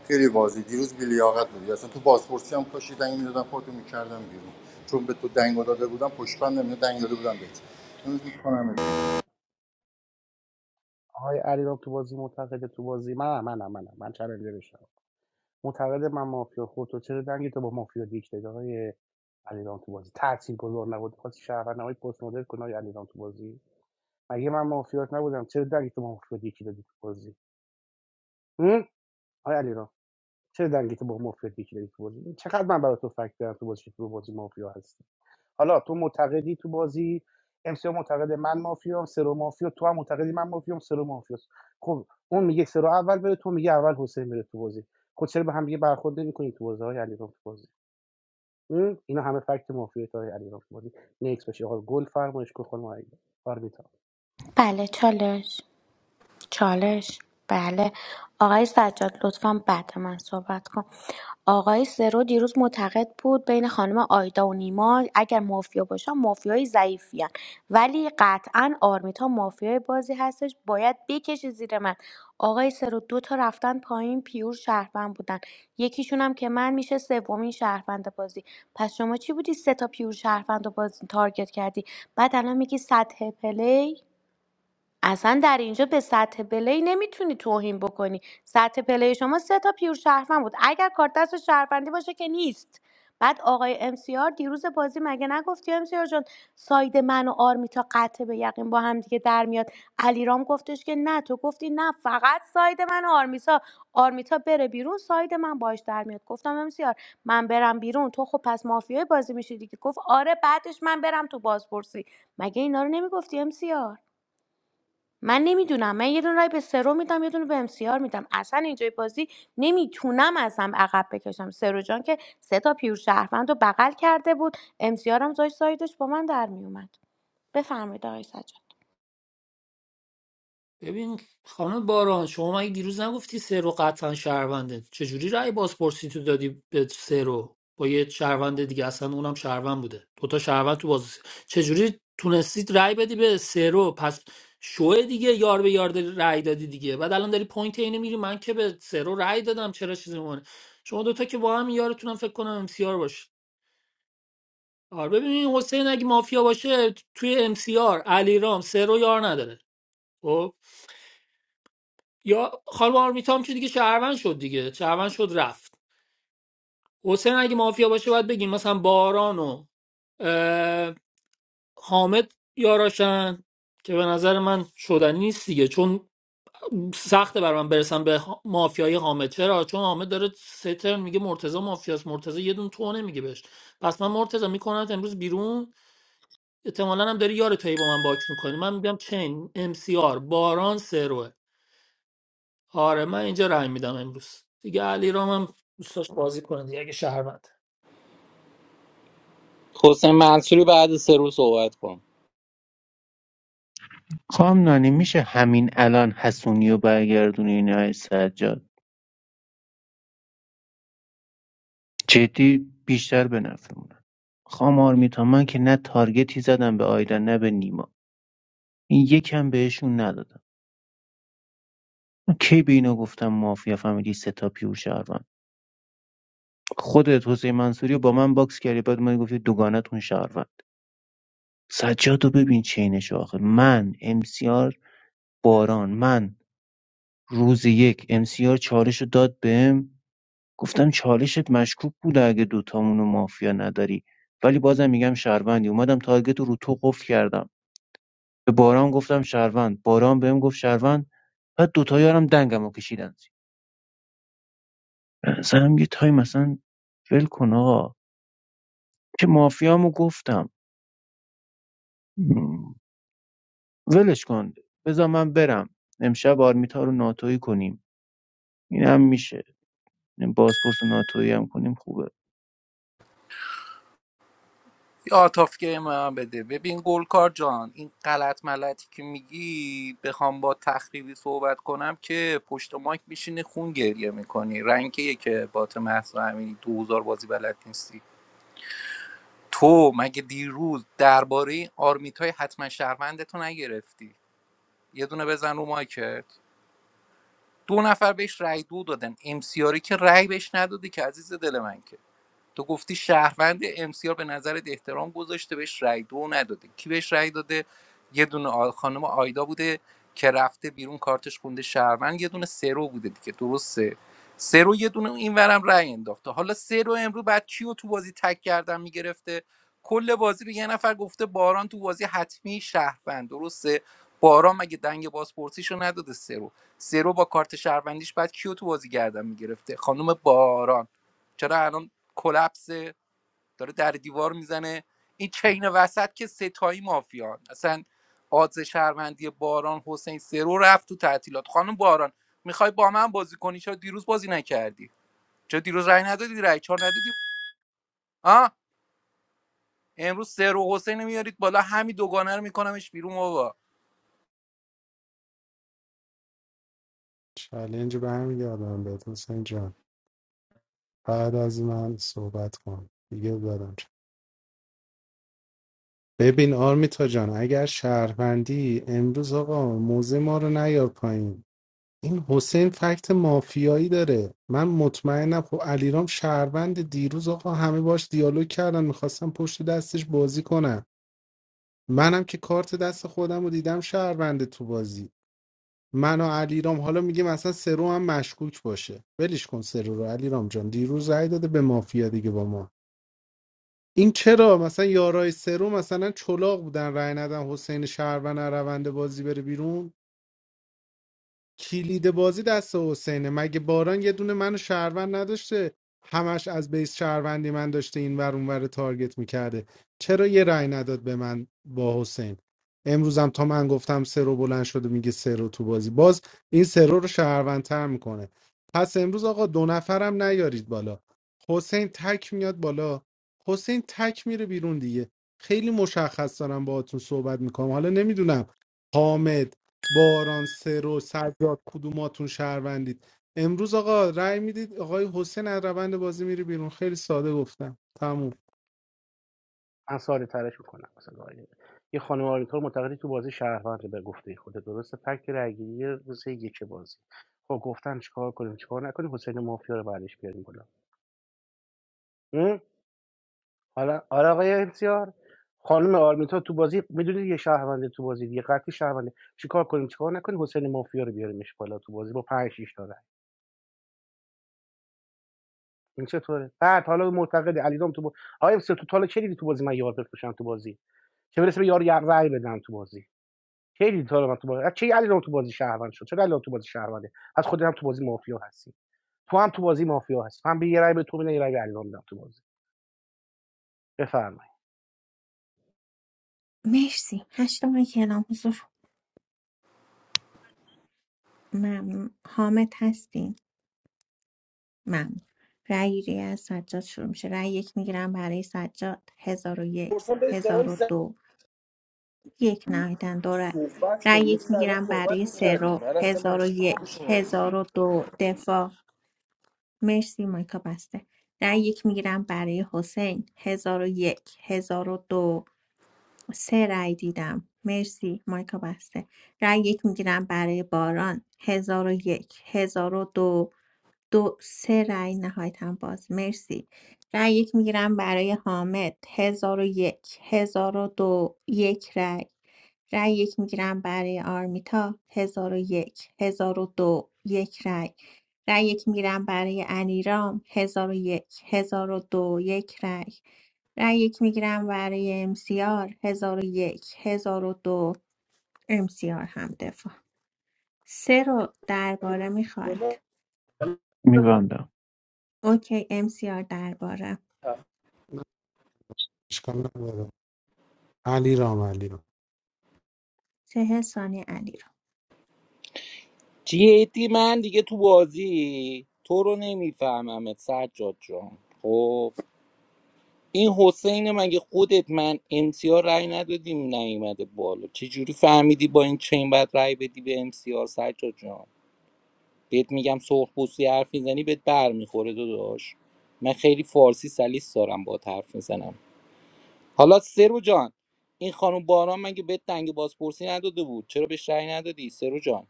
S7: خیلی واضحه دیروز بی لیاقت بودی اصلا تو بازپرسی هم کاشی دنگ میدادم خودتو میکردم بیرون چون به تو دنگو داده بودم پشتبند نمیده دنگ داده بودم بهت امروز میکنم بیرون
S5: بله چالش چالش بله آقای سجاد لطفا بعد من صحبت کن آقای سرو دیروز معتقد بود بین خانم آیدا و نیما اگر مافیا باشن مافیای ضعیفیان ولی قطعا آرمیتا مافیای بازی هستش باید بکشی زیر من آقای سرو دو تا رفتن پایین پیور شهروند بودن یکیشون هم که من میشه سومین شهروند بازی پس شما چی بودی سه تا پیور شهروند رو بازی تارگت کردی بعد الان میگی سطح پلی اصلا در اینجا به سطح پلی نمیتونی توهین بکنی سطح پلی شما سه تا پیور شهروند بود اگر کارت دست شهروندی باشه که نیست بعد آقای امسیار دیروز بازی مگه نگفتی امسیار جان ساید من و آرمیتا قطع به یقین با هم دیگه در میاد علیرام گفتش که نه تو گفتی نه فقط ساید من و آرمیتا آرمیتا بره بیرون ساید من باش در میاد گفتم امسیار من برم بیرون تو خب پس مافیای بازی میشی دیگه گفت آره بعدش من برم تو بازپرسی مگه اینا رو نمیگفتی امسیار من نمیدونم من یه دونه رای به سرو میدم یه دونه به ام سی آر میدم اصلا اینجای بازی نمیتونم ازم عقب بکشم سرو جان که سه تا پیور شهروند رو بغل کرده بود ام سی آر هم داشت سایدش با من در میومد بفرمایید آقای سجاد
S13: ببین خانم باران شما مگه دیروز نگفتی سه رو قطعا شهرونده چجوری رأی بازپرسی تو دادی به سه رو با یه شهروند دیگه اصلا اونم شهروند بوده دوتا شهروند تو باز چجوری تونستید رأی بدی به سه رو پس شوه دیگه یار به یار داری رأی دادی دیگه بعد الان داری پوینت اینه میری من که به سه رو رأی دادم چرا چیزی میمونه شما دوتا که با هم یارتونم فکر کنم امسیار باشه آره ببین حسین اگه مافیا باشه توی امسیار علیرام سه رو یار نداره خب یا خانم آرمیتا هم که دیگه شهروند شد دیگه شهروند شد رفت حسین اگه مافیا باشه باید بگیم مثلا باران و اه، حامد یاراشن که به نظر من شدنی نیست دیگه چون سخته بر من برسم به ها- مافیای حامد چرا چون حامد داره سترن میگه مرتضی مافیاست مرتضی یه دون تو نمیگه بهش پس من مرتضی میکنم امروز بیرون احتمالاً هم داری یار تایی با من باکس میکنی من میگم چین ام سی آر باران سروه آره من اینجا رای میدم امروز دیگه علی رام هم دوست داشت بازی کنه دیگه اگه شهروند
S3: حسین منصوری بعد سه روز صحبت کن
S12: خانم نانی میشه همین الان حسونی و برگردونین های سجاد جدی بیشتر به نفعمونه خانم آرمیتا من که نه تارگتی زدم به آیدن نه به نیما این یکم بهشون ندادم من کی به اینا گفتم مافیا فامیلی ستا پیور شهروند خودت حسین منصوری رو با من باکس کردی بعد من گفتی دوگانتون شهروند سجاد رو ببین چینش آخر. من امسیار باران من روز یک امسیار چالش رو داد بهم گفتم چالشت مشکوک بوده اگه دوتامونو مافیا نداری ولی بازم میگم شهروندی اومدم تارگت رو رو تو قفل کردم به باران گفتم شهروند باران بهم گفت شهروند بعد دوتا یارم دنگم رو کشیدن زیر. به نظرم یه تایم مثلا ول کن آقا که مافیامو گفتم ولش کن بذار من برم امشب آرمیتا رو ناتویی کنیم این هم میشه این بازپرس و ناتویی هم کنیم خوبه
S3: یا آتافکه من بده ببین گلکار جان این غلط ملتی که میگی بخوام با تخریبی صحبت کنم که پشت مایک میشینی خون گریه میکنی رنگیه که بات محسا امینی دوزار بازی بلد نیستی تو مگه دیروز درباره آرمیتای حتما شهروندتو نگرفتی یه دونه بزن رو مایکت دو نفر بهش رای دو دادن امسیاری که رای بهش نداده که عزیز دل من که تو گفتی شهروند امسیار به نظرت احترام گذاشته بهش رأی دو نداده کی بهش رأی داده یه دونه آ- خانم آیدا بوده که رفته بیرون کارتش خونده شهروند یه دونه سرو بوده دیگه درسته سرو یه دونه این اینورم رأی انداخته حالا سرو امرو بعد کیو تو بازی تک کردن میگرفته کل بازی به یه نفر گفته باران تو بازی حتمی شهروند درسته باران مگه دنگ بازپرسیشو نداده سرو سرو با کارت شهروندیش بعد کیو تو بازی گردن میگرفته خانم باران چرا الان کلپسه داره در دیوار میزنه این چین وسط که ستایی مافیان اصلا آدز شهروندی باران حسین سرو رفت تو تعطیلات خانم باران میخوای با من بازی کنی چرا دیروز بازی نکردی چرا دیروز رای ندادی رای چهار ندادی آه امروز سرو حسین رو میارید بالا همین دوگانه رو میکنمش بیرون بابا
S6: چلنج برمیگردم به حسین جان بعد از من صحبت کن دیگه دادم ببین آرمیتا جان اگر شهروندی امروز آقا موزه ما رو نیار پایین این حسین فکت مافیایی داره من مطمئنم خب علیرام شهروند دیروز آقا همه باش دیالوگ کردن میخواستم پشت دستش بازی کنم منم که کارت دست خودم رو دیدم شهروند تو بازی من و علیرام حالا میگیم اصلا سرو هم مشکوک باشه ولش کن سرو رو علیرام جان دیروز رای داده به مافیا دیگه با ما این چرا مثلا یارای سرو مثلا چلاق بودن رأی ندن حسین شهروند از روند بازی بره بیرون کلید بازی دست حسینه مگه باران یه دونه منو شهروند نداشته همش از بیس شهروندی من داشته این ور اون ور تارگت میکرده چرا یه رأی نداد به من با حسین امروزم تا من گفتم سرو بلند شده میگه سرو تو بازی باز این سرو رو رو شهروندتر میکنه پس امروز آقا دو نفرم نیارید بالا حسین تک میاد بالا حسین تک میره بیرون دیگه خیلی مشخص دارم باهاتون صحبت میکنم حالا نمیدونم حامد باران سر و سجاد کدوماتون شهروندید امروز آقا رأی میدید آقای حسین از روند بازی میری بیرون خیلی ساده گفتم تموم
S2: مرسی هشت ماه که اعلام حضور ممنون حامد هستین ممنون رأی گیری از سجاد شروع میشه رأی یک میگیرم برای سجاد هزار و یک
S7: اون
S2: هزار و
S7: زن
S2: دو یک نهایتن دو رأی
S7: صحبت
S2: رأی
S7: کن
S2: یک
S7: مثل الان
S2: میگیرم
S7: صحبت
S2: برای
S7: میکردی
S2: سرو
S7: من اصلا
S2: هزار و
S7: مشکل به
S2: یک
S7: شما
S2: هزار و دو دفاع مرسی مایکا بسته رأی یک میگیرم برای حسین هزار و یک هزار و دو سه رأی دیدم مرسی مایکا بسته رأی یک میگیرم برای باران هزار و یک هزار و دو دو سه رأی نهایتا باز مرسی رأی یک میگیرم برای حامد هزار و یک هزار و دو یک رأی رأی یک میگیرم برای آرمیتا هزار و یک هزار و دو یک رأی رأی یک میگیرم برای انیرام هزار و یک هزار و دو یک رأی رای یک میگیرم برای امسیار هزار و یک هزار و دو امسیار هم دفاع سه رو درباره میخواید
S12: میبندم
S2: اوکی امسیار درباره
S6: نه، اشکال نداره علی رام علی رام
S2: سه ثانی علی رو
S3: جدی من دیگه تو بازی تو رو نمیفهممت سجاد جان خب این حسین مگه خودت من امسیار رأی ندادیم نیومده بالا چجوری فهمیدی با این چین باید رأی بدی به امسیار سجاد جان بهت میگم سرخ پوستی حرف میزنی بهت بر میخوره داداش من خیلی فارسی سلیس دارم با حرف میزنم حالا سرو جان این خانم باران مگه بهت دنگ بازپرسی نداده بود چرا بهش رأی ندادی سرو جان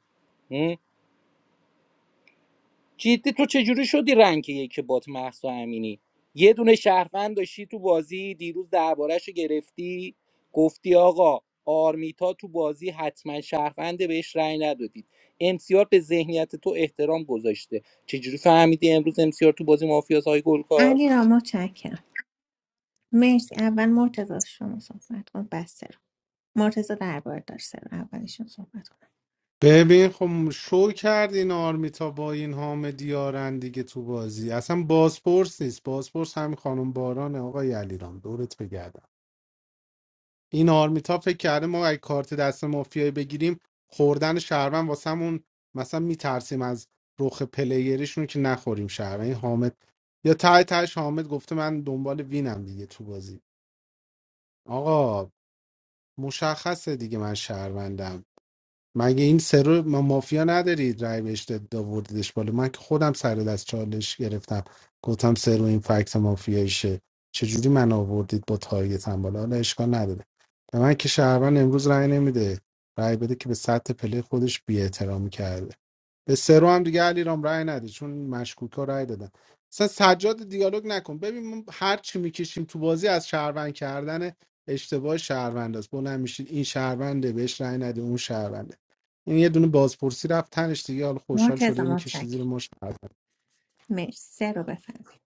S3: جدی تو چجوری شدی رنگ یک بات محسا امینی یه دونه شهروند داشتی تو بازی دیروز دربارهش رو گرفتی گفتی آقا آرمیتا تو بازی حتما شهرونده بهش رأی ندادید امسیار به ذهنیت تو احترام گذاشته چجوری فهمیدی امروز امسیار تو بازی مافیاس های گلکار
S2: علی را متشکرم مرسی اول مرتضی شما صحبت کن بسته رو مرتضی درباره داشت سه رو اولشون صحبت کنم
S6: ببین خب شو کرد این آرمیتا با این حامد دیارن دیگه تو بازی اصلا بازپرس نیست بازپرس همین خانم بارانه آقای علی رام دورت بگردم این آرمیتا فکر کرده ما اگه کارت دست مافیایی بگیریم خوردن شهروند واسمون مثلا میترسیم از رخ پلیرشون که نخوریم شهروند این حامد یا ته تهش حامد گفته من دنبال وینم دیگه تو بازی آقا مشخصه دیگه من شهروندم مگه این سرو ما مافیا ندارید رای بهش داد- آوردیدش بالا من که خودم سر دست چالش گرفتم گفتم سرو این فکت مافیاییشه چجوری من آوردید با تارگت هم بالا حالا اشکال نداره به من که شهروند امروز رای نمیده رای بده که به سطح پله خودش بی کرده به سرو هم دیگه علیرام رأی نده چون مشکوک ها رأی دادن اصلا سجاد دیالوگ نکن ببین ما هر چی میکشیم تو بازی از شهروند کردن اشتباه شهروند است بلند میشید این شهرونده بهش رأی نده اون شهرونده این یه دونه بازپرسی رفت تنش دیگه حالا خوشحال
S2: مرتضی
S6: شده میکشید زیر
S2: متشکرم
S6: ما شهروند
S2: مرسی سه رو بفرمایید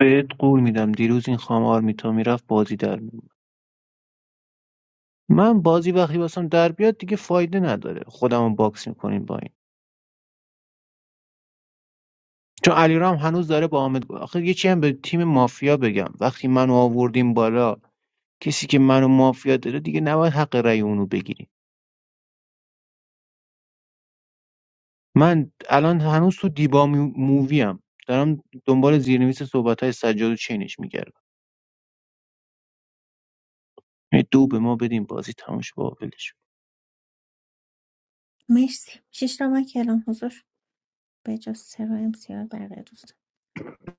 S12: بهت قول میدم دیروز این خام آرمیتا میرفت بازی در میومد. من بازی وقتی واسم در بیاد دیگه فایده نداره خودمو باکس میکنیم با این چون علیرام هنوز داره با حامد آخه یه چی هم به تیم مافیا بگم وقتی منو آوردیم بالا کسی که منو مافیا داره دیگه نباید حق رأی اونو بگیریم من الان هنوز تو دیبا میو- مووی ام دارم دنبال زیرنویس صحبت های سجاد و چینش میگردم دو به ما بدیم بازی تموش با ولش
S2: مرسی شش تا ما کلام حضور به جز سه رو امسیار بقیه دوستان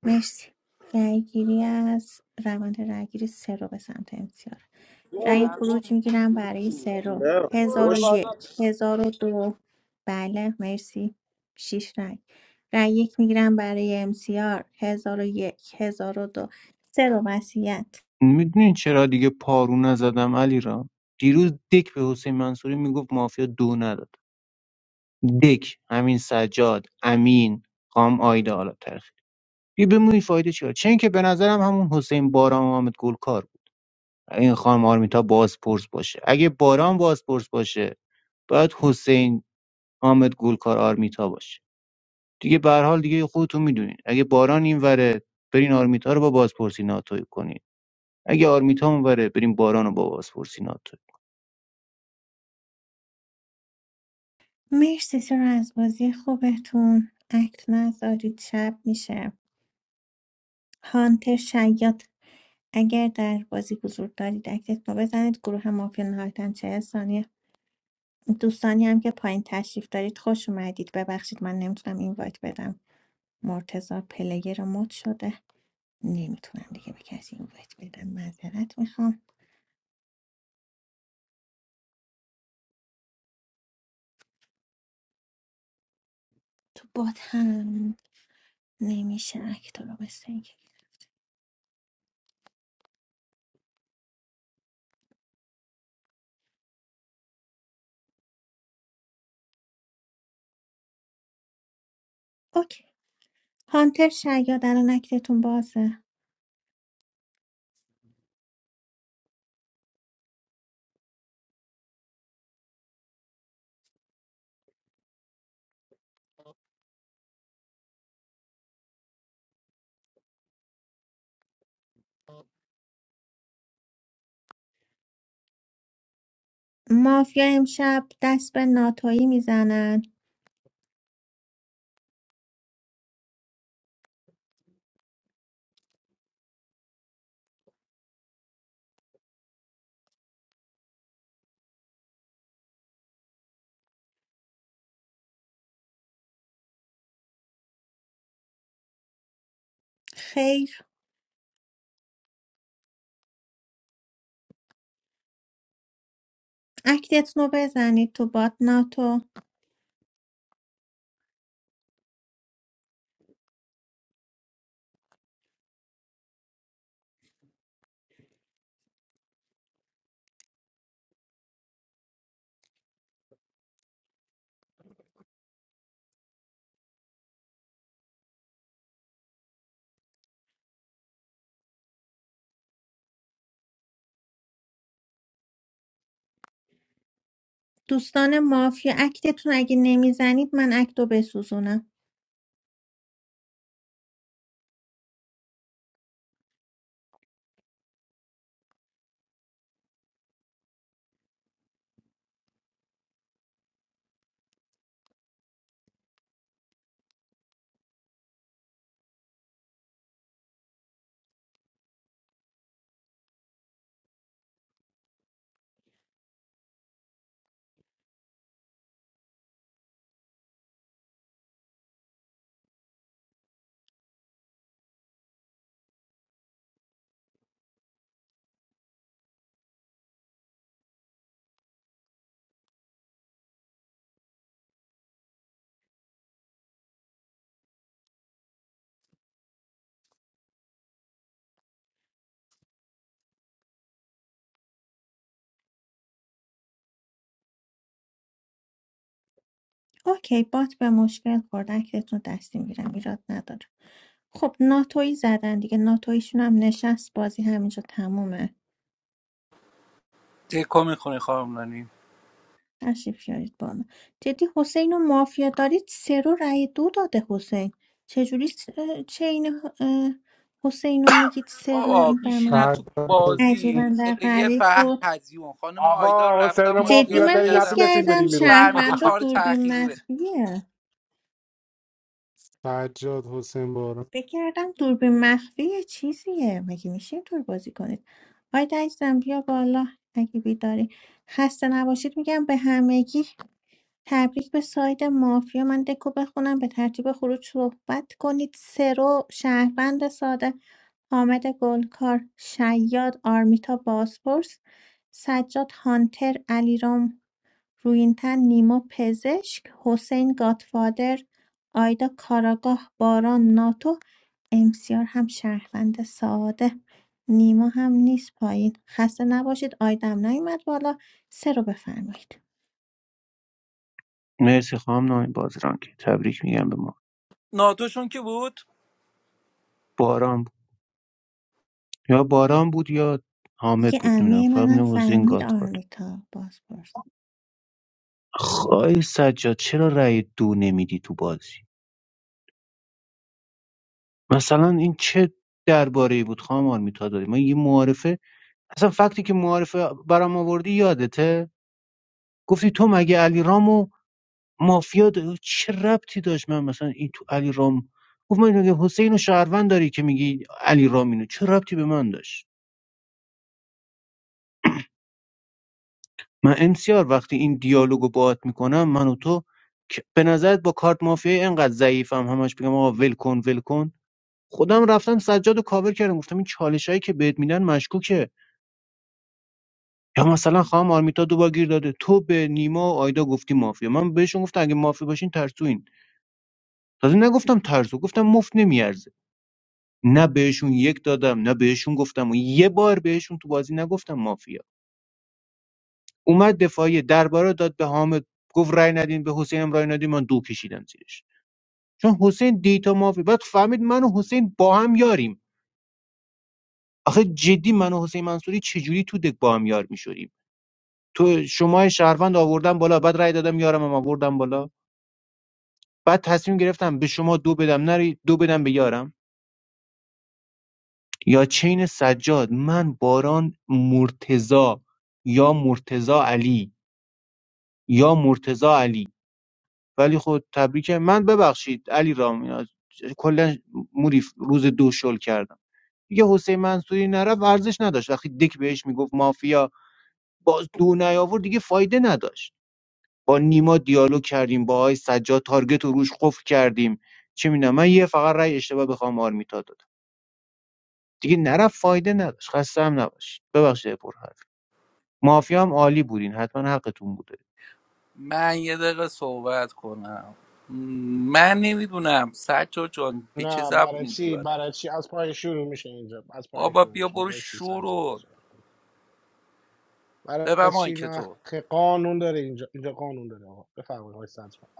S2: مرسی رأیگیری از روند رأیگیری سه رو به سمت انتظار رأی خروج میگیرم برای سه هزار و
S7: خوش
S2: یک هزار و دو بله مرسی شیش رأی رأی یک میگیرم برای امسیار هزار و یک هزار و دو سه رو وسیعت
S12: میدونین چرا دیگه پارو نزدم علیرام دیروز دک به حسین منصوری میگفت مافیا دو نداد دک همین سجاد امین قام آیدا حالا ترخی بیا ببینیم این فایده چیه چه اینکه به نظرم همون حسین باران و حامد گلکار بود این خانم آرمیتا بازپرس باشه اگه باران بازپرس باشه باید حسین حامد گلکار آرمیتا باشه دیگه به هر حال دیگه خودتون میدونین اگه باران این وره برین آرمیتا رو با بازپرسی ناتوی کنین اگه آرمیتا اون وره برین باران رو با بازپرسی ناتوی
S2: مرسی سه از بازی خوبتون اکت نذارید شب میشه هانتر شیاد اگر در بازی حضور دارید اکتتون رو بزنید گروه مافیا نهایتا چه ثانیه دوستانی هم که پایین تشریف دارید خوش اومدید ببخشید من نمیتونم اینوایت بدم مرتضی پلیر مد شده نمیتونم دیگه به کسی اینوایت بدم معذرت میخوام تو بات هم نمیشه اکتا رو مثل اینکه اوکی هانتر شیاد الان اکتتون بازه مافیا امشب دست به ناتویی میزنن خیر اکتتون رو بزنید تو بات ناتو دوستان مافیا اکتتون اگه نمیزنید من اکتو بسوزونم اوکی بات به مشکل خورد اکتتون رو دستیم میگیرم ایراد نداره خب ناتویی زدن دیگه ناتویشون هم نشست بازی همینجا تمومه
S3: دکو میخونی خانم رانی
S2: تشریف یارید بالا جدی حسین و مافیا دارید سه رو رأی دو داده حسین چجوری س- اه، چین اه، حسین رو میگید سه رو
S3: بابا
S2: این بر من
S3: میشینن تو
S6: سجاد
S3: بازی
S2: عجیبا در
S3: پلیر
S2: غریب
S3: فقط
S2: بود
S3: هزیون خانم آیدا رو رفتم باش
S2: جدی
S3: دیالوگ
S2: من حس
S3: کردم
S2: کردم
S3: فهمیده
S2: شهروندا
S3: چهار
S2: دوربین
S3: تأخیری بده
S2: مخفیه
S6: سجاد حسین بارون
S2: بگردم دوربین مخفی یه چیزیه مگه میشه اینطور بازی کنید آیدا عزیزم بیا بالا اگه بیداری خسته نباشید میگم به همگی تبریک به ساید مافیا من دکو بخونم به ترتیب خروج صحبت کنید سرو شهروند ساده حامد گلکار شیاد آرمیتا باسپورس سجاد هانتر علیرام رویین‌تن، نیما پزشک، حسین گادفادر، آیدا کاراگاه، باران ناتو، امسیار هم شهروند ساده نیما هم نیست پایین خسته نباشید آیدم نیومد بالا سه رو بفرمایید
S12: مرسی خانم نامی بازران که تبریک میگم به ما
S3: ناتوشون که بود
S12: باران یا باران بود یا حامد
S2: دیگه
S12: بود نمیدونم
S2: امه
S12: فقط
S2: منم
S12: میدونم حسین
S2: فهمید
S12: گادفادر
S2: آرمیتا باز پرس
S12: خواهی سجاد چرا رأی دو نمیدی تو بازی مثلا این چه درباره ای بود خواهم آرمیتا داری من یه معارفه اصلا فکتی که معارفه برام آوردی یادته گفتی تو مگه علی رامو مافیا داری چه ربطی داشت من مثلا این تو علی رام گفت من اینو حسین و شهروند داری که میگی علی رام اینو چه ربطی به من داشت من امسیار وقتی این دیالوگو باهات میکنم من و تو که- به نظرت با کارت مافیایی انقدر ضعیفم همش بگم آقا ول کن ول کن خودم رفتم سجاد و کاور کردم گفتم این چالش هایی که بهت میدن مشکوکه یا مثلا خواهم آرمیتا دوبار گیر داده تو به نیما و آیدا گفتی مافیا من بهشون گفتم اگه مافیا باشین ترسوین تازه نگفتم ترسو گفتم مفت نمیارزه نه بهشون یک دادم نه بهشون گفتم و یه بار بهشون تو بازی نگفتم مافیا اومد دفاعی درباره داد به حامد گفت رای ندین به حسین هم رای ندین من دو کشیدم زیرش چون حسین دیتا مافی بعد فهمید من و حسین با هم یاریم آخه جدی من و حسین منصوری چجوری تو دک با هم یار میشوریم تو شما شهروند آوردم بالا بعد رای دادم یارم هم آوردم بالا بعد تصمیم گرفتم به شما دو بدم نری دو بدم به یارم یا چین سجاد من باران مرتضا یا مرتضا علی یا مرتضا علی ولی خود تبریکه من ببخشید علی رام اینا کلا موری روز دو شل کردم دیگه حسین منصوری نرفت ارزش نداشت وقتی دک بهش میگفت مافیا باز دو نیاورد دیگه فایده نداشت با نیما دیالوگ کردیم با آی سجاد تارگت رو روش قفل کردیم چه میدونم من یه فقط رأی اشتباه بخوام خانم آرمیتا دادم دیگه نرفت فایده نداشت خسته هم نباش ببخشید پر حرف مافیا هم عالی بودین حتما حقتون بوده
S3: من یه دقیقه صحبت کنم م، من نمیدونم سجا جان به چه زبونی دیگه باید بابا بیا برو شورو ببر مایک تو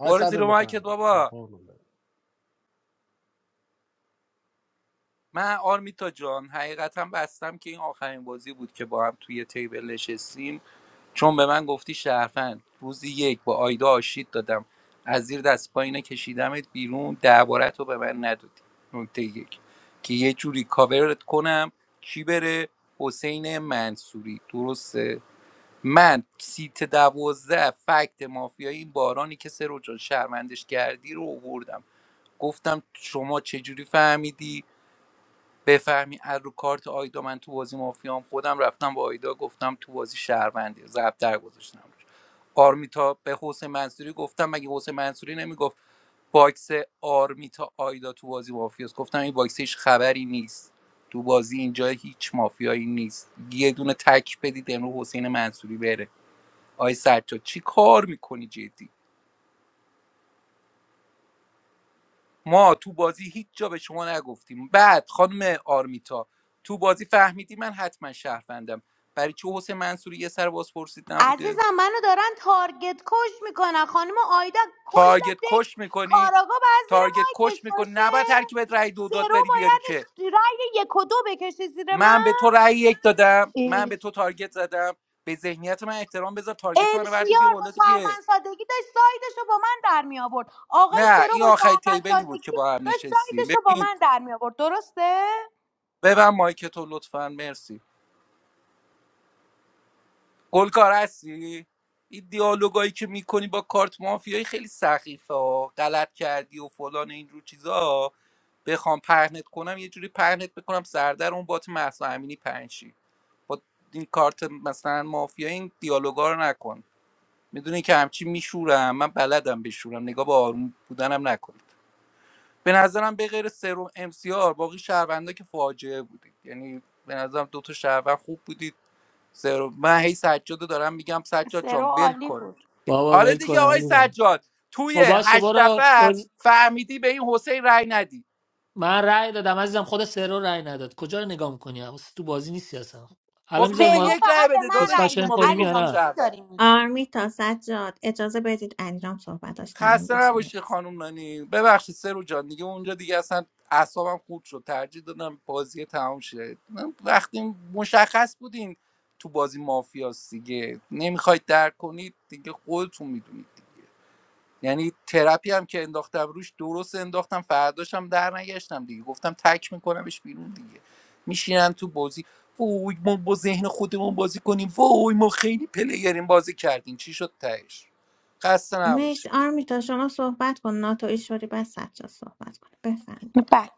S3: برو زیر مایکت بابا من آرمیتا جان حقیقتا بستم که این آخرین بازی بود که با هم توی تیبل نشستیم چون به من گفتی شرفن روزی یک با آیدا آشید دادم از زیر دست پایینه کشیدمت بیرون دربارت رو به من ندادی نکته یک که یه جوری کاورت کنم کی بره حسین منصوری درسته من سیت دوازده فکت مافیایی این بارانی که سرو جان شرمندش کردی رو آوردم گفتم شما چجوری فهمیدی بفهمی از رو کارت آیدا من تو بازی مافیام خودم رفتم با آیدا گفتم تو بازی شهروندی زبدر گذاشتم روش آرمیتا به حسین منصوری گفتم مگه حسین منصوری نمیگفت باکس آرمیتا آیدا تو بازی مافیاست گفتم این باکس هیچ خبری نیست تو بازی اینجا هیچ مافیایی نیست یه دونه تک بدید امرو حسین منصوری بره آی سجاد چی کار میکنی جدی ما تو بازی هیچ جا به شما نگفتیم بعد خانم آرمیتا تو بازی فهمیدی من حتما شهروندم برای چه حسین منصوری یه سر باز پرسید نبوده
S5: عزیزم منو دارن تارگت کش میکنن خانم آیدا
S3: تارگت
S5: کل دک
S3: کش میکنی
S5: کاراگا باید زیر
S3: تارگت
S5: مایکش
S3: کش میکنی
S5: باشه
S3: نباید ترکیبت رأی دو داد
S5: سرو
S3: بری بیاری که
S5: بایدش رای یک و دو بکشه زیر
S3: من به تو رأی یک دادم من
S5: من
S3: به تو تارگت زدم به ذهنیت من احترام بذار تارگت من رو برد و بیا
S5: امسیار با
S3: بالا دیگه
S5: شهروند سادگی داشت سایدش رو با من در می آورد آقای
S3: نه
S5: سرو
S3: این
S5: با
S3: آخرین
S5: شهروند
S3: تیبلی بود که
S5: سادگی
S3: با هم
S5: داشت
S3: نشستیم
S5: سایدش رو با
S3: ببین
S5: من در می آورد درسته
S3: ببن مایک تو لطفا مرسی گلکار هستی این دیالوگایی که میکنی با کارت مافیایی خیلی سخیفه ها غلط کردی و فلان این رو چیزا بخوام پهنت کنم یه جوری پهنت بکنم سردر اون بات مهسا امینی پنشی با این کارت مثلا مافیایی این دیالوگا رو نکن میدونی که همچی میشورم من بلدم بشورم نگاه با آروم بودنم نکنید به نظرم به غیر سرو ام سی آر باقی شهروندا که فاجعه بودید یعنی به نظرم دو تا شهروند خوب بودید زرو من هی سجاد رو دارم میگم سجاد
S5: سرو
S3: جان ول
S5: عالی
S3: کن
S5: بود
S13: بابا
S3: آره
S13: ول کن
S3: دیگه آقای
S13: علیرام. رام
S3: سجاد توی
S13: خب باشه
S3: هشت
S13: برو, برو
S3: نفر
S13: ز-
S3: فهمیدی به این حسین رأی ندی
S13: من رای دادم عزیزم خود سرو رای نداد کجا رو نگاه میکنی واسه تو بازی نیستی اصلا الان
S3: خب
S13: میذاری
S3: روز
S13: ما
S5: سرو
S3: یک رأی
S5: فقط به
S3: بده
S5: من
S3: داداش
S5: رأی
S3: دیگه
S13: دیسکاشن
S5: داد
S3: ما بهت
S13: کنیم
S5: علی
S13: یا
S3: گفتیم
S5: رام
S13: نه
S5: چی
S3: شهروند
S5: داری میگی
S2: آرمیتا سجاد اجازه بدید انجام صحبتاش تموم
S3: خسته
S2: بشه
S3: نباشی
S2: مرسی
S3: خانم نانی ببخشید سرو جان دیگه اونجا دیگه اصلا اعصابم خورد شد ترجیح دادم بازی تمام شه من وقتی مشخص بودین تو بازی مافیاست دیگه نمیخواید درک کنید دیگه خودتون میدونید یعنی ترپی هم که انداختم روش درست انداختم فرداشم در نگشتم دیگه گفتم تک میکنمش بیرون دیگه میشینن تو بازی وای ما با ذهن خودمون بازی کنیم وای ما خیلی پلیریم بازی کردیم چی شد تهش خسته
S2: مرسی
S3: نباشید
S2: آرمیتا شما صحبت کن ناتو ایشوری بس سجاد صحبت کن
S5: بله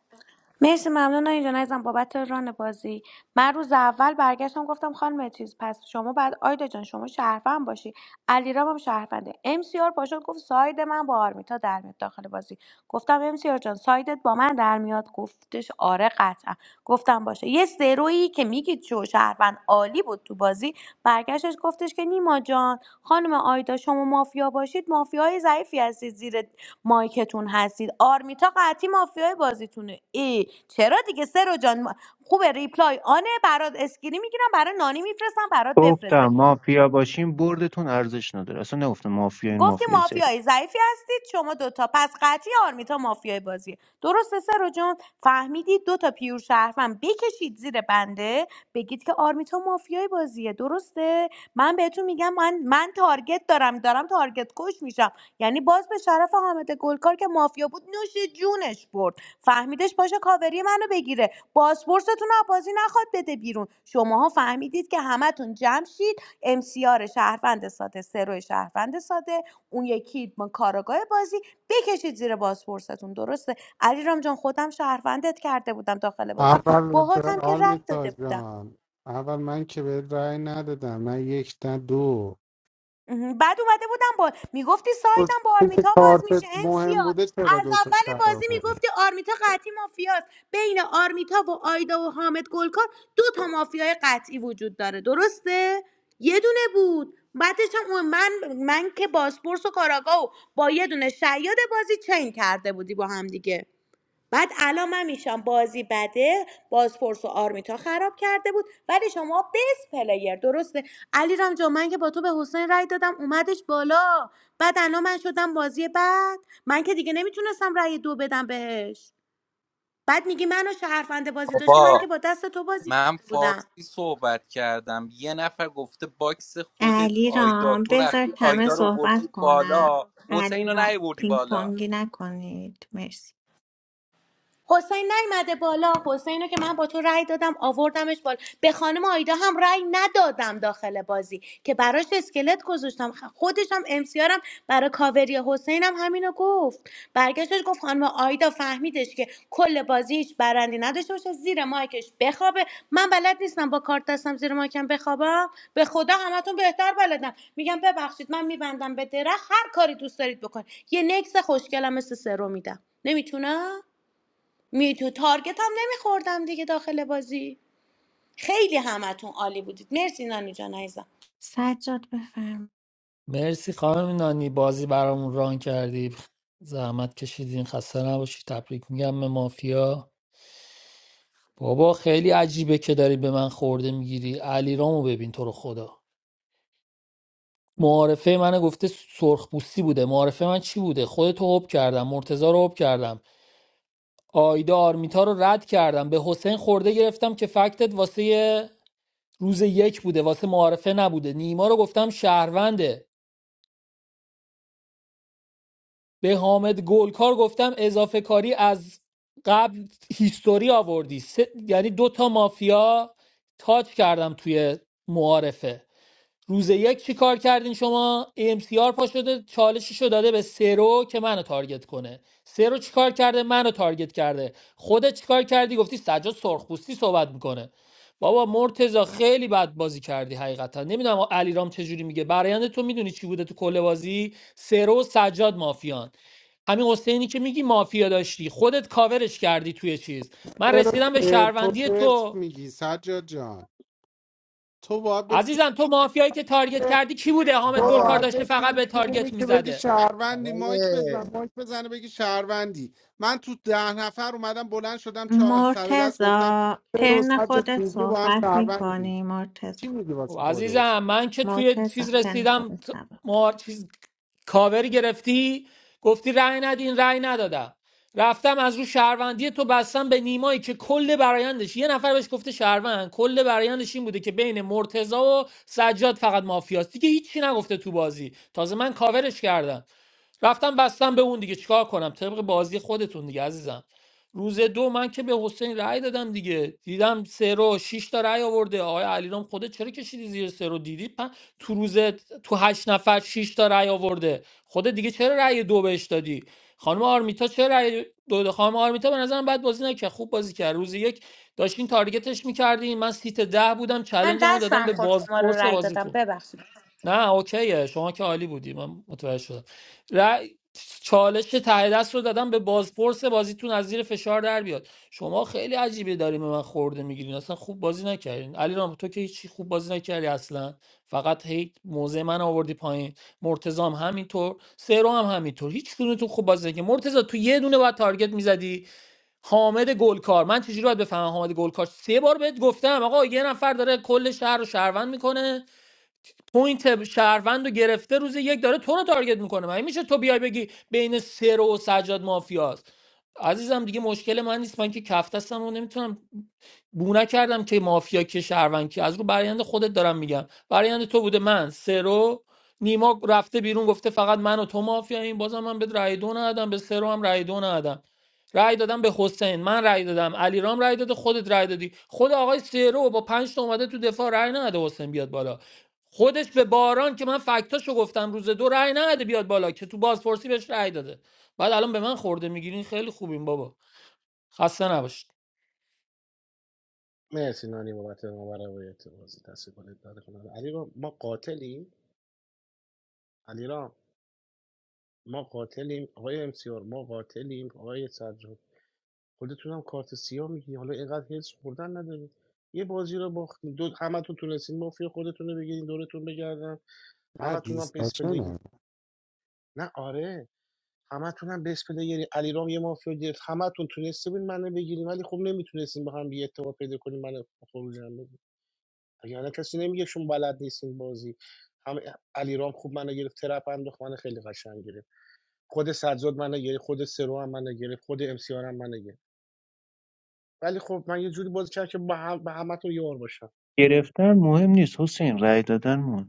S5: مرسی ممنون اینجا عزیزم بابت ران بازی من روز اول برگشتم گفتم خانم چیز پس شما بعد آیدا جان شما شهروند باشی علیرام هم شهرونده ام سی آر پاشد گفت ساید من با آرمیتا در میاد داخل بازی گفتم ام سی آر جان سایدت با من در میاد گفتش آره قطعا گفتم باشه یه سرویی که میگید شو شهروند عالی بود تو بازی برگشتش گفتش که نیما جان خانم آیدا شما مافیا باشید مافیای ضعیفی هستید زیر مایکتون هستید آرمیتا قطعی مافیای بازیتونه ای چرا دیگه سرو جان ما- خوبه ریپلای آنه برات اسکری میگیرم برای نانی میفرستم برات
S12: گفتم
S5: بفرسته
S12: مافیا باشین بردتون ارزش نداره اصلا نگفتم مافیا این
S5: گفتی
S12: مافیا زی.
S5: مافیایی ضعیفی هستید شما دوتا پس قطعی آرمیتا مافیای بازیه درسته سرو جون فهمیدید دوتا پیور شهروند بکشید زیر بنده بگید که آرمیتا مافیای بازیه درسته من بهتون میگم من من تارگت دارم دارم تارگت کش میشم یعنی باز به شرف حامد گلکار که مافیا بود نوش جونش برد فهمیدش باشه کاوری منو بگیره بازپرستون رو بازی نخواد بده بیرون شماها فهمیدید که همتون جمع شید امسیار شهروند ساده سرو شهروند ساده اون یکی ما کاراگاه بازی بکشید زیر بازپرستون درسته علیرام جان خودم شهروندت کرده بودم داخل بازی
S6: اول به
S5: باهاتم که رأی
S6: آرمیتا
S5: داده بودم
S6: جان اول من که به رأی ندادم من یک نه دو
S5: مهم. بعد اومده بودم با میگفتی سایدم با
S6: تو که
S5: آرمیتا باز
S6: کارتت
S5: میشه
S6: مهم
S5: امسیار
S6: بوده چرا
S5: از
S6: دوتا
S5: اول بازی
S6: کرده
S5: میگفتی آرمیتا قطعی مافیاست بین آرمیتا و آیدا و حامد گلکار دو تا مافیای قطعی وجود داره درسته یه دونه بود بعدش هم اون- من من که باسپورس و کاراگا و با یه دونه شیاد بازی چین کرده بودی با هم دیگه بعد الان من میشم بازی بده بازپرس و آرمیتا خراب کرده بود ولی شما بس پلیر درسته علی رام جان من که با تو به حسین رای دادم اومدش بالا بعد الان من شدم بازی بعد من که دیگه نمیتونستم رای دو بدم بهش بعد میگی منو شهرفنده بازی داشتی من که
S3: بابا
S5: با دست تو بازی
S3: من
S5: کرده بودم
S3: فارسی صحبت کردم یه نفر گفته باکس خودت آیدا
S2: علیرام
S3: تو رفتی
S2: بذارید همه
S3: آیدا رو وردی
S2: صحبت کنن
S3: بالا حسین رو
S2: علیرام
S3: نیوردی
S2: پینگ
S3: بالا
S2: پونگی نکنید مرسی
S5: حسین نیومده بالا حسین رو که من با تو رأی دادم آوردمش بالا به خانم آیدا هم رأی ندادم داخل بازی که براش اسکلت گذاشتم خ- خودش هم امسیارم برای کاوری حسین هم همینو گفت برگشتش گفت خانم آیدا فهمیدش که کل بازی هیچ برندی نداشته باشه زیر مایکش بخوابه من بلد نیستم با کارت دستم زیر مایکم بخوابم به خدا همتون بهتر بلدم میگم ببخشید من میبندم به درخت هر کاری دوست دارید بکن یه نکس خوشگلم مثل سرو میدم نمیتونم میتو تارگت هم نمیخوردم دیگه داخل بازی خیلی همتون عالی بودید مرسی نانی جان عزیزم
S2: سجاد بفرم
S13: مرسی خانم نانی بازی برامون ران کردی زحمت کشیدین خسته نباشی تبریک میگم به مافیا بابا خیلی عجیبه که داری به من خورده میگیری علیرامو ببین تو رو خدا معارفه من گفته سرخپوستی بوده معارفه من چی بوده خودتو حب کردم مرتضی رو حب کردم آیدا آرمیتا رو رد کردم به حسین خورده گرفتم که فکتت واسه یه روز یک بوده واسه معارفه نبوده نیما رو گفتم شهرونده به حامد گلکار گفتم اضافه کاری از قبل هیستوری آوردی سه- یعنی دوتا مافیا تاچ کردم توی معارفه روز یک چی کار کردین شما AMCR پا شده چالششو داده به سرو که منو تارگت کنه سرو چی کار کرده منو تارگت کرده خودت چی کار کردی گفتی سجاد سرخپوستی صحبت میکنه بابا مرتزا خیلی بد بازی کردی حقیقتا نمیدونم علیرام چجوری میگه برایند تو میدونی چی بوده تو کل بازی سرو و سجاد مافیان همین حسینی که میگی مافیا داشتی خودت کاورش کردی توی چیز من
S6: چرا
S13: رسیدم به
S6: پرت و
S13: شهروندی
S6: پرت
S13: تو
S6: میگی سجاد جان تو باید بشینی
S13: عزیزم تو مافیایی که تارگت کردی کی بوده حامد
S6: تو
S13: گلکار
S6: باید
S13: داشته فقط
S6: بشینی
S13: به
S6: تو رومی
S13: تارگت
S6: که بگی
S13: میزده
S6: شهروندی مایک بزن مایک بزنه بگی شهروندی من تو ده نفر اومدم بلند شدم چا... سر دست گفتم
S2: مرتزا
S6: چرا و
S2: ترن
S6: سجاد
S2: خودت
S6: دوبلی با هم
S2: صحبت
S6: شهروندی
S2: میکنی
S6: چی
S2: مرتزا
S6: میگی
S13: خب
S6: واسه خودت
S13: عزیزم من که توی
S2: مرتزا
S13: چیز
S2: ترن
S13: رسیدم
S2: خودت
S13: ت-
S2: جواب بده.
S13: ما چیز کاوری گرفتی گفتی رأی ندین رأی ندادم رفتم از رو شهروندی تو بستم به نیمایی که کل برایندش یه نفر بهش گفته شهروند کل برایندش این بوده که بین مرتضی و سجاد فقط مافیاست دیگه هیچی نگفته تو بازی تازه من کاورش کردم رفتم بستم به اون دیگه چیکار کنم طبق بازی خودتون دیگه عزیزم روز دو من که به حسین رأی دادم دیگه دیدم سه رو شش تا رأی آورده آقای علیرام خودت چرا کشیدی زیر سه رو دیدی پن... تو روز تو هشت نفر شش تا رأی آورده خودت دیگه چرا رأی دو بهش دادی خانم آرمیتا چرا رأی دو داد؟ خانم آرمیتا به نظرم بد بازی نکرد خوب بازی کرد روز یک داشتین تارگتش میکردین من سیت ده بودم
S5: من
S13: چلنجمو دادم
S5: دستم
S13: به
S5: خورد شما رو
S13: بازپرس
S5: رای دادم
S13: بازیتون
S5: ببخشید
S13: نه اوکیه شما که عالی بودی من متوجه شدم ر- چالش ته دست رو دادم به بازپرس بازیتون از زیر فشار در بیاد شما خیلی عجیبه داریم به من خورده میگیرین اصلا خوب بازی نکردین علی رام تو که هیچی خوب بازی نکردی اصلا فقط هی موزه من آوردی پایین مرتضی هم همینطور سرو هم همینطور هیچ کدومتون خوب بازی نکردین مرتضی تو یه دونه باید تارگت میزدی حامد گلکار من چجوری باید بفهمم حامد گلکار سه بار بهت گفتم آقا یه نفر داره کل شهر رو شهروند میکنه پوینت شهروند رو گرفته روز یک داره تو رو تارگت میکنه من میشه تو بیای بگی بین سرو و سجاد مافیاست عزیزم دیگه مشکل من نیست من که کفتستم و نمیتونم بو نکردم که مافیا که شهروند که از رو برایند خودت دارم میگم برایند تو بوده من سرو نیما رفته بیرون گفته فقط من و تو مافیا این بازم من به رأی دو ندادم به سرو هم رأی دو ندادم رأی دادم به حسین من رأی دادم علی رام رأی داده خودت رأی دادی خود آقای سرو با پنج تا اومده تو دفاع رأی نداده حسین بیاد بالا خودش به باران که من فکتاشو گفتم روز دو رأی نداده بیاد بالا که تو بازپرسی بهش رأی داده بعد الان به من خورده میگیرین خیلی خوبیم بابا خسته نباشید
S6: نه دیسکاشنه
S12: گرفتن مهم نیست حسین رای دادن مهمه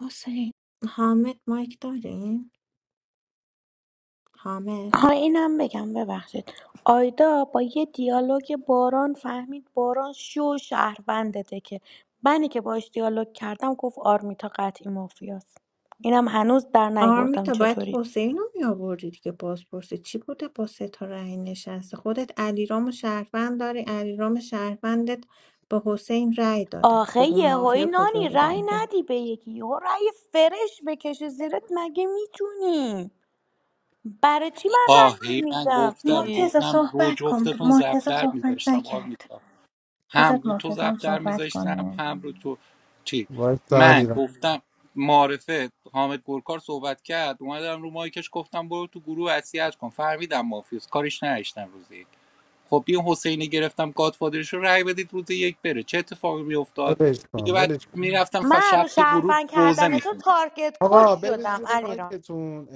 S2: حسین حامد مایک داریم حامد
S5: ها اینم بگم ببخشید آیدا با یه دیالوگ باران فهمید باران شو شهروندته که منی که باش دیالوگ کردم گفت آرمیتا قطعی مافیاست اینم هنوز در نیوردم
S2: آرمیتا باید
S5: چطوری
S2: حسین رو میآوردی دیگه بازپرسی چی بوده با سه تا رأی نشسته خودت علیرام و شهروند داری علیرام شهروندت به حسین رأی داده
S5: آخه
S2: خب اون
S5: یهویی
S2: مافیا کجا
S5: نانی رای
S2: بودن که؟
S5: ندی به یکی یهو رأی فرش بکشه زیرت مگه میتونی برای چی من رأی
S3: آهی من
S5: نمیدم
S3: گفتم
S5: ای،
S2: مرتزا
S3: گفتم رو
S2: صحبت کن
S3: جفتتون
S2: مرتزا
S3: زبدر
S2: صحبت
S3: میذاشتم آر
S2: نکرد بذار
S3: هم رو تو
S2: مرتزا
S3: ضرب
S2: هم
S3: در
S2: صحبت
S3: میذاشتم
S2: کنه
S3: هم رو تو چی
S6: وایس
S3: من
S6: علی را
S3: گفتم معرفه حامد گلکار صحبت کرد اومدم رو مایکش گفتم برو تو گروه وصیت کن فهمیدم مافیوس کارش نداشتم روز یک خب این حسینی گرفتم گادفادرش رو رای بدید روز یک بره چه اتفاقی میافتاد
S6: ولش کن
S3: دیگه بعد
S6: ولش کن
S3: میرفتم
S5: من
S3: شب
S5: رو
S3: تو گروه
S5: شهروند
S3: روزه
S5: کردن تو
S3: می‌خوندم.
S5: تارگت کش
S6: آقا برید
S5: شدم
S6: زیر
S5: علی را
S6: مایکتون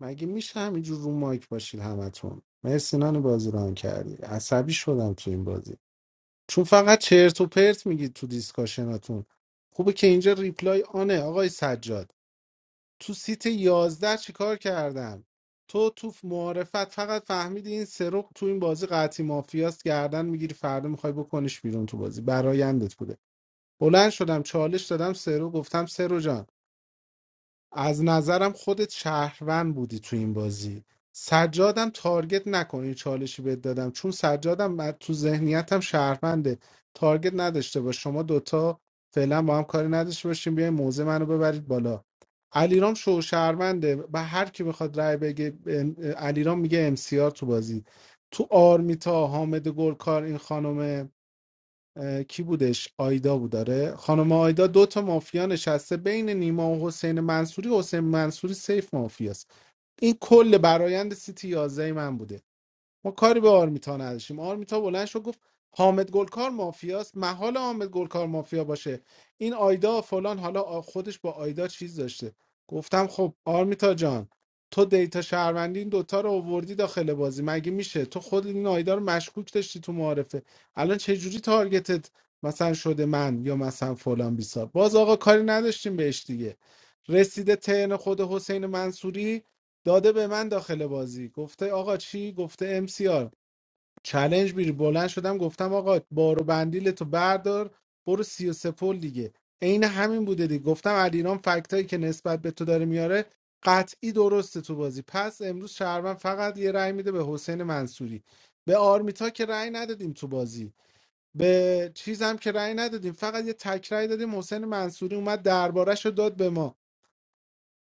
S6: مگه میشه همینجور رو مایک باشید همتون مرسی نانی بازی ران کردی عصبی شدم تو این بازی چون فقط چرت و پرت میگید تو دیسکاشناتون خوبه که اینجا ریپلای آنه آقای سجاد تو سیت 11 چیکار کردم تو تو معارفت فقط فهمیدی این سرق تو این بازی قطعی مافیاست گردن میگیری فردا میخوای بکنش بیرون تو بازی برایندت بوده بلند شدم چالش دادم سرو گفتم سرو جان از نظرم خودت شهروند بودی تو این بازی سجادم تارگت نکنی چالشی بهت دادم چون سجادم من- تو ذهنیتم شهرونده تارگت نداشته باش شما دوتا فعلا با هم کاری نداشته باشیم بیاین موزه منو ببرید بالا علیرام شو شهرونده به هر کی بخواد رأی بگه ام- علیرام میگه امسیار تو بازی تو آرمیتا حامد گلکار این خانم اه، کی بودش آیدا بود داره خانم آیدا دو تا مافیا نشسته بین نیما و حسین منصوری حسین منصوری سیف مافیاست این کل برایند سیتی 11 من بوده ما کاری به آرمیتا نداشتیم آرمیتا بلند شد گفت حامد گلکار مافیاست محال حامد گلکار مافیا باشه این آیدا فلان حالا آ- خودش با آیدا چیز داشته گفتم خب آرمیتا جان تو دیتا شهروندی این دوتا رو آوردی داخل بازی مگه میشه تو خود این آیدا رو مشکوک داشتی تو معارفه الان چه جوری تارگتت مثلا شده من یا مثلا فلان بیسار باز آقا کاری نداشتیم بهش دیگه رسیده ترن خود حسین منصوری داده به من داخل بازی گفته آقا چی گفته ام سی آر چلنج بیری بلند شدم گفتم آقا بارو بندیل تو بردار برو 33 پل دیگه عین همین بوده دیگه گفتم علیرام فکتایی که نسبت به تو داره میاره قطعی درسته تو بازی پس امروز شهروند فقط یه رأی میده به حسین منصوری به آرمیتا که رأی ندادیم تو بازی به چیز هم که رأی ندادیم فقط یه تک رأی دادیم حسین منصوری اومد دربارش رو داد به ما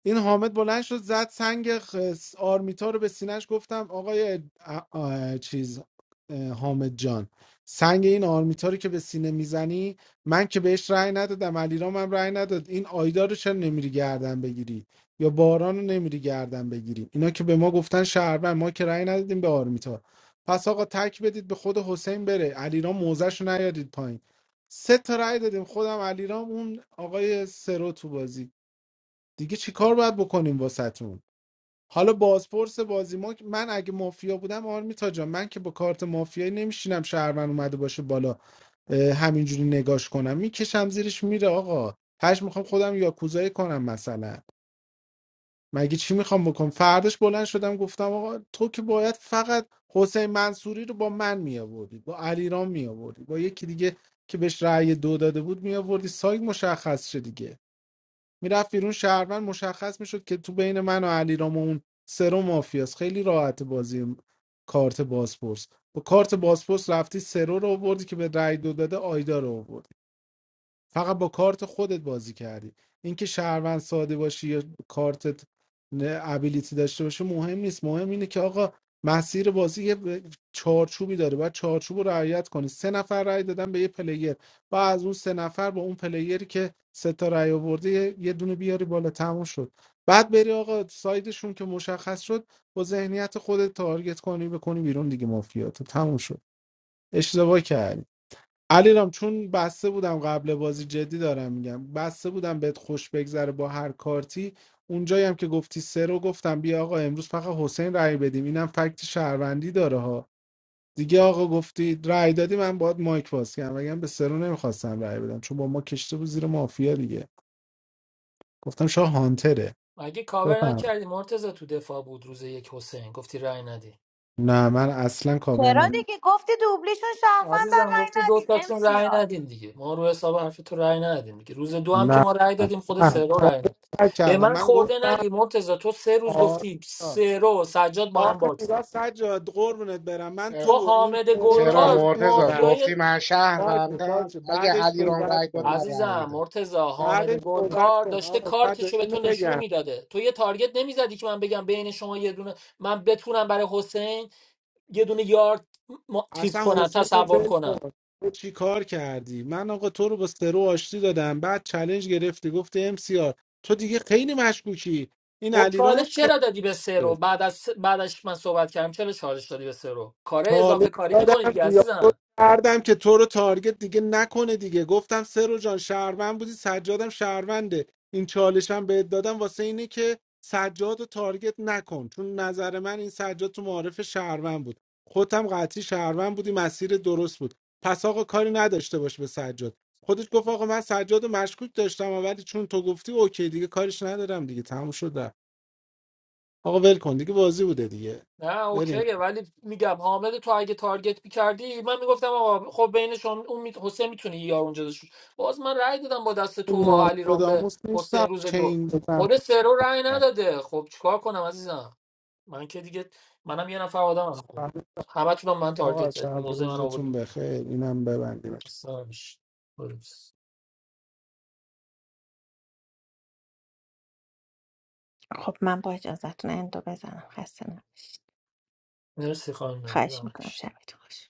S6: این حامد بلند شد زد سنگ خس- آرمیتا رو به سینش گفتم آقای ا- آ- چیز اه، حامد جان سنگ این آرمیتا رو که به سینه میزنی من که بهش رأی ندادم علیرام هم رأی نداد این آیدا رو چرا نمیری گردن بگیری یا باران رو نمیری گردن بگیری اینا که به ما گفتن شهروند ما که رأی ندادیم به آرمیتا پس آقا تک بدید به خود حسین بره علیرام موزش رو نیادید پایین سه تا رأی دادیم خودم علیرام اون آقای سرو تو بازی دیگه چیکار باید بکنیم واسهتون حالا بازپرس بازی ما من اگه مافیا بودم آرمیتا جان من که با کارت مافیایی نمیشینم شهرمن اومده باشه بالا اه، همینجوری نگاش کنم میکشم زیرش میره آقا هش میخوام خودم یاکوزایی کنم مثلا مگه چی میخوام بکنم فرداش بلند شدم گفتم آقا تو که باید فقط حسین منصوری رو با من میآوردی با علیرام میآوردی با یکی دیگه که بهش رأی دو داده بود میآوردی سایت مشخص شه دیگه میرفت بیرون شهروند مشخص میشد که تو بین من و علیرام و اون سرو مافیاست خیلی راحت بازی کارت بازپرس با کارت بازپرس رفتی سرو رو آوردی که به رای دو داده آیدا رو آوردی فقط با کارت خودت بازی کردی اینکه شهروند ساده باشی یا کارتت ابیلیتی داشته باشه مهم نیست مهم اینه که آقا مسیر بازی یه چارچوبی داره باید چارچوب رو رعایت کنی سه نفر رای دادن به یه پلیر و از اون سه نفر با اون پلیری که سه تا رای آورده یه یه دونه بیاری بالا تموم شد بعد بری آقا سایدشون که مشخص شد با ذهنیت خودت تارگت کنی بکنی بیرون دیگه مافیاتو تموم شد اشتباه کردی علیرام چون بسته بودم قبل بازی جدی دارم میگم بسته بودم بهت خوش بگذره با هر کارتی اونجایی هم که گفتی سه رو گفتم بیا آقا امروز فقط حسین رأی بدیم اینم فکت شهروندی داره ها دیگه آقا گفتی رأی دادی من باید مایک باز کردم وگرنه به سرو نمیخواستم رأی بدم چون با ما کشته بود زیر مافیا دیگه گفتم شاه هانتره
S13: مگه کاور
S6: بفهم
S13: نکردی مرتضی تو دفاع بود روز یک حسین گفتی رأی ندی
S6: نه من اصلا کاور
S5: چرا
S6: نم
S5: دیگه گفتی دوبلیشون شهروندن
S13: عزیزم گفتی
S5: رأی
S13: دو
S5: ندین ام
S13: تاتون
S5: سی
S13: رأی ندین دیگه ما رو حساب حرف تو رأی ندادیم دیگه روز دو هم که
S6: نه
S13: ما رأی دادیم خود
S6: نه
S13: سه رو
S6: کاور
S13: رأی نداد به
S6: نکردم
S13: من
S6: من
S13: خورده
S6: گفتم
S13: نگی مرتضی تو سه روز گفتی
S6: آره
S13: سه رو سجاد با هم
S6: آخه
S13: باکسن
S6: نگاه سجاد قربونت برم من تو
S13: تو
S6: و این
S13: حامد
S6: ترور رو
S13: گلکار
S6: آشتی دادم
S13: مافیای
S6: باشه باشه بعدش صحبت کن
S13: عزیزم مرتضی حامد
S6: بعدش صحبت
S13: گلکار
S6: کن
S13: داشته
S6: آقا سجاد
S13: کارتشو به
S6: اینو
S13: تو نشون
S6: بگم
S13: میداده تو یه تارگت نمیزدی که من بگم بین شما یه دونه من بتونم برای حسین یه دونه یارد ما- چیز
S6: اصلا
S13: کنم
S6: حسین رو
S13: تصور
S6: ول
S13: کنم
S6: کن تو چی کار کردی من آقا تو رو با سرو آشتی دادم بعد چلنج گرفتی گفتی ام سی آر تو دیگه خیلی مشکوکی این
S13: خب
S6: علی رو
S13: چالش چرا دادی به سه رو بعد از بعدش من صحبت کردم چرا چالش دادی به سه رو کاره
S6: چالش
S13: اضافه کاری میکنی
S6: دادم
S13: دیگه
S6: دیالوگ
S13: عزیزم
S6: کردم که تو رو تارگت دیگه نکنه دیگه گفتم سرو جان شهروند بودی سجادم شهرونده این چالشم بهت دادم واسه اینه که سجاد رو تارگت نکن چون نظر من این سجاد تو معارف شهروند بود خودم قطعی شهروند بودی مسیر درست بود پس آقا کاری نداشته باش به سجاد خودش گفت آقا من سجاد رو مشکوک داشتم ولی چون تو گفتی اوکی دیگه کارش ندارم دیگه تموم شد آقا ول کن دیگه بازی بوده دیگه
S13: نه
S6: بریم
S13: اوکیه ولی میگم حامد تو اگه تارگت میکردی من میگفتم آقا خب بینشون اون می... حسین میتونی یار اونجا داشت باز من رأی دادم با دست تو و علی رام به
S6: ناسپداموس نیستم
S13: حسین روز دو
S6: چین بزن
S13: خود سه رو رأی نداده خب چیکار کنم عزیزم من که دیگه منم یه نفر آدمم
S6: بزن.
S13: همتون هم من تارگت
S6: آقا
S13: زدید.
S6: شب
S13: موزه من آوردین
S6: روزتون بخیر اینم ببندیم
S13: اصلا میشه برو.
S2: خب من با اجازتون اندو بزنم خسته نباشید
S13: مرسی خانم
S2: خواهش
S13: زمان
S2: میکنم
S13: کشید
S2: شبتون خوش